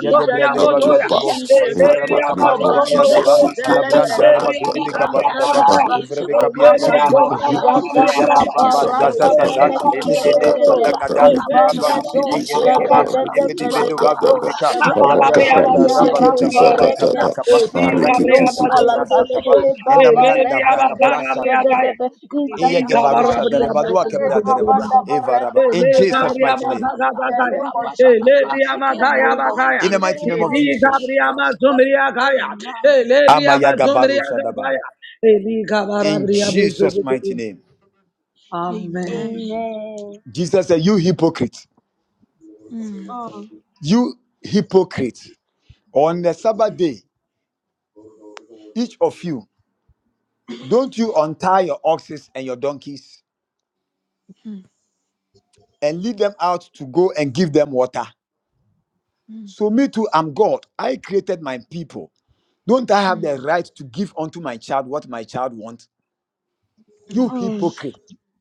Speaker 3: In the
Speaker 1: Yagabrada
Speaker 2: How
Speaker 3: name
Speaker 1: Barua
Speaker 2: to
Speaker 3: of
Speaker 1: de Bo,
Speaker 2: bust,
Speaker 3: Jesus,
Speaker 2: Hey,
Speaker 4: yekosa
Speaker 1: Evaraba
Speaker 2: but me,
Speaker 4: poskate
Speaker 1: Caparu
Speaker 3: recover
Speaker 1: de
Speaker 2: more
Speaker 3: those
Speaker 2: Jesus.
Speaker 1: Biadaba,
Speaker 2: It
Speaker 4: lakosa
Speaker 2: it is a
Speaker 3: development.
Speaker 1: Alabranda
Speaker 4: pasapa
Speaker 2: cut,
Speaker 1: Rabatu de
Speaker 2: cut, cut, cut.
Speaker 1: Bicaparu Daba,
Speaker 2: I
Speaker 4: ipatentasi
Speaker 3: Antadadaba,
Speaker 2: can't
Speaker 1: Evrabe
Speaker 2: cut,
Speaker 1: Capian
Speaker 2: See,
Speaker 1: de
Speaker 2: Keep
Speaker 3: Rekabado,
Speaker 4: apatoskapaya
Speaker 1: Bicaba,
Speaker 3: Shadadaba,
Speaker 2: it
Speaker 1: Yapapa
Speaker 4: lakasiate
Speaker 2: a cut, cut,
Speaker 1: Sasa
Speaker 2: cut, cut.
Speaker 1: Sasa,
Speaker 2: It
Speaker 3: Radabelegede,
Speaker 2: is a
Speaker 4: lipasatata
Speaker 1: Nene
Speaker 2: cut,
Speaker 3: Fegede,
Speaker 2: cut, cut,
Speaker 1: Kadagada,
Speaker 2: We
Speaker 4: yakasapasa
Speaker 1: Rabatu
Speaker 2: Keep
Speaker 1: de
Speaker 2: It
Speaker 3: Ibadedo,
Speaker 2: is up, cut,
Speaker 1: Tegebe,
Speaker 6: Hey,
Speaker 4: lekesatasa
Speaker 3: Shadadada,
Speaker 1: Yebede Bedo
Speaker 4: rapapa
Speaker 1: Babu
Speaker 3: Felegedo,
Speaker 2: cut,
Speaker 1: de Bica,
Speaker 6: Amen.
Speaker 3: Shadadaba,
Speaker 4: rakasa
Speaker 2: cut, cut. It
Speaker 1: Yabrashanda
Speaker 2: is
Speaker 1: Rabadu
Speaker 2: it is a cut, cut, we Keep It
Speaker 1: da
Speaker 2: is
Speaker 3: Iarapa,
Speaker 4: yekekebe
Speaker 2: up,
Speaker 1: Balua
Speaker 2: cut, cut, cut. i God. a cut, cut, cut. It is a cut, cut,
Speaker 3: Reke,
Speaker 1: Tabra
Speaker 2: cut.
Speaker 1: Capa,
Speaker 2: I
Speaker 4: lapaskata
Speaker 3: Skipini,
Speaker 2: read it
Speaker 3: Minos,
Speaker 2: is it
Speaker 4: ipata
Speaker 2: is.
Speaker 3: Kalata,
Speaker 1: Sataba,
Speaker 4: Yanta,
Speaker 3: Ebaba,
Speaker 1: Enamranda
Speaker 4: Lika
Speaker 3: Rekedo,
Speaker 4: Sofia,
Speaker 1: Bracaprasa,
Speaker 3: Shadadaba. In the
Speaker 4: Kapala,
Speaker 3: name of
Speaker 1: Eyagebarusha
Speaker 4: Yakrasa,
Speaker 3: Jesus,
Speaker 1: Darebadua Cabra Dareba,
Speaker 3: Rekabadaba,
Speaker 4: Rapa,
Speaker 1: Evaraba,
Speaker 3: Renos,
Speaker 1: in Jesus'
Speaker 4: Rapa,
Speaker 3: Kevelegede,
Speaker 1: mighty name.
Speaker 4: Rapa,
Speaker 3: in the name of
Speaker 4: Rabba-ba-ba-ba.
Speaker 3: in
Speaker 4: In
Speaker 3: the
Speaker 4: the
Speaker 3: name of
Speaker 1: In
Speaker 4: mighty
Speaker 1: the mighty
Speaker 4: name
Speaker 1: name of
Speaker 4: of
Speaker 1: Jesus.
Speaker 4: Jesus Christ. Amen.
Speaker 1: Amayagabaru Shadaba. In Jesus' mighty name.
Speaker 3: Amen.
Speaker 1: Jesus said, You hypocrite,
Speaker 4: Mm,
Speaker 3: Mm,
Speaker 1: you hypocrite. On the Sabbath day, each of you, don't you untie your oxes and your donkeys
Speaker 4: mm,
Speaker 1: and lead them out to go and give them water?
Speaker 4: mm,
Speaker 1: So, me too, I'm God. I created my people. Don't I have
Speaker 4: mm.
Speaker 1: the right to give unto my child what my child wants? You
Speaker 4: Oh, yes.
Speaker 1: hypocrite.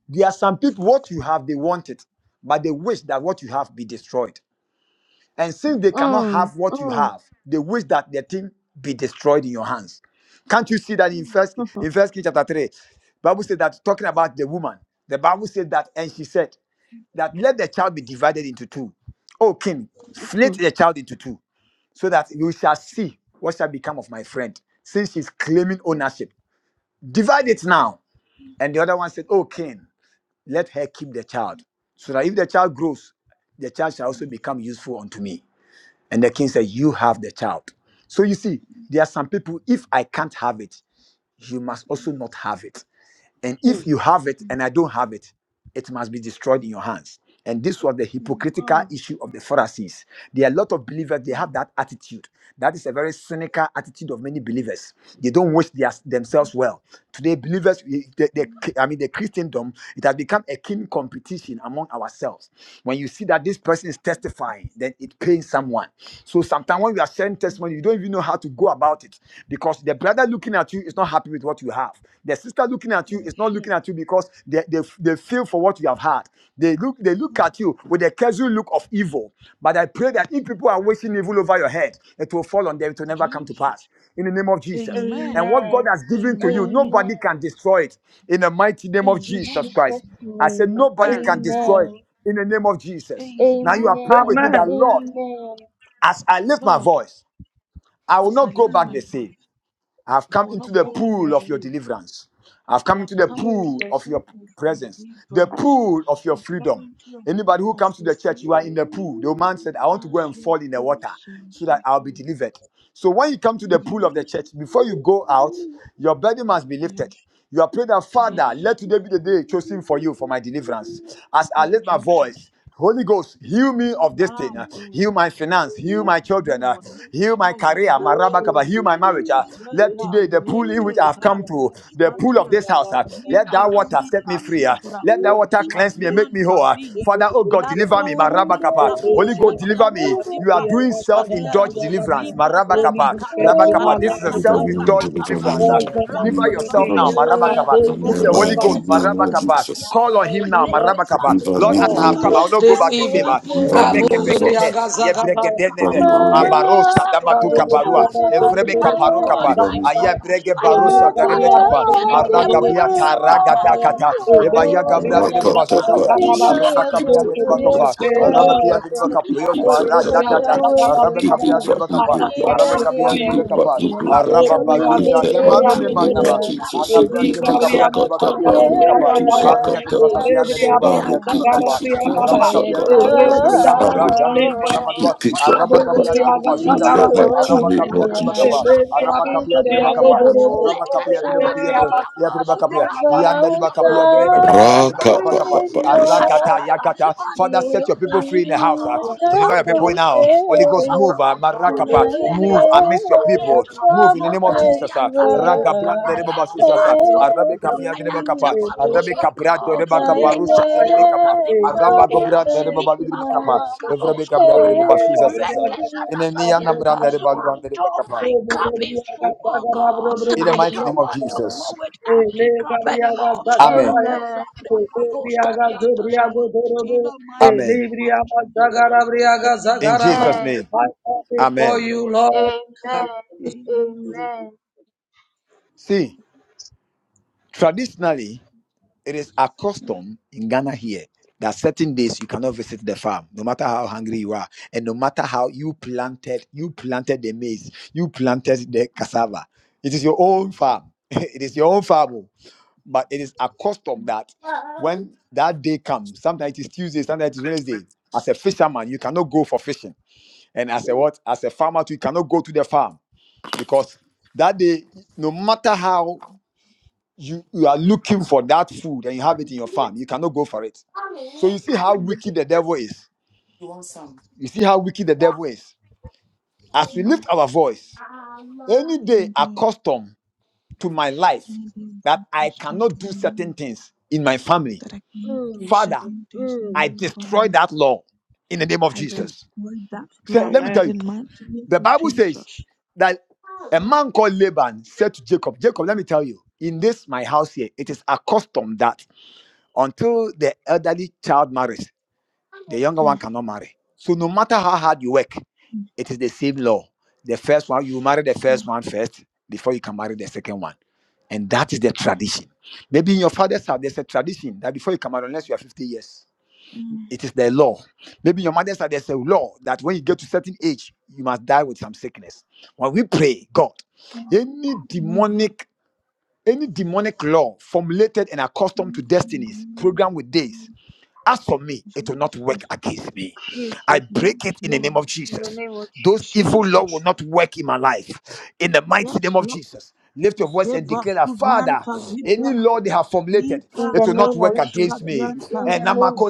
Speaker 1: There are some people, what you have, they want it, but they wish that what you have be destroyed. And
Speaker 4: Mm,
Speaker 1: since they cannot
Speaker 3: mm,
Speaker 1: have what you
Speaker 3: mm,
Speaker 1: have, they wish that their thing be destroyed in your hands. Can't you see that in
Speaker 4: mm,
Speaker 1: first in First King chapter three? Bible said that talking about the woman. The Bible said that, and she said that let the child be divided into two. O king, split
Speaker 3: mm.
Speaker 1: the child into two, so that you shall see what shall become of my friend, since she's claiming ownership. Divide it now.
Speaker 4: mm,
Speaker 1: And the other one said, O king, let her keep the child, so that if the child grows, the child shall
Speaker 4: mm,
Speaker 1: also
Speaker 4: mm,
Speaker 1: become useful unto me. And the king said, You have the child. So you see,
Speaker 4: mm, mm,
Speaker 1: there are some people, if I can't have it, you must also not have it. And if you have it
Speaker 4: mm,
Speaker 1: and I don't have it, it must be destroyed in your hands. And this was the hypocritical issue of the Pharisees. There are a lot of believers, they have that attitude. That is a very cynical attitude of many believers. They don't wish their, themselves well. Today, believers, we- the,
Speaker 4: mm,
Speaker 1: the- I mean, the Christendom, it has become a keen competition among ourselves. When you see that this person is testifying, then it pains someone. So sometimes when you are sharing
Speaker 4: mm,
Speaker 1: testimony, you don't even know how to go about it because the brother looking at you is not happy with what you have. The sister looking at you
Speaker 4: mm,
Speaker 1: is not looking at you because they, they, they feel for what you have had heart. They look, they look
Speaker 4: mm.
Speaker 1: at you with a casual look of evil. But I pray that if people are wishing evil over your head, it will fall on them. It will never come to pass.
Speaker 4: Jesus.
Speaker 1: In the name of Jesus.
Speaker 4: Amen.
Speaker 1: And what God
Speaker 3: Amen.
Speaker 1: has given to
Speaker 4: Amen.
Speaker 1: you,
Speaker 3: Amen.
Speaker 1: nobody can destroy it. In the mighty name of
Speaker 4: Amen.
Speaker 1: Jesus Christ. I said, nobody
Speaker 4: Amen.
Speaker 1: can destroy it. In the name of
Speaker 4: Amen.
Speaker 1: Jesus. Now you are praying with me that, Lord, as I lift my voice, I will
Speaker 4: That's
Speaker 1: not go back the same. I've come
Speaker 4: our
Speaker 1: into the pool of your deliverance. I've come into the pool of your presence, the pool of your
Speaker 4: people.
Speaker 1: freedom. Anybody who comes to the church, you are in the pool. The man said, I want to go and fall in the water so that I'll be delivered. So when you come to the
Speaker 4: Yes.
Speaker 1: pool of the church, before you go out, your burden must be lifted.
Speaker 4: Yes.
Speaker 1: You are praying that, Father,
Speaker 4: Yes.
Speaker 1: let today be the day chosen for you for my deliverance. As
Speaker 4: Oh,
Speaker 1: I lift my
Speaker 4: Jesus.
Speaker 1: voice, Holy Ghost, heal me of this
Speaker 4: My
Speaker 1: thing. uh, Heal
Speaker 4: God.
Speaker 1: my finance.
Speaker 4: Yes,
Speaker 1: Heal my children. uh,
Speaker 4: Lord.
Speaker 1: Heal
Speaker 4: Yes,
Speaker 1: my
Speaker 4: Lord.
Speaker 1: career. My
Speaker 4: Yes,
Speaker 1: rabakaba.
Speaker 4: Lord.
Speaker 1: Heal my marriage. uh,
Speaker 4: Jada
Speaker 1: Let today the pool in which
Speaker 4: leke
Speaker 1: I have come
Speaker 4: zado
Speaker 1: to, the pool of
Speaker 4: sadia
Speaker 1: this house, uh, let that
Speaker 4: jika
Speaker 1: water set
Speaker 4: zika
Speaker 1: me free. uh,
Speaker 4: zibra
Speaker 1: Let
Speaker 4: o
Speaker 1: that water cleanse me and make me
Speaker 4: sadianta
Speaker 1: whole. uh.
Speaker 4: zi
Speaker 1: Father, oh God,
Speaker 4: La
Speaker 1: deliver me. My
Speaker 4: prazuviska
Speaker 1: rabakaba. Holy
Speaker 4: bruska
Speaker 1: Ghost, deliver
Speaker 4: tianta
Speaker 1: me. You are
Speaker 4: vibra
Speaker 1: doing
Speaker 4: uska dia.
Speaker 1: self-indulged deliverance.
Speaker 4: Libra
Speaker 1: My
Speaker 6: Let
Speaker 4: zeve
Speaker 6: me
Speaker 1: Marabakapa,
Speaker 6: be fed with
Speaker 4: katuska
Speaker 6: my
Speaker 1: Rabakapa. This is a
Speaker 4: diata
Speaker 6: life,
Speaker 2: Deliver
Speaker 6: Lord.
Speaker 4: zabra
Speaker 2: me,
Speaker 1: self-indulged
Speaker 2: deliver
Speaker 4: katasa.
Speaker 1: deliverance.
Speaker 2: me,
Speaker 1: uh,
Speaker 6: Wash the
Speaker 2: deliver
Speaker 6: man
Speaker 1: Deliver
Speaker 2: me,
Speaker 6: clean
Speaker 4: Rakusa
Speaker 1: yourself
Speaker 2: deliver
Speaker 6: me.
Speaker 1: now,
Speaker 2: me.
Speaker 4: briska
Speaker 6: God
Speaker 1: Marabakapa,
Speaker 6: will
Speaker 4: dianta.
Speaker 2: I'm
Speaker 1: through
Speaker 6: give
Speaker 2: the
Speaker 1: the
Speaker 6: me a
Speaker 1: Holy
Speaker 2: mighty
Speaker 6: life.
Speaker 1: Ghost,
Speaker 6: God
Speaker 4: Lekesa
Speaker 2: name of
Speaker 6: will
Speaker 4: uska
Speaker 1: Marabakapa.
Speaker 2: Jesus.
Speaker 1: Call
Speaker 4: diata.
Speaker 1: on
Speaker 6: show
Speaker 1: Him
Speaker 6: you
Speaker 1: now,
Speaker 6: love.
Speaker 4: Lepesa
Speaker 1: Marabakapa.
Speaker 2: Deliver
Speaker 1: Lord,
Speaker 4: tuska
Speaker 2: me,
Speaker 1: as
Speaker 2: O
Speaker 1: I have
Speaker 4: papa.
Speaker 1: come, I
Speaker 2: Lord.
Speaker 1: will not go back the same.
Speaker 4: Rakasa
Speaker 1: uh,
Speaker 4: tuska
Speaker 2: Deliver me,
Speaker 4: dia.
Speaker 2: O Lord.
Speaker 1: Rabekepekete,
Speaker 4: Likasa
Speaker 6: Sagataya.
Speaker 4: tuska
Speaker 2: Deliver
Speaker 1: Yebregedenene,
Speaker 2: me, O
Speaker 4: papa.
Speaker 2: Lord.
Speaker 1: Abarosa,
Speaker 4: Lekasa
Speaker 6: God
Speaker 4: tuska
Speaker 6: will give me
Speaker 1: Dabatukaparua,
Speaker 4: diata
Speaker 6: a life.
Speaker 4: papa.
Speaker 6: God will give
Speaker 4: My
Speaker 6: me a
Speaker 4: God,
Speaker 6: life.
Speaker 2: We
Speaker 3: aces
Speaker 1: Evrebekaparokapa,
Speaker 2: gonna
Speaker 4: my
Speaker 2: meet.
Speaker 6: Sagataya.
Speaker 4: Father, I
Speaker 6: Amen.
Speaker 1: Ayebregebarosa,
Speaker 4: don't want to
Speaker 6: Gabriaba,
Speaker 4: live
Speaker 1: Tarebekapa,
Speaker 4: here the
Speaker 6: Gabriaba,
Speaker 4: step where
Speaker 6: Godoro,
Speaker 4: I
Speaker 1: Aragabia,
Speaker 4: shall
Speaker 6: Sagataya.
Speaker 4: come.
Speaker 1: Taragadakata,
Speaker 4: Lakasi
Speaker 6: Amen.
Speaker 1: Ebaya Gabra,
Speaker 4: briska
Speaker 6: Gabriaba,
Speaker 2: Rock up,
Speaker 4: diata.
Speaker 2: top, pop,
Speaker 1: Derebabazuzasa,
Speaker 2: you
Speaker 6: Sagataya.
Speaker 2: see. Give
Speaker 6: Today,
Speaker 4: Likasi
Speaker 1: Arabakapia,
Speaker 6: to be
Speaker 1: Derebatofa,
Speaker 6: the
Speaker 1: Bakapa, Arabakia de
Speaker 6: As I
Speaker 1: Bakapiota, Razadada,
Speaker 6: shall
Speaker 1: Arabakabia
Speaker 2: it
Speaker 1: de
Speaker 2: back, we
Speaker 1: Bakapa,
Speaker 2: do
Speaker 6: come
Speaker 2: not.
Speaker 1: Arabakabia
Speaker 6: before
Speaker 2: Give
Speaker 1: de
Speaker 6: you,
Speaker 2: it back,
Speaker 1: Bakapa,
Speaker 2: we do not. Hit
Speaker 1: Arababazuza,
Speaker 2: that white
Speaker 1: Gemanu
Speaker 2: team, hit my
Speaker 1: Nimanaba.
Speaker 2: Jesus. It
Speaker 1: Alabria de
Speaker 2: keep this, I
Speaker 1: Bacabria de
Speaker 2: got that,
Speaker 1: Bacapia de
Speaker 2: but we
Speaker 1: Bacapa,
Speaker 2: do, so I
Speaker 1: Aria
Speaker 2: got
Speaker 1: de
Speaker 2: that, but
Speaker 1: Bacapia de
Speaker 2: I
Speaker 1: Bacapia de
Speaker 2: repeat this,
Speaker 1: Bacapa,
Speaker 2: it keep this, I
Speaker 1: Rabacapia de
Speaker 2: got that,
Speaker 1: Bacapia
Speaker 2: but
Speaker 1: de Viana
Speaker 2: I
Speaker 1: Raja,
Speaker 4: Rapa Lepra
Speaker 2: repeat
Speaker 1: Nemeconamadua,
Speaker 2: this, I got that,
Speaker 1: Arabacapia
Speaker 2: but
Speaker 4: posanata,
Speaker 1: de
Speaker 2: hit
Speaker 1: Bubazutaza,
Speaker 2: that white
Speaker 4: lekazada
Speaker 2: team, hit
Speaker 1: Arabacapia
Speaker 2: my
Speaker 4: skidiata,
Speaker 1: de
Speaker 3: Yeah,
Speaker 1: Bacapa,
Speaker 2: Jesus.
Speaker 3: I
Speaker 4: raposa
Speaker 3: just
Speaker 1: Arabacapia de
Speaker 4: prakadia,
Speaker 1: Bacapa,
Speaker 3: said,
Speaker 1: Arabacapia de
Speaker 4: lekazada
Speaker 1: Bacapia
Speaker 4: skidiapa,
Speaker 1: de Bacapia, Yanda
Speaker 3: Thou
Speaker 1: riba kapa,
Speaker 4: rapapaskapa,
Speaker 1: yanda riba kapa, yanda riba
Speaker 2: Rock up,
Speaker 1: kapa
Speaker 3: sovereign
Speaker 4: rekazanata,
Speaker 2: pop,
Speaker 1: kapa.
Speaker 2: pop,
Speaker 3: and
Speaker 2: pop, this.
Speaker 6: Thank you.
Speaker 1: Arakata,
Speaker 3: Lord,
Speaker 4: rakazanata,
Speaker 1: yakata. Father,
Speaker 4: unto
Speaker 1: set
Speaker 4: your
Speaker 1: your people free in
Speaker 4: blasphemy,
Speaker 1: the
Speaker 4: O
Speaker 1: house.
Speaker 6: Gabriel,
Speaker 1: ah.
Speaker 3: every
Speaker 4: God,
Speaker 1: Deliver your
Speaker 4: unto
Speaker 1: people
Speaker 4: your
Speaker 1: now.
Speaker 4: gift
Speaker 1: Holy
Speaker 4: of
Speaker 1: Ghost,
Speaker 4: power,
Speaker 1: move.
Speaker 3: salvation,
Speaker 4: O
Speaker 1: ah.
Speaker 4: God.
Speaker 1: Marakapa,
Speaker 4: Leka
Speaker 1: move amidst your
Speaker 3: Namayas
Speaker 1: people.
Speaker 4: proskafiatron,
Speaker 1: Move in the
Speaker 4: la
Speaker 1: name of Jesus. ah.
Speaker 4: casiata
Speaker 3: Sabotantiva,
Speaker 4: se
Speaker 1: Ragabranda riba
Speaker 4: proskapaya,
Speaker 1: basusas, ah.
Speaker 4: Antonio
Speaker 1: Arabe kapa,
Speaker 4: Proca
Speaker 1: yanda riba
Speaker 4: and
Speaker 1: kapa.
Speaker 3: Namayas
Speaker 4: Tepato
Speaker 1: Arabe
Speaker 4: Stocro,
Speaker 1: kabrando riba kapa,
Speaker 4: Leka
Speaker 1: rusha riba
Speaker 4: sianta
Speaker 1: kapa.
Speaker 4: de
Speaker 1: Araba
Speaker 4: Bascopia,
Speaker 1: gobranda riba balu
Speaker 4: Lipa
Speaker 1: riba
Speaker 3: Sabotantiva,
Speaker 1: kapa. Evrabe kabranda riba
Speaker 4: Sucaroskapaya,
Speaker 1: basusas, ah.
Speaker 4: Reka
Speaker 1: In
Speaker 4: Sata
Speaker 1: the name of
Speaker 4: Satiata,
Speaker 1: Randa riba luanda riba
Speaker 4: until
Speaker 1: kapa.
Speaker 4: my cup is full, oh God,
Speaker 1: In the
Speaker 4: I
Speaker 1: mighty
Speaker 4: don't
Speaker 1: name of
Speaker 4: want to go
Speaker 1: Jesus.
Speaker 4: with empty cup anymore.
Speaker 1: Amen.
Speaker 4: Raposa
Speaker 6: Gabriel, Gabriel,
Speaker 4: Proskadianta Sapa,
Speaker 6: Gabriel,
Speaker 4: in
Speaker 6: Gabriel,
Speaker 4: the mighty
Speaker 1: Amen.
Speaker 4: name of
Speaker 6: Libriaba
Speaker 4: Jesus Christ.
Speaker 6: Zagarabriaga
Speaker 1: In
Speaker 6: Zagaraba.
Speaker 4: Amen.
Speaker 1: Jesus' name.
Speaker 6: I come before
Speaker 1: Amen.
Speaker 6: you, Lord.
Speaker 1: See, traditionally, it is a custom in Ghana here that certain days you cannot visit the farm, no matter how hungry you are, and no matter how you planted, you planted the maize, you planted the cassava. It is your own farm. it is your own farm, oh. but it is a custom that when that day comes, sometimes it is Tuesday, sometimes it is Wednesday. As a fisherman, you cannot go for fishing, and as a what, as a farmer, too, you cannot go to the farm because that day, no matter how you you are looking for that food and you have it in your farm you cannot go for it so you see how
Speaker 4: Amen.
Speaker 1: wicked the devil is you see how wicked the devil is as we
Speaker 4: Mm,
Speaker 1: lift our voice any day accustomed to my life that i cannot do certain things in my family
Speaker 3: Mm,
Speaker 1: father
Speaker 3: mm,
Speaker 1: i destroy that law in the name of jesus so let me tell you the bible says that a man called laban said to jacob jacob let me tell you in this my house here it is accustomed that until the elderly child marries the younger one
Speaker 4: mm,
Speaker 1: cannot marry. So no matter how hard you work,
Speaker 4: mm,
Speaker 1: it is the same law. The first one, you marry the first
Speaker 4: mm,
Speaker 1: one first before you can marry the second one. And that is the
Speaker 4: mm,
Speaker 1: tradition. Maybe in your father's house, there's a tradition that before you can marry, unless you are 50 years,
Speaker 4: mm.
Speaker 1: it is the law. Maybe in your mother's house, there's a law that when you get to certain age, you must die with some sickness. When we pray, God, any
Speaker 4: My God,
Speaker 1: demonic, any demonic law formulated and accustomed to destinies, programmed with days, as for me, it will not
Speaker 4: Jesus,
Speaker 1: work
Speaker 4: yes,
Speaker 1: against me. I
Speaker 4: Lord,
Speaker 1: break it in the name of Jesus. Those evil
Speaker 4: Jesus,
Speaker 1: law will not work in my life. In the mighty name
Speaker 4: yes,
Speaker 1: of
Speaker 4: Lord,
Speaker 1: Jesus. Lift your voice and declare that, Father,
Speaker 4: Zebaskuvianta
Speaker 1: any law they have formulated,
Speaker 3: in
Speaker 1: it
Speaker 3: the
Speaker 1: will not
Speaker 3: name
Speaker 1: work
Speaker 3: of
Speaker 4: Ikazaboshka
Speaker 3: Jesus,
Speaker 1: against me.
Speaker 4: dianta,
Speaker 3: in
Speaker 1: And
Speaker 3: the name,
Speaker 1: namako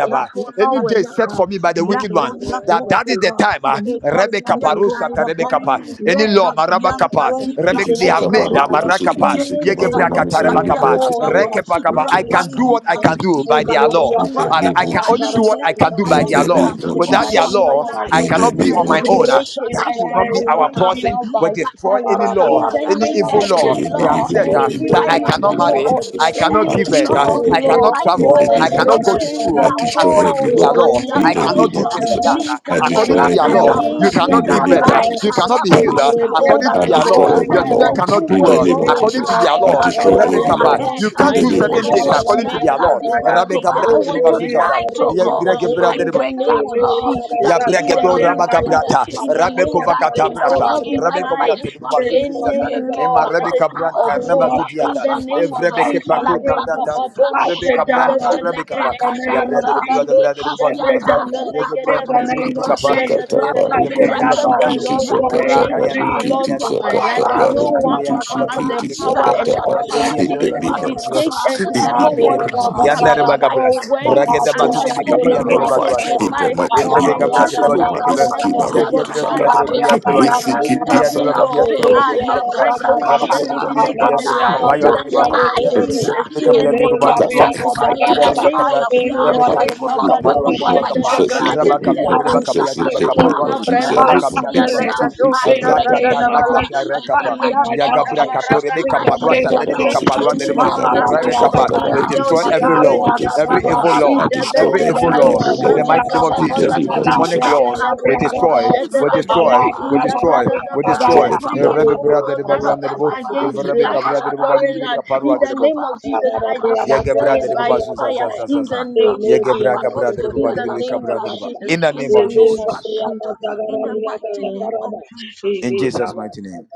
Speaker 3: it will not
Speaker 1: Any day
Speaker 3: work.
Speaker 1: set
Speaker 4: diata,
Speaker 1: for me by the wicked one, that that
Speaker 4: lakazadoshka
Speaker 1: is the
Speaker 4: ba,
Speaker 1: time. Uh,
Speaker 3: It will
Speaker 1: Rebecca
Speaker 3: not work. I
Speaker 1: Parusha,
Speaker 4: lipazdiatoshka ba,
Speaker 1: Rebecca Pa.
Speaker 3: burn it.
Speaker 1: Any
Speaker 3: I
Speaker 1: law, Maraba
Speaker 4: rekazianta
Speaker 1: Kappa,
Speaker 3: destroy it in
Speaker 2: Iti
Speaker 1: Rebecca,
Speaker 3: the
Speaker 1: they
Speaker 3: name
Speaker 1: have
Speaker 2: saka
Speaker 3: of
Speaker 6: From
Speaker 4: zibraboshka
Speaker 1: made,
Speaker 2: baru
Speaker 4: ba,
Speaker 1: uh,
Speaker 2: kutu suki tu
Speaker 1: Marakapa,
Speaker 3: any
Speaker 2: suku
Speaker 6: me,
Speaker 2: baru
Speaker 1: Yegebrakata,
Speaker 2: manusia
Speaker 4: jekizaboshka
Speaker 3: demonic
Speaker 2: ini
Speaker 6: Lord.
Speaker 1: Rebecca Pa,
Speaker 4: diata
Speaker 3: law
Speaker 4: zaba,
Speaker 2: bersyukur
Speaker 3: that's
Speaker 6: Father,
Speaker 1: Rekepakapa.
Speaker 2: untuk
Speaker 1: I
Speaker 6: forgive
Speaker 1: can
Speaker 3: making me
Speaker 1: do
Speaker 6: me.
Speaker 2: bersama
Speaker 1: what I
Speaker 4: rapazita
Speaker 2: in
Speaker 1: can do
Speaker 6: Oh,
Speaker 1: by
Speaker 3: in
Speaker 1: their
Speaker 3: the
Speaker 1: law.
Speaker 4: zigiskadoshka
Speaker 6: Berea,
Speaker 3: name
Speaker 2: the
Speaker 4: ba.
Speaker 1: And
Speaker 2: name
Speaker 1: I
Speaker 2: of
Speaker 1: can
Speaker 3: of
Speaker 4: I
Speaker 1: only do
Speaker 3: Jesus.
Speaker 2: Jesus.
Speaker 1: what
Speaker 4: declare
Speaker 1: I can
Speaker 4: and
Speaker 1: do
Speaker 4: I
Speaker 1: by
Speaker 2: In
Speaker 6: myself.
Speaker 1: their
Speaker 2: the
Speaker 1: law.
Speaker 4: declare
Speaker 2: name
Speaker 3: In
Speaker 2: of
Speaker 3: the
Speaker 1: Without
Speaker 6: I
Speaker 1: their
Speaker 4: upon
Speaker 2: Jesus.
Speaker 4: my
Speaker 6: set
Speaker 3: name
Speaker 1: law,
Speaker 3: of
Speaker 4: life,
Speaker 1: I
Speaker 2: In
Speaker 6: myself
Speaker 2: the
Speaker 1: cannot
Speaker 6: in
Speaker 3: Jesus,
Speaker 1: be
Speaker 2: name
Speaker 3: I
Speaker 1: on
Speaker 2: of
Speaker 1: my own.
Speaker 6: Babylon
Speaker 1: Uh,
Speaker 3: break
Speaker 2: Jesus.
Speaker 3: it
Speaker 6: in
Speaker 1: That
Speaker 3: and
Speaker 6: the
Speaker 1: will not
Speaker 3: I
Speaker 1: be
Speaker 6: name
Speaker 4: lakoshatiskadoshka
Speaker 6: of
Speaker 1: our
Speaker 3: burn
Speaker 4: da,
Speaker 3: it
Speaker 6: Jesus.
Speaker 1: portion.
Speaker 3: down
Speaker 1: We
Speaker 3: by
Speaker 1: destroy
Speaker 3: fire.
Speaker 1: any
Speaker 4: lekazadoshka
Speaker 1: law,
Speaker 4: ba,
Speaker 3: In the
Speaker 1: any
Speaker 3: name
Speaker 1: evil
Speaker 3: of
Speaker 2: Destroy
Speaker 1: law
Speaker 4: any
Speaker 2: any
Speaker 1: they
Speaker 3: Jesus,
Speaker 4: law
Speaker 1: have
Speaker 2: evil
Speaker 1: set
Speaker 2: law
Speaker 1: uh,
Speaker 4: in
Speaker 2: in the
Speaker 3: every
Speaker 1: that
Speaker 4: my
Speaker 1: I
Speaker 2: mighty
Speaker 1: cannot
Speaker 4: mother's
Speaker 2: name
Speaker 3: evil
Speaker 2: of
Speaker 1: marry.
Speaker 3: or
Speaker 4: family,
Speaker 1: I
Speaker 2: Jesus.
Speaker 1: cannot
Speaker 2: I
Speaker 3: any
Speaker 4: any
Speaker 1: give birth.
Speaker 2: destroy
Speaker 1: uh,
Speaker 4: law
Speaker 3: evil
Speaker 2: every
Speaker 1: I
Speaker 2: law
Speaker 4: in
Speaker 1: cannot
Speaker 3: law
Speaker 4: my
Speaker 2: in
Speaker 1: travel.
Speaker 2: the
Speaker 3: or
Speaker 1: I
Speaker 2: name
Speaker 4: father's
Speaker 2: of
Speaker 1: cannot go
Speaker 4: family.
Speaker 1: to
Speaker 2: Jesus.
Speaker 1: school uh,
Speaker 2: I
Speaker 4: La
Speaker 3: written
Speaker 2: destroy
Speaker 4: cosa
Speaker 1: according
Speaker 2: every
Speaker 1: to
Speaker 3: or
Speaker 1: their
Speaker 2: law
Speaker 4: pusca
Speaker 1: law.
Speaker 2: in
Speaker 1: I
Speaker 4: biata
Speaker 2: the
Speaker 3: formulated
Speaker 1: cannot
Speaker 2: name
Speaker 1: do
Speaker 2: of
Speaker 4: zipa,
Speaker 1: this and
Speaker 2: Jesus.
Speaker 1: that. uh,
Speaker 3: against
Speaker 2: I
Speaker 3: men,
Speaker 1: According
Speaker 2: destroy
Speaker 1: to their
Speaker 4: Likasiata
Speaker 2: every
Speaker 1: law,
Speaker 2: law
Speaker 4: Shapa,
Speaker 1: you
Speaker 3: against
Speaker 2: in
Speaker 1: cannot
Speaker 2: the
Speaker 1: give
Speaker 4: that
Speaker 3: younger
Speaker 2: name
Speaker 1: birth.
Speaker 3: ones
Speaker 2: of
Speaker 1: uh,
Speaker 4: I
Speaker 1: You
Speaker 2: Jesus.
Speaker 1: cannot
Speaker 4: cannot
Speaker 1: be
Speaker 2: I
Speaker 1: healed. uh,
Speaker 4: marry,
Speaker 2: destroy.
Speaker 4: uh,
Speaker 3: Oh
Speaker 1: According
Speaker 4: that
Speaker 1: to
Speaker 2: I
Speaker 3: my
Speaker 1: their
Speaker 4: I
Speaker 2: destroy
Speaker 1: law,
Speaker 3: God,
Speaker 1: your
Speaker 2: every
Speaker 4: cannot
Speaker 3: I
Speaker 1: children
Speaker 2: law
Speaker 4: move
Speaker 6: Amen.
Speaker 3: will
Speaker 1: cannot
Speaker 3: do
Speaker 6: I come
Speaker 1: do
Speaker 2: in
Speaker 4: forward,
Speaker 3: what
Speaker 4: uh,
Speaker 2: the
Speaker 1: well.
Speaker 2: name of
Speaker 3: God
Speaker 4: that
Speaker 3: wants
Speaker 6: against
Speaker 1: According to
Speaker 2: Jesus.
Speaker 1: their
Speaker 4: I
Speaker 2: I
Speaker 1: law,
Speaker 3: to
Speaker 4: cannot
Speaker 2: destroy
Speaker 3: at
Speaker 4: go
Speaker 2: every
Speaker 1: Rebecca,
Speaker 3: His
Speaker 2: law
Speaker 1: uh,
Speaker 3: own
Speaker 4: ahead.
Speaker 1: you
Speaker 4: uh,
Speaker 2: in
Speaker 1: can't
Speaker 3: time,
Speaker 2: the
Speaker 1: do
Speaker 2: name of
Speaker 1: certain
Speaker 3: not
Speaker 1: things
Speaker 3: what
Speaker 2: Jesus.
Speaker 1: according to
Speaker 3: man
Speaker 1: their
Speaker 4: Laposianta
Speaker 3: has
Speaker 1: law. Rebecca,
Speaker 4: Sipaskuba.
Speaker 3: designated,
Speaker 1: brother,
Speaker 3: not what
Speaker 1: Rebecca, Susan, uh,
Speaker 3: is
Speaker 4: Tonight, oh
Speaker 1: yeah,
Speaker 3: written
Speaker 4: God,
Speaker 3: down.
Speaker 1: Greg,
Speaker 4: I
Speaker 1: brother,
Speaker 3: In the
Speaker 1: Rebecca.
Speaker 4: break
Speaker 3: name
Speaker 4: that
Speaker 3: of
Speaker 4: law, that
Speaker 1: Ya
Speaker 3: Jesus, in
Speaker 4: evil
Speaker 3: the
Speaker 1: bragdo
Speaker 4: law
Speaker 3: name
Speaker 4: in
Speaker 1: raba
Speaker 3: of
Speaker 4: my mother's
Speaker 1: kabrata,
Speaker 3: in the
Speaker 4: family,
Speaker 1: rabe
Speaker 3: name of
Speaker 4: that
Speaker 3: Jesus,
Speaker 1: kovakata
Speaker 3: I
Speaker 4: evil
Speaker 3: will
Speaker 1: brasa,
Speaker 4: law
Speaker 3: not be
Speaker 4: in my
Speaker 1: rabe
Speaker 3: tied
Speaker 1: kubrata
Speaker 4: father's
Speaker 1: libu
Speaker 3: to
Speaker 4: family.
Speaker 1: bazuzi
Speaker 3: any
Speaker 1: zaza.
Speaker 3: law
Speaker 1: Imarebe
Speaker 3: that is not
Speaker 4: Yekepapaskapa,
Speaker 1: kabranta,
Speaker 3: of
Speaker 1: raba
Speaker 3: God. In
Speaker 1: judiata,
Speaker 3: the name of
Speaker 4: Yakasatasata,
Speaker 1: evrebe
Speaker 3: Jesus,
Speaker 1: kepakuta brata,
Speaker 6: them.
Speaker 3: Rekabado
Speaker 6: I
Speaker 1: evrebe
Speaker 6: pray
Speaker 4: Lakratusibrakoskapa,
Speaker 6: down,
Speaker 1: kabranta,
Speaker 6: Lord,
Speaker 1: rabe
Speaker 6: in
Speaker 1: kapa.
Speaker 3: shadadabelegede,
Speaker 6: the
Speaker 1: Ya
Speaker 6: name of
Speaker 1: bradere
Speaker 4: Laprakasanta,
Speaker 1: libuwa
Speaker 6: Jesus.
Speaker 1: da
Speaker 3: Arabado
Speaker 1: bradere libu
Speaker 6: I
Speaker 1: bazuzi
Speaker 6: pray
Speaker 4: Likasiata.
Speaker 1: zaza.
Speaker 6: down, Lord,
Speaker 1: Ya ke
Speaker 6: in
Speaker 1: bradere
Speaker 4: Apatos
Speaker 6: the
Speaker 1: libu riki
Speaker 6: name
Speaker 3: shadadabelegedebegado
Speaker 1: mika
Speaker 6: of
Speaker 2: Kiti
Speaker 4: kapaya,
Speaker 1: pa. Ya
Speaker 6: Jesus.
Speaker 2: sakata
Speaker 4: let
Speaker 1: bradere libu
Speaker 3: shadadadabe.
Speaker 4: it
Speaker 6: I
Speaker 2: baru
Speaker 4: be
Speaker 1: kabiya
Speaker 6: pray
Speaker 2: kuti
Speaker 1: libu
Speaker 6: down,
Speaker 4: broken
Speaker 3: except
Speaker 6: Lord,
Speaker 4: now.
Speaker 3: the
Speaker 1: kaprata libu.
Speaker 2: shikiti
Speaker 3: Lord
Speaker 6: in the name
Speaker 2: sakata
Speaker 1: Raka
Speaker 3: formulates
Speaker 6: of
Speaker 1: ya
Speaker 4: Yakashatasha,
Speaker 2: baru
Speaker 1: libu
Speaker 6: Jesus.
Speaker 3: laws
Speaker 2: kiti
Speaker 1: kabiya
Speaker 3: for
Speaker 1: libu
Speaker 6: Any
Speaker 3: my
Speaker 1: bazuzi
Speaker 2: sakata
Speaker 3: life,
Speaker 4: rapapapa,
Speaker 1: libu.
Speaker 2: baru
Speaker 3: no one
Speaker 1: Rabe ya
Speaker 2: kuti
Speaker 1: libu
Speaker 3: has
Speaker 4: rapapapa,
Speaker 1: kabiya
Speaker 3: the
Speaker 2: shikiti
Speaker 1: libu riki
Speaker 3: power
Speaker 1: libu.
Speaker 3: and
Speaker 2: sakata
Speaker 3: the
Speaker 2: baru.
Speaker 1: Ya
Speaker 4: yakashatasha,
Speaker 1: riki ya
Speaker 2: It
Speaker 3: authority
Speaker 2: be me,
Speaker 3: to
Speaker 2: Lord
Speaker 4: ipatos
Speaker 1: riki ya
Speaker 3: dictate
Speaker 4: kapa,
Speaker 2: Jesus.
Speaker 3: and to
Speaker 2: It
Speaker 4: any
Speaker 2: be
Speaker 3: tell
Speaker 1: riki ya
Speaker 3: what
Speaker 2: Lord.
Speaker 4: evil
Speaker 1: riki.
Speaker 3: to
Speaker 4: law
Speaker 2: Be
Speaker 1: Ya nde
Speaker 3: happen
Speaker 2: support.
Speaker 4: in
Speaker 1: raba
Speaker 4: my
Speaker 3: or
Speaker 1: kabrata.
Speaker 4: father's
Speaker 3: when
Speaker 2: Be
Speaker 1: Raga
Speaker 4: family,
Speaker 1: da
Speaker 3: I'm
Speaker 1: batu
Speaker 2: trust.
Speaker 1: dibi
Speaker 4: any
Speaker 2: It
Speaker 3: supposed
Speaker 1: kapa ya
Speaker 2: be
Speaker 3: to
Speaker 4: law
Speaker 3: make
Speaker 1: raba
Speaker 3: it
Speaker 2: notified.
Speaker 1: duwa
Speaker 4: in
Speaker 3: in
Speaker 2: In
Speaker 1: libu.
Speaker 4: my
Speaker 2: the
Speaker 3: life
Speaker 2: mighty
Speaker 4: mother's
Speaker 3: or
Speaker 1: Evrebe
Speaker 2: name of
Speaker 4: family,
Speaker 1: kabya
Speaker 3: enjoy
Speaker 1: dire
Speaker 2: Jesus.
Speaker 1: balu dire
Speaker 2: Roma
Speaker 1: kebe.
Speaker 2: bisi
Speaker 4: yakrapas
Speaker 3: goodness of
Speaker 2: kina
Speaker 3: the
Speaker 1: Yadire ki
Speaker 4: kiriata,
Speaker 3: Lord.
Speaker 1: yadire ki
Speaker 3: I
Speaker 4: that
Speaker 2: sakata
Speaker 1: yadire
Speaker 3: come
Speaker 2: baru.
Speaker 1: ki
Speaker 4: they have
Speaker 1: yadire bak.
Speaker 2: Bisi
Speaker 4: written,
Speaker 3: against
Speaker 1: Yadire bi
Speaker 4: that
Speaker 1: yadire
Speaker 4: they
Speaker 3: every
Speaker 1: bak
Speaker 4: have
Speaker 1: kabya
Speaker 2: sakata
Speaker 3: law.
Speaker 1: dire bak
Speaker 4: said,
Speaker 2: baru.
Speaker 1: kabya
Speaker 3: I
Speaker 1: dire
Speaker 3: yeah,
Speaker 1: bak kabya.
Speaker 3: break whole
Speaker 2: Kiti
Speaker 1: Raba ki
Speaker 3: shell,
Speaker 1: yadire
Speaker 4: yekabrakosata,
Speaker 1: bi
Speaker 3: living
Speaker 1: dire
Speaker 2: sakata
Speaker 3: again.
Speaker 1: kebe yadire bak
Speaker 2: baru.
Speaker 4: tonight,
Speaker 1: kabya
Speaker 3: In
Speaker 2: Lord,
Speaker 4: uh,
Speaker 3: the
Speaker 1: yadire
Speaker 2: we
Speaker 1: bak.
Speaker 3: name
Speaker 2: are.
Speaker 3: of
Speaker 4: I
Speaker 1: Yadire bi
Speaker 2: It's
Speaker 1: ki
Speaker 4: fear.
Speaker 3: Jesus,
Speaker 2: so.
Speaker 1: yadire bi
Speaker 3: in
Speaker 4: It
Speaker 3: the
Speaker 1: kabya dire
Speaker 3: name
Speaker 4: will
Speaker 1: bak
Speaker 2: Keep
Speaker 3: of
Speaker 4: not
Speaker 1: balu
Speaker 3: Jesus.
Speaker 1: dire
Speaker 2: that
Speaker 1: bak.
Speaker 4: work
Speaker 2: fire.
Speaker 4: over
Speaker 1: Ya
Speaker 2: Keep
Speaker 4: me.
Speaker 3: in
Speaker 1: kabya
Speaker 3: the
Speaker 2: that
Speaker 1: dire
Speaker 2: fire.
Speaker 1: bak
Speaker 3: name
Speaker 4: I
Speaker 1: kabya.
Speaker 3: of
Speaker 4: have
Speaker 3: Jesus,
Speaker 1: Raba
Speaker 2: Lift
Speaker 6: Lord
Speaker 4: fear.
Speaker 6: that is
Speaker 1: kebe
Speaker 4: It will
Speaker 1: dire
Speaker 2: that
Speaker 1: bak
Speaker 4: not
Speaker 6: across
Speaker 1: kabya
Speaker 4: work
Speaker 6: from
Speaker 1: ruwa
Speaker 3: Rekabado
Speaker 2: week,
Speaker 1: dire
Speaker 4: upon
Speaker 1: bak
Speaker 6: my
Speaker 2: not
Speaker 4: my
Speaker 1: kabya.
Speaker 6: family,
Speaker 2: Jesus.
Speaker 4: children.
Speaker 2: Lift
Speaker 3: Shadadabalega,
Speaker 1: Raba
Speaker 2: that week,
Speaker 1: kabya
Speaker 2: not
Speaker 6: that
Speaker 1: dire
Speaker 4: Lekas
Speaker 1: bak
Speaker 6: is
Speaker 1: kabya
Speaker 2: Jesus.
Speaker 4: lata
Speaker 1: dire
Speaker 2: Lift
Speaker 1: bak
Speaker 2: that
Speaker 1: kabya
Speaker 4: shava.
Speaker 2: week,
Speaker 1: ruwa.
Speaker 6: successful.
Speaker 2: not Jesus.
Speaker 1: Raba
Speaker 3: Ikabranos
Speaker 6: I
Speaker 2: Lift
Speaker 4: Rekas
Speaker 2: one
Speaker 1: kabya
Speaker 2: big
Speaker 1: dire
Speaker 6: cancel
Speaker 1: bak
Speaker 4: yenta.
Speaker 6: it
Speaker 2: sixty,
Speaker 1: kabya.
Speaker 2: big
Speaker 3: Kivelegado
Speaker 4: I
Speaker 6: in
Speaker 2: saka,
Speaker 6: the
Speaker 4: pray
Speaker 2: tapa.
Speaker 1: Ragada
Speaker 6: name
Speaker 4: this,
Speaker 6: of
Speaker 4: Lord.
Speaker 6: Jesus.
Speaker 1: ragada
Speaker 3: Shadadabalaga,
Speaker 4: In
Speaker 6: I
Speaker 4: the
Speaker 1: ragada.
Speaker 6: take
Speaker 4: mighty name
Speaker 6: myself
Speaker 4: of
Speaker 1: Yagabra
Speaker 6: out
Speaker 4: Jesus,
Speaker 1: katorebe
Speaker 3: Iyakadabaragado.
Speaker 6: in
Speaker 4: I
Speaker 6: the
Speaker 1: kaparua
Speaker 4: break
Speaker 2: Rakata,
Speaker 6: name
Speaker 4: the
Speaker 6: of
Speaker 2: tapa,
Speaker 1: saderebe
Speaker 6: Jesus.
Speaker 4: laws.
Speaker 2: siki,
Speaker 1: kaparua
Speaker 3: Any
Speaker 1: derebo
Speaker 2: siki,
Speaker 3: law
Speaker 2: baru,
Speaker 3: that
Speaker 2: kutu,
Speaker 1: rebe kapa.
Speaker 3: stands
Speaker 2: sakata,
Speaker 6: Ba-ba-ba-ba-ba-ba.
Speaker 4: Lekesatoskata,
Speaker 1: We
Speaker 2: baru,
Speaker 3: against
Speaker 2: kutu,
Speaker 3: girl
Speaker 1: destroy
Speaker 2: siki,
Speaker 1: every
Speaker 2: baru,
Speaker 3: children
Speaker 1: law,
Speaker 3: in
Speaker 2: kutu,
Speaker 3: the
Speaker 2: siki,
Speaker 1: every
Speaker 4: lipasiakasipa,
Speaker 2: baru.
Speaker 3: family,
Speaker 1: evil
Speaker 6: Ba-la-ba-ba-ba-ba-ba.
Speaker 1: law,
Speaker 2: I destroy
Speaker 1: every evil
Speaker 2: every
Speaker 3: Idabelegado
Speaker 1: law
Speaker 4: apatoskapente,
Speaker 2: evil
Speaker 1: in the
Speaker 2: law.
Speaker 1: mighty name of
Speaker 6: Ba-la-ba-ba-ba-ba-ba. Ba-la-ba-ba-ba-ba-ba.
Speaker 2: In the
Speaker 1: Jesus.
Speaker 2: name
Speaker 4: yekesenesete,
Speaker 2: of
Speaker 1: Demonic
Speaker 2: Jesus,
Speaker 1: laws we
Speaker 4: yaprakatasta,
Speaker 1: destroy, we
Speaker 3: Shadadabalagada,
Speaker 1: destroy,
Speaker 4: rapapapa,
Speaker 1: we
Speaker 6: Ba-la-ba-ba-ba-ba-ba.
Speaker 1: destroy, we
Speaker 4: rapapapa,
Speaker 2: destroy
Speaker 1: destroy.
Speaker 2: every
Speaker 3: Every
Speaker 1: Eh,
Speaker 2: law.
Speaker 1: Rebe
Speaker 3: evil
Speaker 4: rapapapa,
Speaker 1: brada
Speaker 3: law
Speaker 1: derebo ruan
Speaker 3: that stands
Speaker 1: derebo
Speaker 4: rapapapa,
Speaker 3: against
Speaker 1: evrebe
Speaker 3: blacks
Speaker 1: kabra
Speaker 3: from
Speaker 6: Ba-la-ba-ba-ba-ba-ba.
Speaker 1: derebo
Speaker 4: yakasada,
Speaker 3: foreign
Speaker 1: balibi
Speaker 3: land, in
Speaker 1: kaparua
Speaker 3: the
Speaker 1: derebo.
Speaker 3: name
Speaker 4: ipatoskapa,
Speaker 3: of Jesus, I
Speaker 4: lakrasanta,
Speaker 1: Yagebra
Speaker 3: destroy it
Speaker 1: derebo
Speaker 3: by
Speaker 1: bazuza
Speaker 3: fire.
Speaker 1: za za za
Speaker 3: In the
Speaker 1: za.
Speaker 4: ipatoskatanta,
Speaker 3: name,
Speaker 1: Yagebra gabra derebo
Speaker 3: in the
Speaker 4: apatoskapeta
Speaker 1: balibi
Speaker 3: name
Speaker 1: kabra
Speaker 3: of
Speaker 4: sepra,
Speaker 1: derebo.
Speaker 3: Jesus,
Speaker 1: In the
Speaker 3: in
Speaker 1: name
Speaker 3: the
Speaker 1: of
Speaker 3: name of
Speaker 1: Jesus,
Speaker 4: yekesatoskatianta.
Speaker 3: Jesus.
Speaker 4: In the mighty name
Speaker 3: Amen.
Speaker 4: of
Speaker 6: Amen.
Speaker 4: Jesus
Speaker 1: in
Speaker 4: Christ.
Speaker 1: Jesus' mighty name,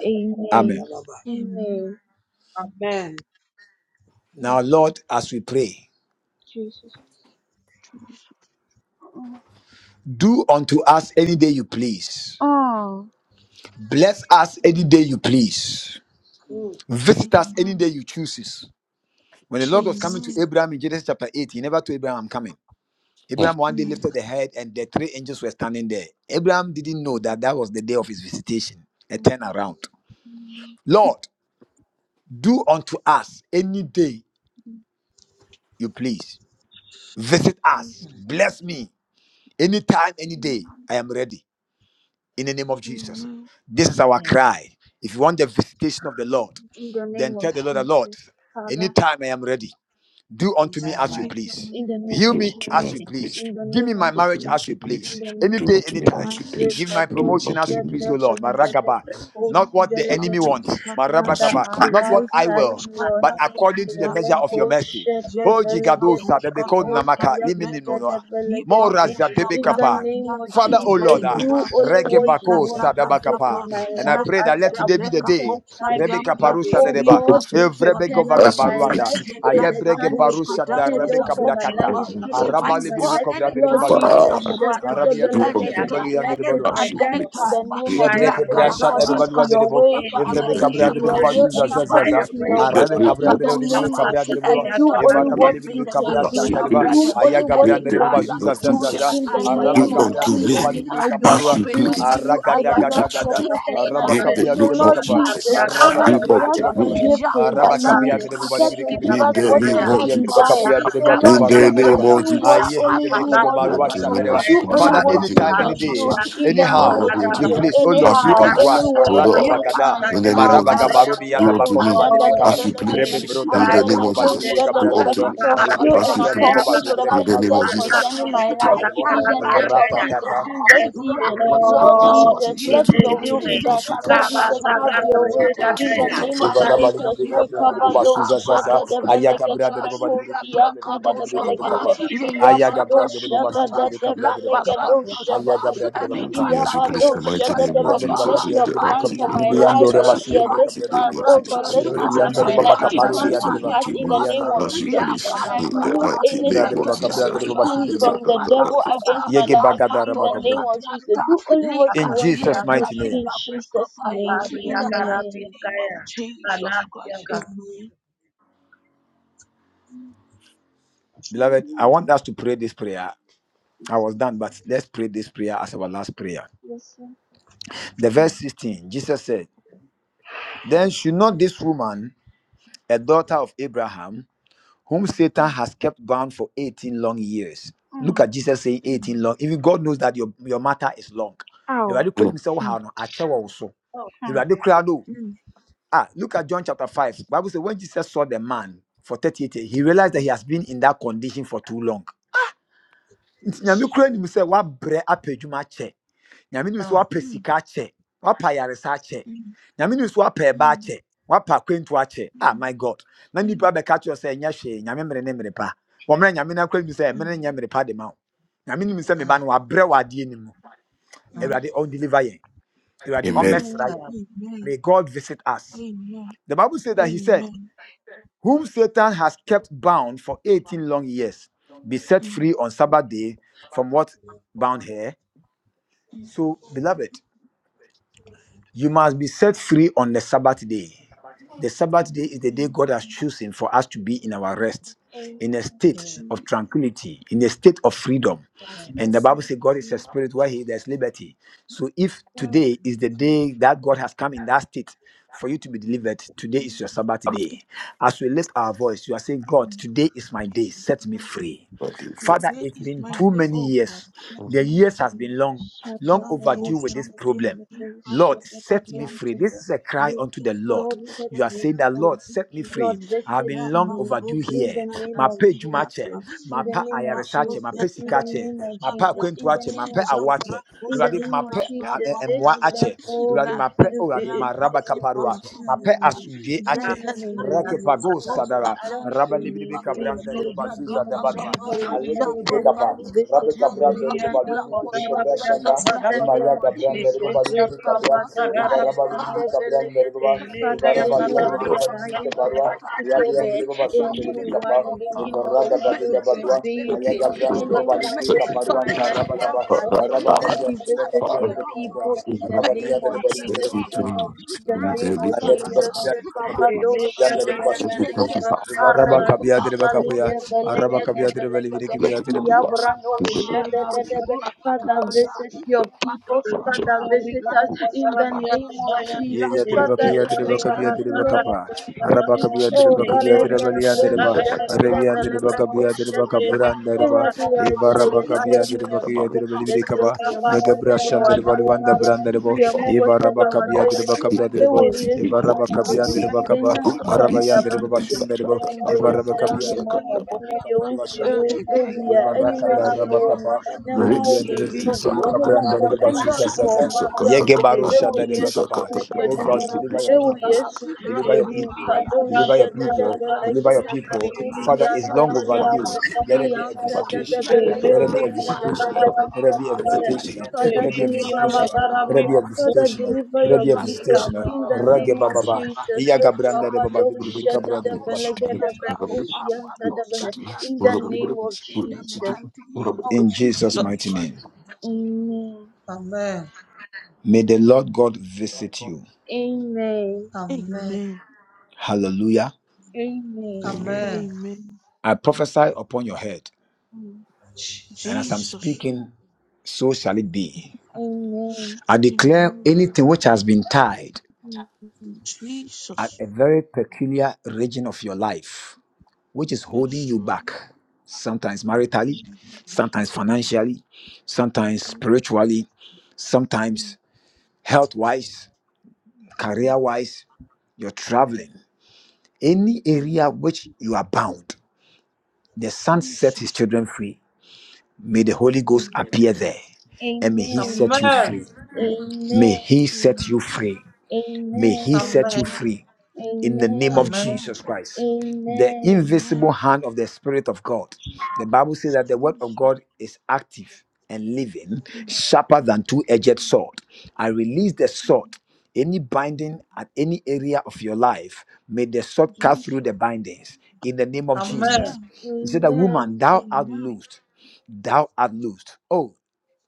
Speaker 1: Amen.
Speaker 3: Amen. Amen.
Speaker 1: Now, Lord, as we pray. Do unto us any day you please.
Speaker 3: Oh,
Speaker 1: Bless us any day you please. Visit us any day you chooses. When the Lord was coming to
Speaker 4: Amen.
Speaker 1: Abraham in Genesis chapter 8, he never told Abraham, I'm coming.
Speaker 2: Hmm.
Speaker 1: Abraham one day
Speaker 4: Mm.
Speaker 1: lifted the head and the three angels were standing there. Abraham didn't know that that was the day of his visitation, a turnaround.
Speaker 4: Amen.
Speaker 1: Lord, do unto us any day you please. Visit us. Bless me anytime, any day. I am ready. in the name of Jesus. This is our cry. If you want the visitation of the Lord, then tell the Lord, "The Lord,
Speaker 3: Father,
Speaker 1: anytime I am ready, do unto me as you
Speaker 4: Any
Speaker 1: please.
Speaker 4: command
Speaker 3: in the
Speaker 4: and
Speaker 3: name
Speaker 4: word,
Speaker 1: Heal
Speaker 3: of
Speaker 2: Do
Speaker 1: me
Speaker 2: it
Speaker 4: O
Speaker 2: to
Speaker 3: Jesus,
Speaker 2: me
Speaker 1: as
Speaker 4: God,
Speaker 2: as
Speaker 1: you
Speaker 2: you please.
Speaker 1: please.
Speaker 3: in the
Speaker 1: Give
Speaker 4: which
Speaker 1: me
Speaker 3: name
Speaker 1: my
Speaker 3: of
Speaker 4: you
Speaker 2: Do it to
Speaker 1: marriage
Speaker 2: me
Speaker 3: Jesus.
Speaker 2: as
Speaker 1: as
Speaker 2: you
Speaker 1: you
Speaker 4: preach, O
Speaker 2: please.
Speaker 3: In
Speaker 4: God,
Speaker 1: please.
Speaker 3: the
Speaker 1: Any
Speaker 3: name
Speaker 2: Do
Speaker 3: of
Speaker 1: day,
Speaker 2: it to
Speaker 1: any
Speaker 2: me
Speaker 3: Jesus,
Speaker 1: time.
Speaker 4: my
Speaker 2: as you please.
Speaker 1: Give me
Speaker 4: God,
Speaker 1: my
Speaker 3: Rekado,
Speaker 2: Do
Speaker 1: promotion
Speaker 2: it to
Speaker 1: as
Speaker 2: me
Speaker 1: you
Speaker 2: as you
Speaker 1: please, O
Speaker 3: Shada,
Speaker 4: which
Speaker 1: Lord.
Speaker 4: is
Speaker 3: Belegade,
Speaker 1: Maragaba.
Speaker 3: Precoce,
Speaker 1: Not what
Speaker 4: presented
Speaker 1: the enemy
Speaker 2: please.
Speaker 3: Delegate,
Speaker 4: above,
Speaker 1: wants.
Speaker 4: Father,
Speaker 2: As
Speaker 3: Father,
Speaker 2: you
Speaker 1: Marabakaba.
Speaker 3: our
Speaker 2: can.
Speaker 1: Not
Speaker 4: we
Speaker 1: what
Speaker 3: lives
Speaker 1: I
Speaker 4: are
Speaker 3: are
Speaker 4: those,
Speaker 1: will,
Speaker 3: in your
Speaker 1: but
Speaker 3: hands.
Speaker 1: according to the measure of
Speaker 4: Father,
Speaker 3: Leleko
Speaker 1: your mercy.
Speaker 3: shede
Speaker 1: Oh,
Speaker 3: velegede
Speaker 1: Jigadosa,
Speaker 4: Жекеснатушка
Speaker 1: Debeko
Speaker 3: breko
Speaker 4: тьянта
Speaker 1: Namaka,
Speaker 3: siyakede
Speaker 4: сибрете,
Speaker 3: de
Speaker 1: Limininoa. More Raza,
Speaker 4: ипадушка
Speaker 3: In the
Speaker 4: брака
Speaker 1: debekapa.
Speaker 3: name of
Speaker 4: тьянта
Speaker 2: Do
Speaker 1: Father, oh
Speaker 2: it
Speaker 1: Lord,
Speaker 3: Jesus,
Speaker 1: ah,
Speaker 3: do
Speaker 4: сибашкова,
Speaker 3: only what you
Speaker 1: Rekebako
Speaker 3: want
Speaker 4: ликазада
Speaker 3: to do
Speaker 4: сапа,
Speaker 1: Sadabakapa.
Speaker 3: in my
Speaker 1: And I
Speaker 3: life
Speaker 1: pray
Speaker 3: at
Speaker 1: that
Speaker 3: the
Speaker 1: let
Speaker 4: лакузе
Speaker 1: today be the
Speaker 4: брека
Speaker 1: day.
Speaker 3: appointed
Speaker 4: токска
Speaker 3: time.
Speaker 1: Rebecca
Speaker 4: тьянта,
Speaker 3: You,
Speaker 1: Parusha de
Speaker 3: oh
Speaker 1: Deba.
Speaker 3: God,
Speaker 2: to me
Speaker 4: ипадушка
Speaker 1: Evrebeko
Speaker 3: prepared for
Speaker 2: as
Speaker 4: тьянте,
Speaker 2: you
Speaker 3: my
Speaker 1: Vagabaruanda.
Speaker 3: life.
Speaker 2: please.
Speaker 3: At the
Speaker 1: Ayebreke
Speaker 3: time you
Speaker 4: жеказабушка
Speaker 1: Barusha da
Speaker 3: prescheduled
Speaker 1: Rebecca
Speaker 3: for my
Speaker 4: дакизабушка
Speaker 1: Brakata.
Speaker 3: life, you
Speaker 2: And
Speaker 4: пая.
Speaker 2: Lord
Speaker 3: for
Speaker 4: My
Speaker 1: Araba
Speaker 3: my
Speaker 1: Libri
Speaker 2: Jesus,
Speaker 4: God,
Speaker 3: life.
Speaker 1: Kovra de
Speaker 3: Lord
Speaker 4: Anytime, I
Speaker 3: Jesus,
Speaker 4: am
Speaker 2: Father,
Speaker 1: Babazuzazaza.
Speaker 4: ready,
Speaker 1: Arabia de
Speaker 2: do
Speaker 1: Bakia
Speaker 3: shadadabalagada,
Speaker 2: forgive me.
Speaker 4: anytime,
Speaker 1: Triboli and the
Speaker 3: let
Speaker 1: Rebolo,
Speaker 3: it
Speaker 2: as
Speaker 4: anytime,
Speaker 3: be
Speaker 2: you
Speaker 3: done in
Speaker 2: please.
Speaker 3: the
Speaker 4: anytime.
Speaker 3: name
Speaker 1: Ye
Speaker 3: of
Speaker 1: break a bra shut that
Speaker 4: lakazada
Speaker 3: according
Speaker 1: about
Speaker 3: to
Speaker 1: what the Badua de
Speaker 3: your
Speaker 1: debo.
Speaker 4: skaduska
Speaker 3: way,
Speaker 1: If
Speaker 2: In
Speaker 4: patete
Speaker 1: Rebecca
Speaker 2: the
Speaker 3: according to
Speaker 1: Brad
Speaker 2: name
Speaker 1: the
Speaker 4: sapa,
Speaker 2: of
Speaker 3: your will,
Speaker 1: Bazus
Speaker 3: and
Speaker 2: Jesus. In
Speaker 3: according
Speaker 1: Zazaza,
Speaker 3: to your
Speaker 1: a
Speaker 4: lipazoduska
Speaker 2: the
Speaker 3: wish.
Speaker 1: Rebecca
Speaker 2: name
Speaker 1: Brad
Speaker 3: In
Speaker 2: of
Speaker 3: the
Speaker 1: the
Speaker 4: brakatoska
Speaker 1: Bibi
Speaker 2: Jesus.
Speaker 3: name
Speaker 4: pa.
Speaker 3: of
Speaker 1: Cabra de Biba,
Speaker 3: Jesus,
Speaker 4: Any
Speaker 3: do
Speaker 4: time
Speaker 1: if
Speaker 4: you
Speaker 3: only
Speaker 4: will
Speaker 3: what
Speaker 4: give
Speaker 2: In
Speaker 1: Arabali
Speaker 2: the
Speaker 4: me
Speaker 3: you
Speaker 1: Bibi
Speaker 4: the
Speaker 2: name
Speaker 1: Cabra
Speaker 2: of Jesus.
Speaker 3: can
Speaker 2: How
Speaker 4: marriage, I
Speaker 3: do.
Speaker 2: she
Speaker 4: am
Speaker 1: Shatareba,
Speaker 4: ready.
Speaker 3: Do
Speaker 2: please.
Speaker 1: Aya
Speaker 3: only what
Speaker 1: Gabran
Speaker 2: In
Speaker 4: Any
Speaker 3: you
Speaker 1: de
Speaker 2: the
Speaker 4: time
Speaker 3: want
Speaker 2: name
Speaker 4: that
Speaker 1: Bazuz
Speaker 3: to
Speaker 4: you
Speaker 2: of
Speaker 3: do.
Speaker 4: open
Speaker 1: Zazaza,
Speaker 4: my
Speaker 2: Jesus.
Speaker 3: In the
Speaker 4: eyes,
Speaker 1: a
Speaker 4: I
Speaker 1: Rabba
Speaker 4: am
Speaker 3: name
Speaker 2: Do
Speaker 3: of
Speaker 4: ready.
Speaker 1: Cabra
Speaker 2: unto
Speaker 1: de Bali
Speaker 4: Any
Speaker 2: me
Speaker 1: Bibi
Speaker 4: time
Speaker 3: I
Speaker 4: you will
Speaker 3: believe
Speaker 2: as
Speaker 1: Caparua,
Speaker 2: you
Speaker 4: open my
Speaker 3: Believe
Speaker 2: please.
Speaker 1: a
Speaker 3: in
Speaker 4: ears,
Speaker 3: you.
Speaker 4: I
Speaker 3: I
Speaker 1: Ragada
Speaker 4: am
Speaker 2: What you
Speaker 3: trust
Speaker 1: Gada
Speaker 2: should
Speaker 1: Gada,
Speaker 2: do.
Speaker 4: ready.
Speaker 3: perfect
Speaker 1: a
Speaker 4: Any
Speaker 1: Rabba
Speaker 4: time
Speaker 2: In
Speaker 3: timing.
Speaker 4: you will
Speaker 2: the
Speaker 1: Capia
Speaker 3: So,
Speaker 2: name
Speaker 1: de
Speaker 4: use
Speaker 3: Lord
Speaker 2: of
Speaker 4: me
Speaker 1: Bacapa,
Speaker 3: Jesus,
Speaker 2: Jesus.
Speaker 4: mightily,
Speaker 1: a
Speaker 4: I
Speaker 3: and
Speaker 1: Rabba
Speaker 4: am
Speaker 3: I
Speaker 2: Do
Speaker 1: Capia de
Speaker 4: ready.
Speaker 3: trust
Speaker 2: unto
Speaker 3: your
Speaker 1: Bacapa,
Speaker 2: me
Speaker 1: a
Speaker 3: giftings that
Speaker 1: Rabba
Speaker 2: as
Speaker 4: Japosa
Speaker 2: you
Speaker 3: you,
Speaker 1: Capia de
Speaker 3: you
Speaker 1: Bali
Speaker 3: said
Speaker 2: please.
Speaker 4: diskatos
Speaker 3: you'll give
Speaker 2: In
Speaker 3: us
Speaker 4: kidiata,
Speaker 2: the
Speaker 1: Bibi.
Speaker 3: what our
Speaker 1: Father,
Speaker 2: name of
Speaker 3: heart
Speaker 4: liposa
Speaker 2: Jesus.
Speaker 3: desires. So, Lord
Speaker 2: In
Speaker 4: diskatos
Speaker 2: the
Speaker 3: Jesus,
Speaker 2: name
Speaker 4: kataya,
Speaker 2: of
Speaker 3: do what
Speaker 2: Jesus.
Speaker 3: only you
Speaker 4: apatos
Speaker 3: want to
Speaker 2: Lord, to
Speaker 3: do.
Speaker 2: me
Speaker 4: kafatasapa,
Speaker 2: as you
Speaker 3: Do
Speaker 2: please
Speaker 3: only
Speaker 2: in the
Speaker 3: what
Speaker 2: mighty
Speaker 3: you
Speaker 1: anytime,
Speaker 2: name
Speaker 1: any
Speaker 2: of
Speaker 3: can
Speaker 1: day,
Speaker 3: do
Speaker 4: raposatasapa,
Speaker 2: Jesus.
Speaker 3: in the name
Speaker 2: Father,
Speaker 1: anyhow,
Speaker 3: of
Speaker 2: do unto
Speaker 1: you
Speaker 3: Jesus.
Speaker 2: me
Speaker 1: please, oh Lord,
Speaker 2: as you
Speaker 1: do
Speaker 3: Anyhow,
Speaker 1: unto
Speaker 2: please,
Speaker 1: us.
Speaker 4: yakasatasa,
Speaker 2: O
Speaker 3: anywhere,
Speaker 2: Lord,
Speaker 3: anytime.
Speaker 2: in the
Speaker 4: Yakasatata,
Speaker 2: name of
Speaker 4: any
Speaker 2: Jesus. Do
Speaker 4: time
Speaker 2: unto
Speaker 4: that
Speaker 2: me
Speaker 4: you would
Speaker 2: as you
Speaker 4: deliver me,
Speaker 2: please, in the name of
Speaker 3: Abeleko
Speaker 2: Jesus. Do
Speaker 3: Shadadebe,
Speaker 2: unto me
Speaker 3: fulfill
Speaker 4: Ikabrakosabrakatascata,
Speaker 2: as
Speaker 3: and
Speaker 2: you please,
Speaker 3: accomplish whatever
Speaker 2: in
Speaker 3: you
Speaker 2: the name
Speaker 3: said
Speaker 2: of Jesus.
Speaker 3: concerning
Speaker 4: Lepesatoskatiata,
Speaker 3: my
Speaker 2: To
Speaker 3: life.
Speaker 2: me,
Speaker 4: I
Speaker 3: In
Speaker 4: am
Speaker 3: the name
Speaker 4: ready,
Speaker 3: of
Speaker 4: O
Speaker 3: Jesus, in
Speaker 4: God.
Speaker 3: this season,
Speaker 2: in the
Speaker 3: Lord
Speaker 2: name of
Speaker 3: Jesus,
Speaker 2: Jesus,
Speaker 3: let
Speaker 2: do
Speaker 3: your
Speaker 4: Rakosabrakosiente,
Speaker 2: unto
Speaker 3: will be
Speaker 2: me
Speaker 3: done.
Speaker 2: as you
Speaker 3: Lord
Speaker 2: please.
Speaker 3: Jesus, have your
Speaker 2: Do
Speaker 3: way.
Speaker 4: Yakasatasabrakosata,
Speaker 2: unto
Speaker 3: In the
Speaker 2: me as
Speaker 3: name
Speaker 2: you
Speaker 3: of
Speaker 2: please.
Speaker 3: Jesus,
Speaker 4: Ipatoskapianta,
Speaker 2: Do
Speaker 3: Rekabado
Speaker 2: unto me.
Speaker 4: Apatoskafetosa,
Speaker 3: Shadadebelegedebreko
Speaker 4: Leprakatoskapa,
Speaker 3: Siantadebelegedehe, Iyabado
Speaker 4: Yekesataskidiata, Lapasantosaba.
Speaker 3: Shadadebelegedo
Speaker 2: Lord, to me,
Speaker 4: Anytime
Speaker 2: as you
Speaker 4: that you
Speaker 2: place
Speaker 4: will
Speaker 2: in the mighty
Speaker 4: visit me,
Speaker 2: name
Speaker 4: O
Speaker 2: of
Speaker 3: Iyabado-shadadabe. Let
Speaker 2: Jesus,
Speaker 4: God.
Speaker 2: in
Speaker 3: your
Speaker 2: the
Speaker 4: I
Speaker 3: plans
Speaker 2: mighty
Speaker 3: for
Speaker 4: am
Speaker 3: my
Speaker 2: name of
Speaker 3: life
Speaker 2: Jesus,
Speaker 3: this
Speaker 4: Rata.
Speaker 2: in the
Speaker 3: year,
Speaker 4: I
Speaker 3: this
Speaker 2: mighty name
Speaker 4: am
Speaker 3: month,
Speaker 2: of
Speaker 3: oh God,
Speaker 2: Jesus,
Speaker 4: Rata.
Speaker 2: in
Speaker 3: this
Speaker 2: the
Speaker 3: season of
Speaker 4: I
Speaker 2: mighty
Speaker 3: my
Speaker 4: am
Speaker 3: life
Speaker 2: name of
Speaker 4: Rata.
Speaker 3: come
Speaker 2: Jesus,
Speaker 3: to
Speaker 2: do
Speaker 4: I
Speaker 3: pass
Speaker 2: unto
Speaker 4: am
Speaker 3: in the
Speaker 2: me
Speaker 3: name
Speaker 4: Rata.
Speaker 3: of
Speaker 2: as you
Speaker 3: Jesus.
Speaker 2: please,
Speaker 3: And I
Speaker 2: in the
Speaker 4: Yakapakata.
Speaker 3: mute
Speaker 2: mighty
Speaker 3: anything
Speaker 2: name of Jesus.
Speaker 4: Yekasetasha.
Speaker 3: from the devil against
Speaker 4: Lepataskapa.
Speaker 3: my life in the name of Jesus.
Speaker 4: Apatoskatianta.
Speaker 3: Do only what you
Speaker 1: In
Speaker 3: want to
Speaker 1: Jesus'
Speaker 3: do
Speaker 4: Likazienta.
Speaker 1: mighty name,
Speaker 3: in Jesus'
Speaker 4: Zibrapuskapaya.
Speaker 3: name.
Speaker 4: In the mighty
Speaker 3: Amen.
Speaker 4: name of Jesus Christ. Amen.
Speaker 1: beloved, I want us to pray this prayer. I was done, but let's pray this prayer as our last prayer. The verse
Speaker 4: Mm,
Speaker 1: 16, Jesus said,
Speaker 4: mm,
Speaker 1: Then should not this woman, whom Satan has kept bound for 18 long years, look at Jesus saying
Speaker 4: mm,
Speaker 1: 18 long, even God knows that your, your matter is long. Awurade kura nim sɛ wo haw
Speaker 4: mm,
Speaker 1: no, akyɛ wo wo so. Awurade kura no.
Speaker 4: mm, mm,
Speaker 1: Ah, look at John chapter 5. Bible says, when Jesus saw the man for 38 years, he realized that he has been in that condition for too long. Nti Nyame kura nim sɛ woabrɛ apɛ adwuma akyɛ. nyame nim sɛ woapɛ sika akyɛ woapa yaresa akyɛ nyame nim sɛ woapɛ ɛba
Speaker 4: mm,
Speaker 1: akyɛ woapa akwantu akyɛ ah
Speaker 4: mm,
Speaker 1: my god na nnipa bɛka kyerɛ wo sɛ ɛnyɛ hwee nyame mmere ne mmere pa wɔmmerɛ nyame no akora nim sɛ mmere nyɛ mmere pa de ma wo nyame nim sɛ meba no wabrɛ wɔ adeɛ no mu awurade
Speaker 4: mm,
Speaker 1: ɔndeliver yɛn awurade
Speaker 2: Amen.
Speaker 1: ɔmmɛsra
Speaker 3: Amen.
Speaker 1: yɛn
Speaker 4: mm.
Speaker 1: may god visit us the bible says
Speaker 4: Amen.
Speaker 1: that he said
Speaker 4: Amen.
Speaker 1: whom satan has kept bound for 18 long years be set free on sabbath day from what bound her
Speaker 4: Mm.
Speaker 1: so beloved You must be set free on the Sabbath day. The Sabbath day is the day
Speaker 4: Yes,
Speaker 1: God has chosen for us to be in our rest,
Speaker 3: Amen.
Speaker 1: in a state of
Speaker 4: Jesus,
Speaker 1: tranquility, in a state of freedom. And the Bible says God is a
Speaker 4: you
Speaker 1: spirit where He there's liberty. So if today is the day that God has come in that state for you to be delivered, today is your Sabbath day. As we lift our voice, you are saying,
Speaker 4: are
Speaker 1: God, today is my day.
Speaker 4: Jesus,
Speaker 1: Set me
Speaker 4: my God.
Speaker 1: free.
Speaker 2: But it's just-
Speaker 1: Father,
Speaker 4: Today
Speaker 1: it's
Speaker 4: is
Speaker 1: been
Speaker 4: my
Speaker 1: too
Speaker 4: day
Speaker 1: many
Speaker 4: of God.
Speaker 1: years.
Speaker 4: Shut
Speaker 1: The
Speaker 2: Set
Speaker 4: me.
Speaker 1: years has
Speaker 4: free.
Speaker 1: been long, long
Speaker 4: Zando
Speaker 1: overdue with this problem.
Speaker 4: Champion,
Speaker 1: Lord, set me
Speaker 3: Shadadabe.
Speaker 4: Icambus
Speaker 1: free. This is a cry unto the
Speaker 4: Lekes not
Speaker 1: Lord.
Speaker 3: Lord, set
Speaker 4: Yuske
Speaker 1: You are
Speaker 3: me
Speaker 1: saying that,
Speaker 3: free.
Speaker 1: Lord, set me
Speaker 4: Yatanzikwe,
Speaker 1: free.
Speaker 3: Lord,
Speaker 1: I have
Speaker 3: visit
Speaker 1: been long
Speaker 3: me
Speaker 1: overdue
Speaker 4: Yapasovek
Speaker 3: in
Speaker 1: here.
Speaker 3: the name
Speaker 1: My
Speaker 3: of
Speaker 1: pay
Speaker 4: Ataskiviata,
Speaker 1: jumache,
Speaker 3: Jesus.
Speaker 1: my
Speaker 3: In the
Speaker 1: pa
Speaker 3: name of
Speaker 1: ayaresache, my
Speaker 3: Jesus,
Speaker 1: pay
Speaker 4: Yapasovek
Speaker 3: in the
Speaker 1: sikache,
Speaker 3: name of
Speaker 1: my pa
Speaker 3: Jesus,
Speaker 4: Yapuskaviata,
Speaker 3: in the
Speaker 1: kwentuache, my
Speaker 3: name
Speaker 1: pay
Speaker 3: of Jesus,
Speaker 1: awache.
Speaker 3: in the
Speaker 1: Everybody,
Speaker 3: name
Speaker 1: my
Speaker 3: of
Speaker 4: Japrakoviata
Speaker 1: pay
Speaker 3: Jesus, this
Speaker 1: emwa
Speaker 4: Sabataja,
Speaker 1: ache.
Speaker 3: level
Speaker 1: Everybody,
Speaker 3: is
Speaker 1: my pay
Speaker 3: too, it,
Speaker 1: orade,
Speaker 4: Lakazian
Speaker 3: it,
Speaker 1: my raba
Speaker 3: it's, oh,
Speaker 1: kaparua,
Speaker 3: no,
Speaker 1: my
Speaker 3: no,
Speaker 1: pay
Speaker 3: no,
Speaker 4: Tapsipaskoviata,
Speaker 3: no,
Speaker 1: asunje
Speaker 3: no, no, no,
Speaker 1: ache.
Speaker 3: no, no, no,
Speaker 1: Rake
Speaker 3: no,
Speaker 4: Jekesatiska
Speaker 1: pago
Speaker 3: no, no.
Speaker 1: sadara,
Speaker 3: I
Speaker 4: Doskata,
Speaker 3: don't want to
Speaker 1: raba libibi
Speaker 3: remain here.
Speaker 1: kabranda,
Speaker 4: Ipadoska
Speaker 1: libiba zuza dabarua.
Speaker 4: Brakatasapa,
Speaker 3: So Lord,
Speaker 1: Allegro que pick up up.
Speaker 4: Yapakatoska
Speaker 1: Rabbe
Speaker 3: visit
Speaker 1: Cabra,
Speaker 3: me
Speaker 4: Janta,
Speaker 1: the
Speaker 3: in
Speaker 1: Rebel
Speaker 3: the name
Speaker 1: Libri,
Speaker 3: of,
Speaker 1: the Cabra
Speaker 4: Laposata
Speaker 1: Shanda,
Speaker 3: in the
Speaker 1: the
Speaker 4: Saprakata,
Speaker 1: Maya
Speaker 3: name of
Speaker 1: Gabran, the
Speaker 3: Jesus,
Speaker 1: Rebel
Speaker 3: wake
Speaker 1: Libri
Speaker 3: up,
Speaker 4: Ipadoska
Speaker 1: Cabra, the
Speaker 4: my
Speaker 1: Baraba Libri
Speaker 4: God,
Speaker 1: Cabran,
Speaker 4: today,
Speaker 1: the Rebel,
Speaker 4: today,
Speaker 1: the
Speaker 3: Father,
Speaker 4: today,
Speaker 2: me
Speaker 1: Barabalia,
Speaker 2: free.
Speaker 1: the
Speaker 3: anyone
Speaker 1: Rebel Libri
Speaker 3: lying on a
Speaker 1: Cabarua,
Speaker 4: Rapapapakata,
Speaker 1: the
Speaker 3: little
Speaker 4: may
Speaker 1: Abian, the
Speaker 3: bit.
Speaker 4: you
Speaker 1: Rebel Bashi,
Speaker 4: start
Speaker 1: the
Speaker 4: me
Speaker 1: Rebel
Speaker 4: free,
Speaker 3: Anyone
Speaker 1: Capa,
Speaker 4: oh
Speaker 1: the
Speaker 4: God.
Speaker 3: looking for
Speaker 1: Barada
Speaker 4: May you
Speaker 1: Babida
Speaker 3: children,
Speaker 4: start
Speaker 1: Badua,
Speaker 4: me free,
Speaker 1: Aya
Speaker 3: babies,
Speaker 4: oh
Speaker 1: Gabran, the
Speaker 4: God.
Speaker 1: Rebel
Speaker 3: anyone
Speaker 4: May
Speaker 1: Libri
Speaker 4: you
Speaker 3: going through
Speaker 1: Cabarua,
Speaker 4: start
Speaker 1: and
Speaker 4: me free,
Speaker 3: financial
Speaker 4: oh
Speaker 1: Arabacaba,
Speaker 4: God.
Speaker 3: crisis,
Speaker 4: May
Speaker 3: Lord,
Speaker 1: Arabacabia,
Speaker 4: you
Speaker 3: you
Speaker 1: the Rebel
Speaker 4: start
Speaker 3: visit
Speaker 4: me
Speaker 1: Capia, the
Speaker 4: free,
Speaker 3: your
Speaker 1: Rebel
Speaker 4: oh
Speaker 1: Capia,
Speaker 4: God.
Speaker 3: people in the
Speaker 4: May you
Speaker 1: Arabalia,
Speaker 3: name
Speaker 1: the
Speaker 3: of
Speaker 4: start me
Speaker 1: Rebel, the
Speaker 3: Jesus.
Speaker 4: free,
Speaker 1: Rebel,
Speaker 4: oh
Speaker 3: In
Speaker 4: God.
Speaker 3: the
Speaker 2: We believe
Speaker 3: name of
Speaker 1: Aya
Speaker 2: in
Speaker 4: Rekasatasa,
Speaker 3: Jesus,
Speaker 2: Jesus.
Speaker 1: Gabia, the Rebel
Speaker 3: Rekabadosha
Speaker 1: Capia, the
Speaker 4: rapasatasa,
Speaker 3: de
Speaker 1: Rebel
Speaker 3: de
Speaker 1: Bashi,
Speaker 2: Let me
Speaker 1: the
Speaker 2: come
Speaker 1: Rebel.
Speaker 3: belege,
Speaker 2: to
Speaker 4: lekesakasa,
Speaker 1: Araba kabia dere
Speaker 2: pass.
Speaker 3: Arekosha
Speaker 1: bakapia,
Speaker 3: like
Speaker 4: apapostasa,
Speaker 3: belege
Speaker 1: araba
Speaker 3: de
Speaker 1: kabia
Speaker 3: belege
Speaker 2: Let it
Speaker 1: dere
Speaker 2: come
Speaker 3: de,
Speaker 2: to
Speaker 4: yekasatasa,
Speaker 2: pass. Let it come
Speaker 3: Iabrandoshia de
Speaker 4: rapapaya,
Speaker 3: de de be.
Speaker 2: to
Speaker 3: Father,
Speaker 2: pass.
Speaker 4: Rakataya,
Speaker 3: visit your people.
Speaker 2: My check.
Speaker 4: Ipadaskapa,
Speaker 3: Father, visit us in the name
Speaker 4: Lakuzadiatasa,
Speaker 3: of
Speaker 1: Ye
Speaker 3: Jesus.
Speaker 1: yadiribaki
Speaker 3: Father, it has
Speaker 4: Lakoziantasa,
Speaker 1: yadiribakabi
Speaker 3: taken long
Speaker 1: yadiribakapa.
Speaker 3: it is
Speaker 1: Arabakabi
Speaker 2: She's
Speaker 4: Lefinatianta,
Speaker 2: really like
Speaker 3: over
Speaker 1: yadiribakabi
Speaker 2: in
Speaker 3: like a
Speaker 1: yadiribali
Speaker 3: do
Speaker 1: yandireba.
Speaker 2: the
Speaker 3: shut
Speaker 2: right
Speaker 3: at
Speaker 2: city,
Speaker 1: Arabi
Speaker 3: the
Speaker 2: she just
Speaker 1: yandiribakabi
Speaker 3: velebraco
Speaker 2: requests
Speaker 3: shut at
Speaker 1: yadiribakabura
Speaker 3: the
Speaker 4: my
Speaker 1: yandireba.
Speaker 4: God,
Speaker 3: Iradi
Speaker 4: my
Speaker 1: Eva
Speaker 3: Che,
Speaker 4: Father,
Speaker 2: so
Speaker 3: yes,
Speaker 1: rabakabi
Speaker 4: may you
Speaker 1: yadiribaki
Speaker 4: reveal
Speaker 2: about
Speaker 3: Romiamobo,
Speaker 1: yadiribali
Speaker 4: yourself
Speaker 2: it.
Speaker 4: to
Speaker 3: yes,
Speaker 4: man.
Speaker 1: birikaba.
Speaker 4: May you
Speaker 3: Romiamobo
Speaker 1: Yagabra
Speaker 3: said
Speaker 4: reveal
Speaker 3: there were
Speaker 1: shandireba
Speaker 4: yourself
Speaker 3: diet
Speaker 4: to
Speaker 1: luanda
Speaker 3: here,
Speaker 4: man. May
Speaker 1: brandarebo.
Speaker 4: you reveal
Speaker 3: Romiamobo
Speaker 1: Eva
Speaker 3: said
Speaker 4: yourself
Speaker 3: there were
Speaker 4: to
Speaker 1: rabakabi
Speaker 2: Lost
Speaker 4: man.
Speaker 3: diet
Speaker 2: Lost.
Speaker 3: here,
Speaker 2: in
Speaker 4: May
Speaker 1: yadiribakabra
Speaker 2: the
Speaker 4: you
Speaker 3: they
Speaker 1: derebo.
Speaker 3: will
Speaker 4: reveal
Speaker 2: mighty
Speaker 3: use
Speaker 2: name
Speaker 1: Eva
Speaker 3: to
Speaker 4: yourself
Speaker 2: of
Speaker 3: Christo
Speaker 1: rabakabi
Speaker 4: to
Speaker 2: Jesus,
Speaker 3: do,
Speaker 2: in
Speaker 4: man.
Speaker 2: the
Speaker 3: then
Speaker 1: yandirebakaba.
Speaker 2: Baruma,
Speaker 3: Yankupon
Speaker 1: Arabayan de
Speaker 2: Nisiki,
Speaker 1: Baba
Speaker 3: Yabakas, and
Speaker 4: May you
Speaker 1: Shinderebo,
Speaker 4: reveal
Speaker 2: Tisakata,
Speaker 3: you bring
Speaker 4: yourself
Speaker 3: yes,
Speaker 4: to
Speaker 2: Baruku,
Speaker 4: man.
Speaker 1: Ivarabakabian de
Speaker 4: May
Speaker 1: Baba
Speaker 4: you
Speaker 2: Tisakata,
Speaker 3: Romiamobo,
Speaker 4: reveal yourself
Speaker 3: you
Speaker 4: to
Speaker 1: Kaparwasha
Speaker 4: man.
Speaker 1: de
Speaker 3: also
Speaker 4: May you reveal yourself to man. may
Speaker 3: feel
Speaker 4: you reveal yourself
Speaker 3: beer, and you
Speaker 1: Ivaraka
Speaker 4: to
Speaker 3: make
Speaker 4: man,
Speaker 1: da
Speaker 3: your
Speaker 1: Rabakapa,
Speaker 4: Rakusapa,
Speaker 3: ma,
Speaker 1: Yegibia de
Speaker 2: Resiki,
Speaker 4: ita
Speaker 2: Tisakata,
Speaker 1: Kabran
Speaker 4: sapa,
Speaker 1: de
Speaker 3: Ohumobrɔ
Speaker 1: Baba
Speaker 2: Baruku,
Speaker 4: laka
Speaker 3: ɛndɔsɔ
Speaker 1: Shisasa,
Speaker 3: ma
Speaker 4: sapa,
Speaker 2: Tisakata,
Speaker 3: brabo
Speaker 4: apa
Speaker 1: Yegebarusha
Speaker 3: ewo
Speaker 1: de
Speaker 2: Baruku,
Speaker 3: Yesu
Speaker 4: tusapa,
Speaker 1: Rebakapa.
Speaker 2: Tisakata,
Speaker 3: Kristo
Speaker 1: Oh
Speaker 3: din
Speaker 1: God,
Speaker 3: mu
Speaker 4: yekesapa,
Speaker 1: deliver your
Speaker 2: Baruku,
Speaker 3: ewo
Speaker 1: people,
Speaker 3: Yesu Kristo
Speaker 1: deliver your
Speaker 3: din mu
Speaker 1: people,
Speaker 4: rakasaya,
Speaker 1: deliver
Speaker 3: kadoshe
Speaker 1: your people,
Speaker 3: dedebe
Speaker 4: yekesapa,
Speaker 3: lege
Speaker 1: deliver your
Speaker 3: debre
Speaker 1: people.
Speaker 4: yepesapa,
Speaker 1: Father, it's
Speaker 3: kusiyante
Speaker 1: long overdue.
Speaker 4: yekesapa,
Speaker 3: dedebe
Speaker 2: Tisakata,
Speaker 1: Let it be a
Speaker 3: iyante
Speaker 4: yepesapa,
Speaker 2: But you
Speaker 1: visitation.
Speaker 3: dedebe
Speaker 2: let
Speaker 3: lege
Speaker 2: go.
Speaker 1: Let it
Speaker 4: yepesapa,
Speaker 1: be a
Speaker 2: Let
Speaker 3: doshe
Speaker 1: visitation.
Speaker 3: dedebe
Speaker 4: maga,
Speaker 1: Let it be a
Speaker 2: go.
Speaker 1: visitation.
Speaker 4: mayu
Speaker 3: Father
Speaker 1: Let it
Speaker 4: esia
Speaker 1: be a
Speaker 4: to
Speaker 3: deliver
Speaker 1: visitation.
Speaker 3: your
Speaker 4: mela,
Speaker 1: Let it be a
Speaker 3: Father
Speaker 4: mayu
Speaker 1: visitation.
Speaker 3: deliver
Speaker 4: esia
Speaker 3: your
Speaker 1: Ready a
Speaker 4: sata
Speaker 3: people
Speaker 1: visitation.
Speaker 4: mela,
Speaker 3: in the name
Speaker 1: Rage
Speaker 3: of
Speaker 1: baba
Speaker 4: yuapa sata
Speaker 3: Jesus
Speaker 1: Iyaga
Speaker 4: yepesha,
Speaker 1: branda de baba bibiri be
Speaker 3: rekabadoshe
Speaker 4: lima
Speaker 1: kabra de
Speaker 3: dedebe
Speaker 4: ratus
Speaker 1: baba shinde
Speaker 3: lege
Speaker 1: de ba.
Speaker 3: debre
Speaker 4: kadianta, apa
Speaker 3: kusiyante dedebe in
Speaker 4: tuskadianta
Speaker 3: the
Speaker 4: sapa.
Speaker 3: name of
Speaker 4: In the
Speaker 3: Jesus
Speaker 4: mighty name of
Speaker 1: In
Speaker 4: Jesus
Speaker 1: Jesus' mighty name,
Speaker 4: Christ.
Speaker 1: may the Lord God visit you.
Speaker 3: Amen Amen
Speaker 1: Hallelujah.
Speaker 3: Amen
Speaker 2: Amen.
Speaker 1: I prophesy upon your head, and as I'm speaking, so shall it be.
Speaker 3: Amen.
Speaker 1: I declare
Speaker 4: Amen.
Speaker 1: anything which has been tied
Speaker 3: Amen.
Speaker 1: at
Speaker 4: Jesus.
Speaker 1: a very peculiar region of your life, which is
Speaker 4: Amen.
Speaker 1: holding you back, sometimes maritally, sometimes financially, sometimes spiritually, sometimes health wise.
Speaker 4: Amen.
Speaker 1: career wise, your traveling,
Speaker 4: Amen.
Speaker 1: any area which you are bound, the Son set his children free. May the Holy Ghost appear there and may he
Speaker 3: Amen.
Speaker 1: set you
Speaker 4: Amen.
Speaker 1: free. May
Speaker 3: Amen.
Speaker 1: he set you
Speaker 4: Amen.
Speaker 1: free. May He
Speaker 3: Amen.
Speaker 1: set you
Speaker 4: Amen.
Speaker 1: free in the
Speaker 3: Amen.
Speaker 1: name of
Speaker 4: Amen.
Speaker 1: Jesus Christ. The invisible hand of the Spirit of God. The Bible says that the Word of
Speaker 4: Jesus.
Speaker 1: God is active and living, sharper than two edged sword. I release the sword. Any binding at any area of your life, may the sword cut through
Speaker 4: Jesus.
Speaker 1: the bindings in the name of Jesus.
Speaker 4: Amen.
Speaker 1: He said, "A woman, thou art
Speaker 4: Amen.
Speaker 1: loosed. Oh.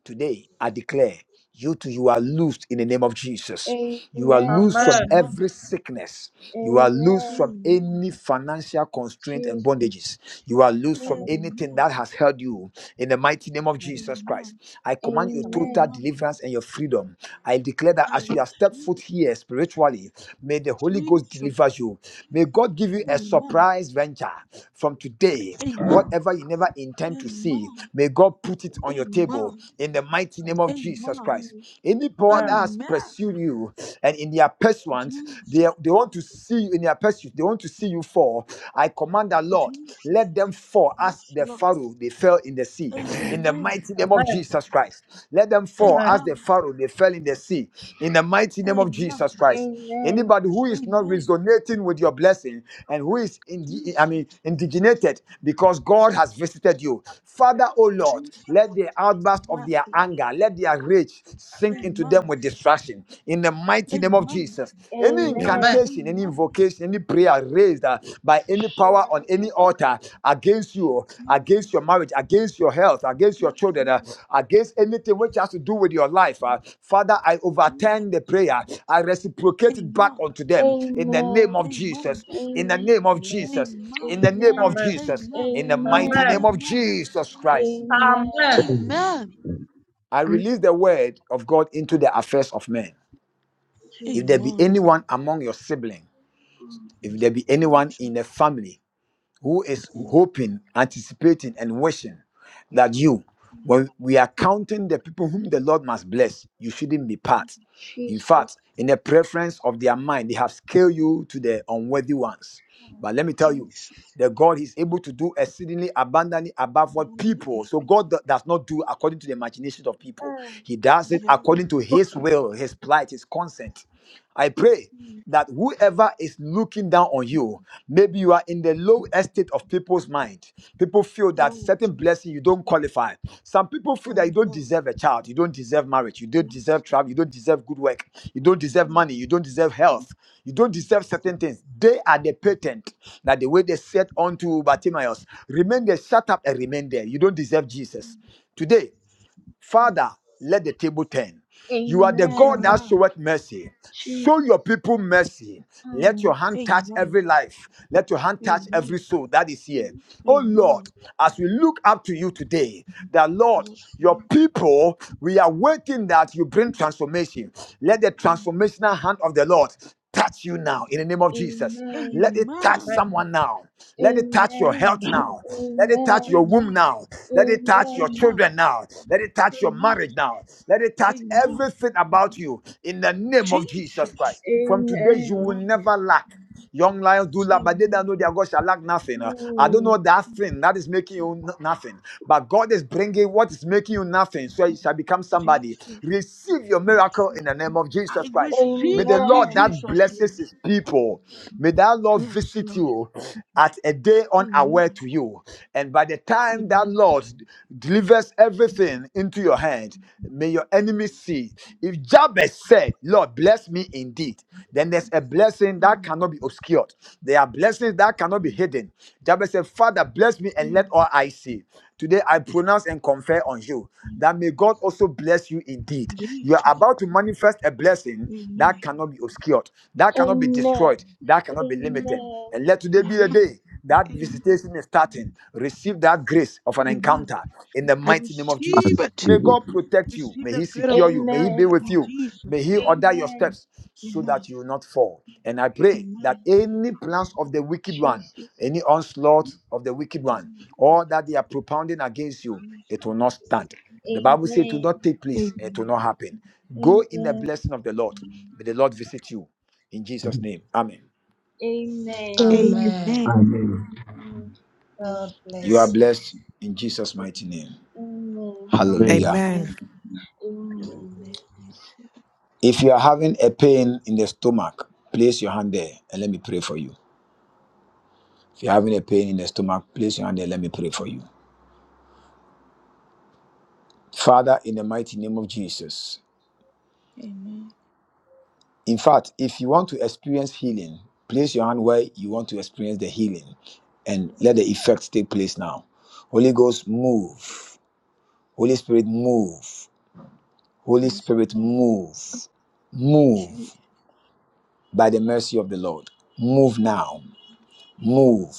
Speaker 1: Today, I declare you too, you are loosed in the name of Jesus.
Speaker 3: Amen.
Speaker 1: You are
Speaker 3: Amen.
Speaker 1: loosed from
Speaker 4: Amen.
Speaker 1: every sickness. You are loosed
Speaker 3: Amen.
Speaker 1: from
Speaker 4: Amen.
Speaker 1: any financial constraint and
Speaker 3: Jesus.
Speaker 1: bondages. You are loosed from anything
Speaker 4: Amen.
Speaker 1: that has held you in the mighty name of Jesus Christ.
Speaker 4: Amen.
Speaker 1: I command your total
Speaker 3: Amen.
Speaker 4: Amen.
Speaker 1: deliverance and your freedom. I declare that
Speaker 4: I
Speaker 1: as you have stepped
Speaker 4: receive
Speaker 1: foot
Speaker 4: it.
Speaker 1: here spiritually, may the Holy Ghost
Speaker 4: Jesus.
Speaker 1: deliver you. May God give you a
Speaker 4: Amen.
Speaker 1: surprise venture from today
Speaker 4: Amen.
Speaker 1: Whatever you never intend to see,
Speaker 4: Amen.
Speaker 1: may God put it on
Speaker 4: Amen.
Speaker 1: your table in the mighty name of Jesus
Speaker 4: Amen.
Speaker 1: Christ. Any power that has
Speaker 4: Amen.
Speaker 1: pursued you and in their pursuance, they,
Speaker 4: Jesus.
Speaker 1: they want to see you in their pursuit, they want to see you fall. I command the Lord,
Speaker 4: Jesus.
Speaker 1: let them fall as
Speaker 4: Yes,
Speaker 1: the
Speaker 4: Lord.
Speaker 1: Pharaoh they fell in the sea. In the
Speaker 4: Amen.
Speaker 1: mighty name of Jesus Christ, let them fall as the
Speaker 4: Amen.
Speaker 1: Pharaoh they fell in the sea. In the mighty name of
Speaker 4: Amen.
Speaker 1: Jesus Christ.
Speaker 3: Amen.
Speaker 1: Anybody who is not
Speaker 4: Amen.
Speaker 1: resonating with your blessing and who is, indi- I mean,
Speaker 4: Jesus.
Speaker 1: indignated because God has visited you, Father, O Lord,
Speaker 4: Jesus.
Speaker 1: let the outburst
Speaker 4: My
Speaker 1: of their
Speaker 4: God.
Speaker 1: anger, let their rage sink into them
Speaker 4: Amen.
Speaker 1: with distraction. In the mighty name of
Speaker 4: Amen.
Speaker 1: Jesus, any
Speaker 2: Amen.
Speaker 3: Amen.
Speaker 1: incantation, any
Speaker 4: Amen.
Speaker 1: invocation, any prayer raised uh, by any power power on any altar against you, against
Speaker 4: Jesus.
Speaker 1: your marriage, against your health, against your
Speaker 4: Yes,
Speaker 1: children,
Speaker 4: Lord.
Speaker 1: uh, against anything which has to do with your life. uh, Father, I
Speaker 4: Jesus.
Speaker 1: overturn the prayer. I reciprocate it back
Speaker 4: Amen.
Speaker 1: unto them in the name of
Speaker 3: Amen.
Speaker 4: Amen.
Speaker 1: Jesus. In the name of Jesus.
Speaker 4: Amen.
Speaker 1: In the name of Jesus.
Speaker 4: Amen.
Speaker 1: In the mighty name of
Speaker 4: Amen.
Speaker 1: Jesus Christ.
Speaker 7: Amen.
Speaker 4: Amen.
Speaker 1: I release the word of God into the affairs of men. If there be
Speaker 4: Amen.
Speaker 1: anyone among your sibling, if there be anyone
Speaker 4: Jesus.
Speaker 1: in the family who is
Speaker 4: Mm.
Speaker 1: hoping, anticipating, and wishing that you, when we are counting the people whom the Lord must bless, you shouldn't be part. In fact, in the preference of their mind, they have scaled you to the unworthy ones. But let me tell you,
Speaker 4: Jesus.
Speaker 1: the God is able to do exceedingly abundantly above what people.
Speaker 4: Mm.
Speaker 1: So God do- does not do according to the imaginations of people. He does it
Speaker 4: Yes,
Speaker 1: according to His will, His plight, His consent. I pray that whoever is looking down on you, maybe you are in the low estate of people's mind. People feel that
Speaker 4: Lord.
Speaker 1: certain blessing you don't qualify. Some people feel
Speaker 4: My
Speaker 1: that you don't
Speaker 4: God.
Speaker 1: deserve a child, you don't deserve marriage, you don't deserve
Speaker 4: Jesus.
Speaker 1: travel, you don't deserve good work, you don't deserve
Speaker 4: Mm.
Speaker 1: money, you don't deserve health, you don't deserve certain things. They are the patent that the way they said unto Bartimaeus, remain there, shut up and remain there. You don't deserve Jesus. Today, Father, let the table turn. You are the God
Speaker 3: Amen.
Speaker 1: that
Speaker 4: Amen.
Speaker 1: showeth mercy. Show your
Speaker 3: Jesus.
Speaker 1: people mercy. Let your
Speaker 3: Mm.
Speaker 1: hand touch
Speaker 4: Amen.
Speaker 1: every life. Let your hand touch
Speaker 4: Amen.
Speaker 1: every soul that is here. Oh Lord,
Speaker 4: Amen.
Speaker 1: as we look up to you today, the Lord,
Speaker 4: Yes,
Speaker 1: your people, we are waiting that you bring transformation. Let the
Speaker 4: Amen.
Speaker 1: transformational hand of the Lord touch you now in the name of Jesus. Let it touch
Speaker 4: Amen.
Speaker 1: someone now. Let it touch your
Speaker 3: Amen.
Speaker 1: health
Speaker 4: Amen.
Speaker 1: now. Let it touch
Speaker 3: Amen.
Speaker 1: your womb
Speaker 4: Amen.
Speaker 1: now. Let
Speaker 3: Amen.
Speaker 1: it touch your
Speaker 4: Amen.
Speaker 1: children now. Let it touch your marriage now. Let it touch
Speaker 4: Amen.
Speaker 1: everything about you in the name of Jesus
Speaker 4: Jesus.
Speaker 1: Christ. From today, you will
Speaker 4: Amen.
Speaker 1: never lack. Young lions do lack, but they that
Speaker 4: Amen.
Speaker 1: know their God shall lack nothing. Uh, I don't know
Speaker 3: Mm.
Speaker 1: that thing that is making you n- nothing, but God is bringing what is making you nothing, so you shall become somebody.
Speaker 4: Jesus.
Speaker 1: Receive your
Speaker 4: Yes.
Speaker 1: miracle
Speaker 4: Lord.
Speaker 1: in the name of
Speaker 4: I
Speaker 1: Jesus Christ.
Speaker 3: Amen.
Speaker 1: May
Speaker 4: receive
Speaker 1: the
Speaker 4: it in
Speaker 1: Lord that
Speaker 4: Jesus' name.
Speaker 1: blesses his people, may that Lord
Speaker 4: Yes,
Speaker 1: visit
Speaker 4: Lord.
Speaker 1: you at a day
Speaker 4: Amen.
Speaker 1: unaware to you. And by the time that
Speaker 4: Amen.
Speaker 1: Lord delivers everything into your hand, may your enemies see. If Jabez said, Lord, bless me indeed, then there's a blessing that
Speaker 4: Amen.
Speaker 1: cannot be obscured. There are blessings that cannot be hidden. Jabez said, Father, bless me and let
Speaker 4: Amen.
Speaker 1: all I see. Today I pronounce and confer on you that may God also bless you indeed. You are
Speaker 4: Jesus.
Speaker 1: about to manifest a blessing
Speaker 4: Amen.
Speaker 1: that cannot be obscured, that cannot be destroyed, that cannot be limited.
Speaker 4: Amen.
Speaker 1: And let today be the
Speaker 4: Amen.
Speaker 1: day that
Speaker 4: Amen.
Speaker 1: visitation is starting. Receive that grace of an
Speaker 4: Amen.
Speaker 1: encounter in the
Speaker 4: I
Speaker 1: mighty name of
Speaker 7: I
Speaker 4: receive
Speaker 1: Jesus.
Speaker 4: it.
Speaker 1: May
Speaker 7: receive it.
Speaker 1: God protect you.
Speaker 4: Receive
Speaker 1: May
Speaker 4: the
Speaker 1: He
Speaker 4: greater
Speaker 1: secure you. May He be
Speaker 4: encounter
Speaker 1: with
Speaker 4: in
Speaker 1: you. May
Speaker 4: Jesus'
Speaker 1: He
Speaker 4: name.
Speaker 1: order your steps so
Speaker 4: Amen.
Speaker 1: that you will not fall. And I pray that
Speaker 4: Amen.
Speaker 1: any plans of the wicked one, any onslaught of the wicked one, or that they are propounding against you,
Speaker 4: Amen.
Speaker 1: it will not stand. The Bible says it will not take place, it will
Speaker 4: Amen.
Speaker 1: not happen.
Speaker 3: Mm.
Speaker 1: Go in the blessing of the Lord. May the Lord visit you. In Jesus'
Speaker 7: Amen.
Speaker 1: name. Amen.
Speaker 3: Amen.
Speaker 7: Amen.
Speaker 4: Amen.
Speaker 3: Mm.
Speaker 1: You are blessed in Jesus' mighty name.
Speaker 7: Amen.
Speaker 1: Hallelujah.
Speaker 8: Amen.
Speaker 4: Amen. God bless you.
Speaker 1: If you are having a pain in the stomach, place your hand there and let me pray for you. If you're having a pain in the stomach, place your hand there and let me pray for you. Father, in the mighty name of Jesus.
Speaker 4: Amen.
Speaker 1: In fact, if you want to experience healing, place your hand where you want to experience the healing and let the effect take place now. Holy Ghost, move. Holy Spirit, move. Holy
Speaker 4: Yes,
Speaker 1: Spirit,
Speaker 4: Lord.
Speaker 1: move. Move
Speaker 4: Jesus.
Speaker 1: by the mercy of the Lord. Move now. Move.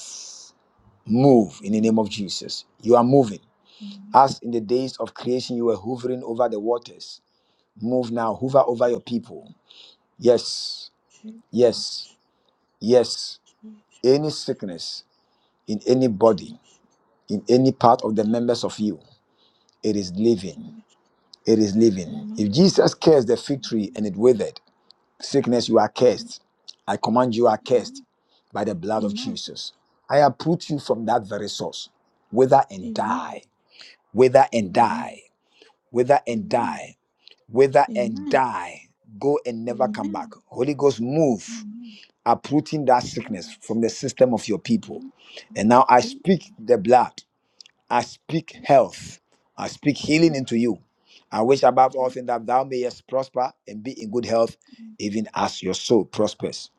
Speaker 1: Move in the name of
Speaker 4: Amen.
Speaker 1: Jesus. You are moving.
Speaker 4: Amen.
Speaker 1: As in the days of creation, you were hovering over the waters. Move now. Hover over your
Speaker 4: Yes,
Speaker 1: people.
Speaker 4: Lord.
Speaker 1: Yes.
Speaker 4: Jesus.
Speaker 1: Yes. Yes.
Speaker 4: Jesus.
Speaker 1: Any sickness in any body,
Speaker 4: Jesus.
Speaker 1: in any part of the members of you, it is living.
Speaker 4: Jesus.
Speaker 1: It is living. If
Speaker 4: Amen.
Speaker 1: Jesus cursed the fig tree and
Speaker 4: Amen.
Speaker 1: it withered, sickness, you are cursed. I command you are cursed by the blood of
Speaker 4: Amen.
Speaker 1: Jesus. I uproot you from that very source wither and die.
Speaker 4: Amen.
Speaker 1: wither and die,
Speaker 4: Amen.
Speaker 1: wither and
Speaker 4: Amen.
Speaker 1: die, wither and
Speaker 4: Amen.
Speaker 1: die, go and never come back.
Speaker 4: Amen.
Speaker 1: Holy Ghost, move,
Speaker 4: Amen.
Speaker 1: uprooting that sickness
Speaker 4: Jesus.
Speaker 1: from the system of your people. And
Speaker 4: Lord.
Speaker 1: now I
Speaker 4: Jesus.
Speaker 1: speak the blood, I speak health, I speak healing into you. I wish above all things that thou mayest prosper and be in good health, even as your soul prospers.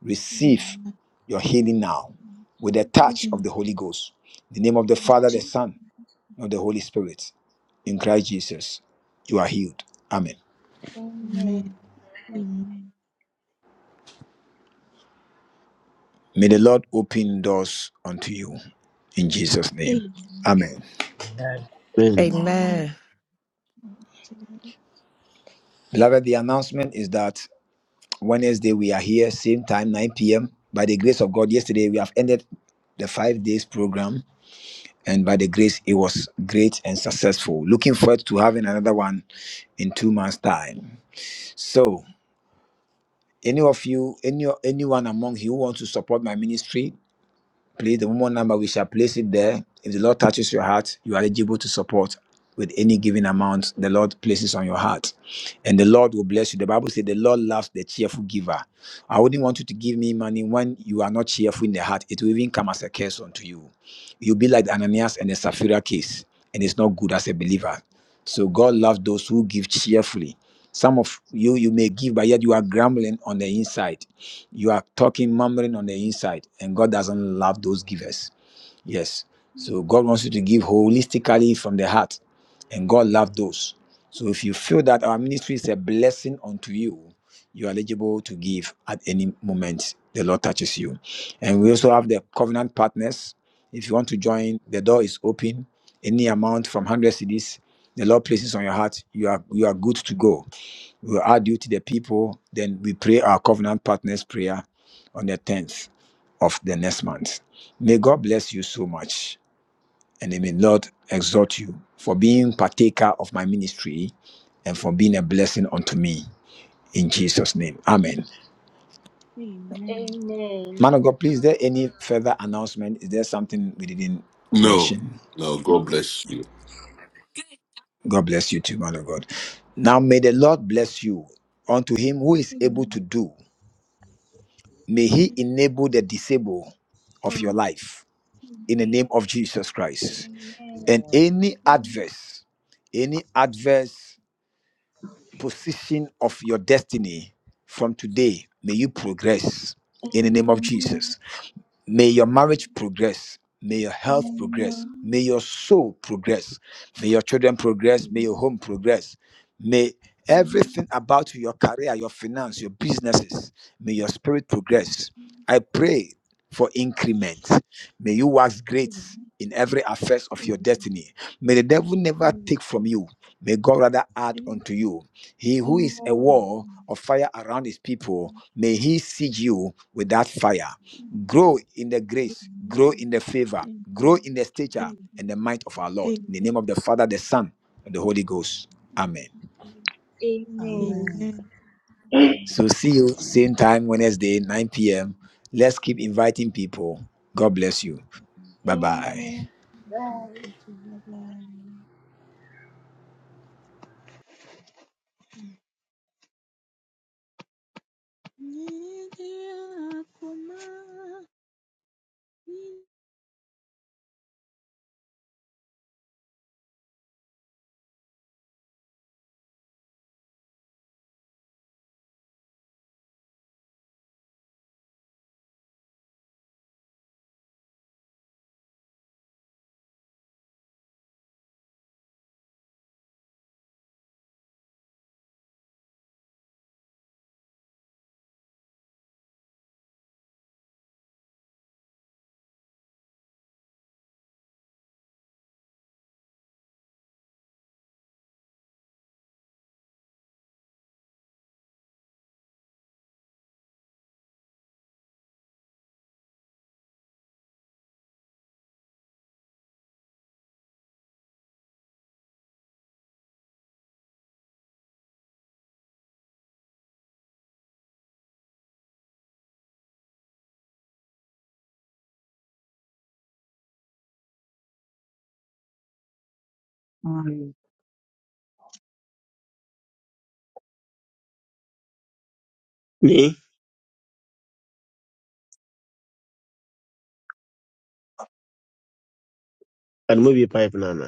Speaker 1: Receive
Speaker 4: Amen.
Speaker 1: your healing now with the
Speaker 4: Receive it.
Speaker 1: touch of
Speaker 4: in-
Speaker 1: the Holy Ghost. In the name of the Father, the
Speaker 4: Receive.
Speaker 1: Son, of the Holy Spirit in Christ Jesus, you are healed. Amen.
Speaker 4: it.
Speaker 3: Amen.
Speaker 4: Amen. Amen.
Speaker 1: May the Lord open doors unto you in Jesus' name. Amen.
Speaker 9: Amen.
Speaker 7: Amen.
Speaker 8: Amen.
Speaker 4: Amen. Amen.
Speaker 1: Beloved, the announcement is that Wednesday we are here, same time, 9 p.m. By the grace of God, yesterday we have ended the five days program, and by the grace, it was great and successful. Looking forward to having another one in two months' time. So, any of you, any anyone among you who want to support my ministry, Please, the woman number, we shall place it there. If the Lord touches your heart, you are eligible to support with any given amount the Lord places on your heart. And the Lord will bless you. The Bible says the Lord loves the cheerful giver. I wouldn't want you to give me money when you are not cheerful in the heart. It will even come as a curse unto you. You'll be like the Ananias and the Sapphira case, and it's not good as a believer. So God loves those who give cheerfully. Some of you, you may give, but yet you are grumbling on the inside. You are talking, murmuring on the inside, and God doesn't love those givers. Yes.
Speaker 4: Amen.
Speaker 1: So God wants you to give holistically from the heart, and God loves those. So if you feel that our ministry is a blessing unto you, you are eligible to give at any moment the Lord touches you. And we also have the covenant partners. If you want to join, the door is open. Any amount from 100 cities, the Lord places on your heart, you are you are good to go. We will add you to the people. Then we pray our covenant partners prayer on the 10th of the next month. May God bless you so much and may Lord exhort you for being partaker of my ministry and for being a blessing unto me. In Jesus' name. Amen.
Speaker 4: Amen.
Speaker 1: Man of God, please, is there any further announcement? Is there something we didn't
Speaker 2: No,
Speaker 1: mention?
Speaker 2: no, God bless you.
Speaker 1: God bless you too, man of God. Now may the Lord bless you unto him who is able
Speaker 4: Amen.
Speaker 1: to do. May He
Speaker 4: Amen.
Speaker 1: enable the disabled of your life in the name of Jesus Christ. And any adverse, any adverse position of your destiny from today, may you progress in the name of Jesus. May your marriage progress. May your health progress. May your soul progress. May your children progress. May your home progress. May
Speaker 4: Amen.
Speaker 1: everything about you, your career, your finance, your businesses, may your spirit
Speaker 4: Amen.
Speaker 1: progress. I pray for increment.
Speaker 4: Jesus.
Speaker 1: May you wax great
Speaker 4: Amen.
Speaker 1: in every affairs of your
Speaker 4: Amen.
Speaker 1: destiny. May the devil
Speaker 4: We
Speaker 1: never take
Speaker 4: receive.
Speaker 1: from you. May God rather
Speaker 4: Amen. Yes.
Speaker 1: add
Speaker 4: Yes.
Speaker 1: unto you. He who is a wall
Speaker 4: Amen.
Speaker 1: of fire around his people, may he
Speaker 4: Amen.
Speaker 1: siege you with that fire. Grow
Speaker 4: Amen.
Speaker 1: in the grace, grow
Speaker 4: Amen.
Speaker 1: in the favor, grow
Speaker 4: Amen.
Speaker 1: in the stature and the
Speaker 4: Amen.
Speaker 1: might of our Lord. In the name of the Father, the Son, and the Holy Ghost. Amen.
Speaker 3: Amen.
Speaker 4: Amen.
Speaker 1: So see you same time Wednesday, 9 p.m. Let's keep inviting people. God bless you. Bye bye.
Speaker 4: Amen.
Speaker 7: And move your pipe now.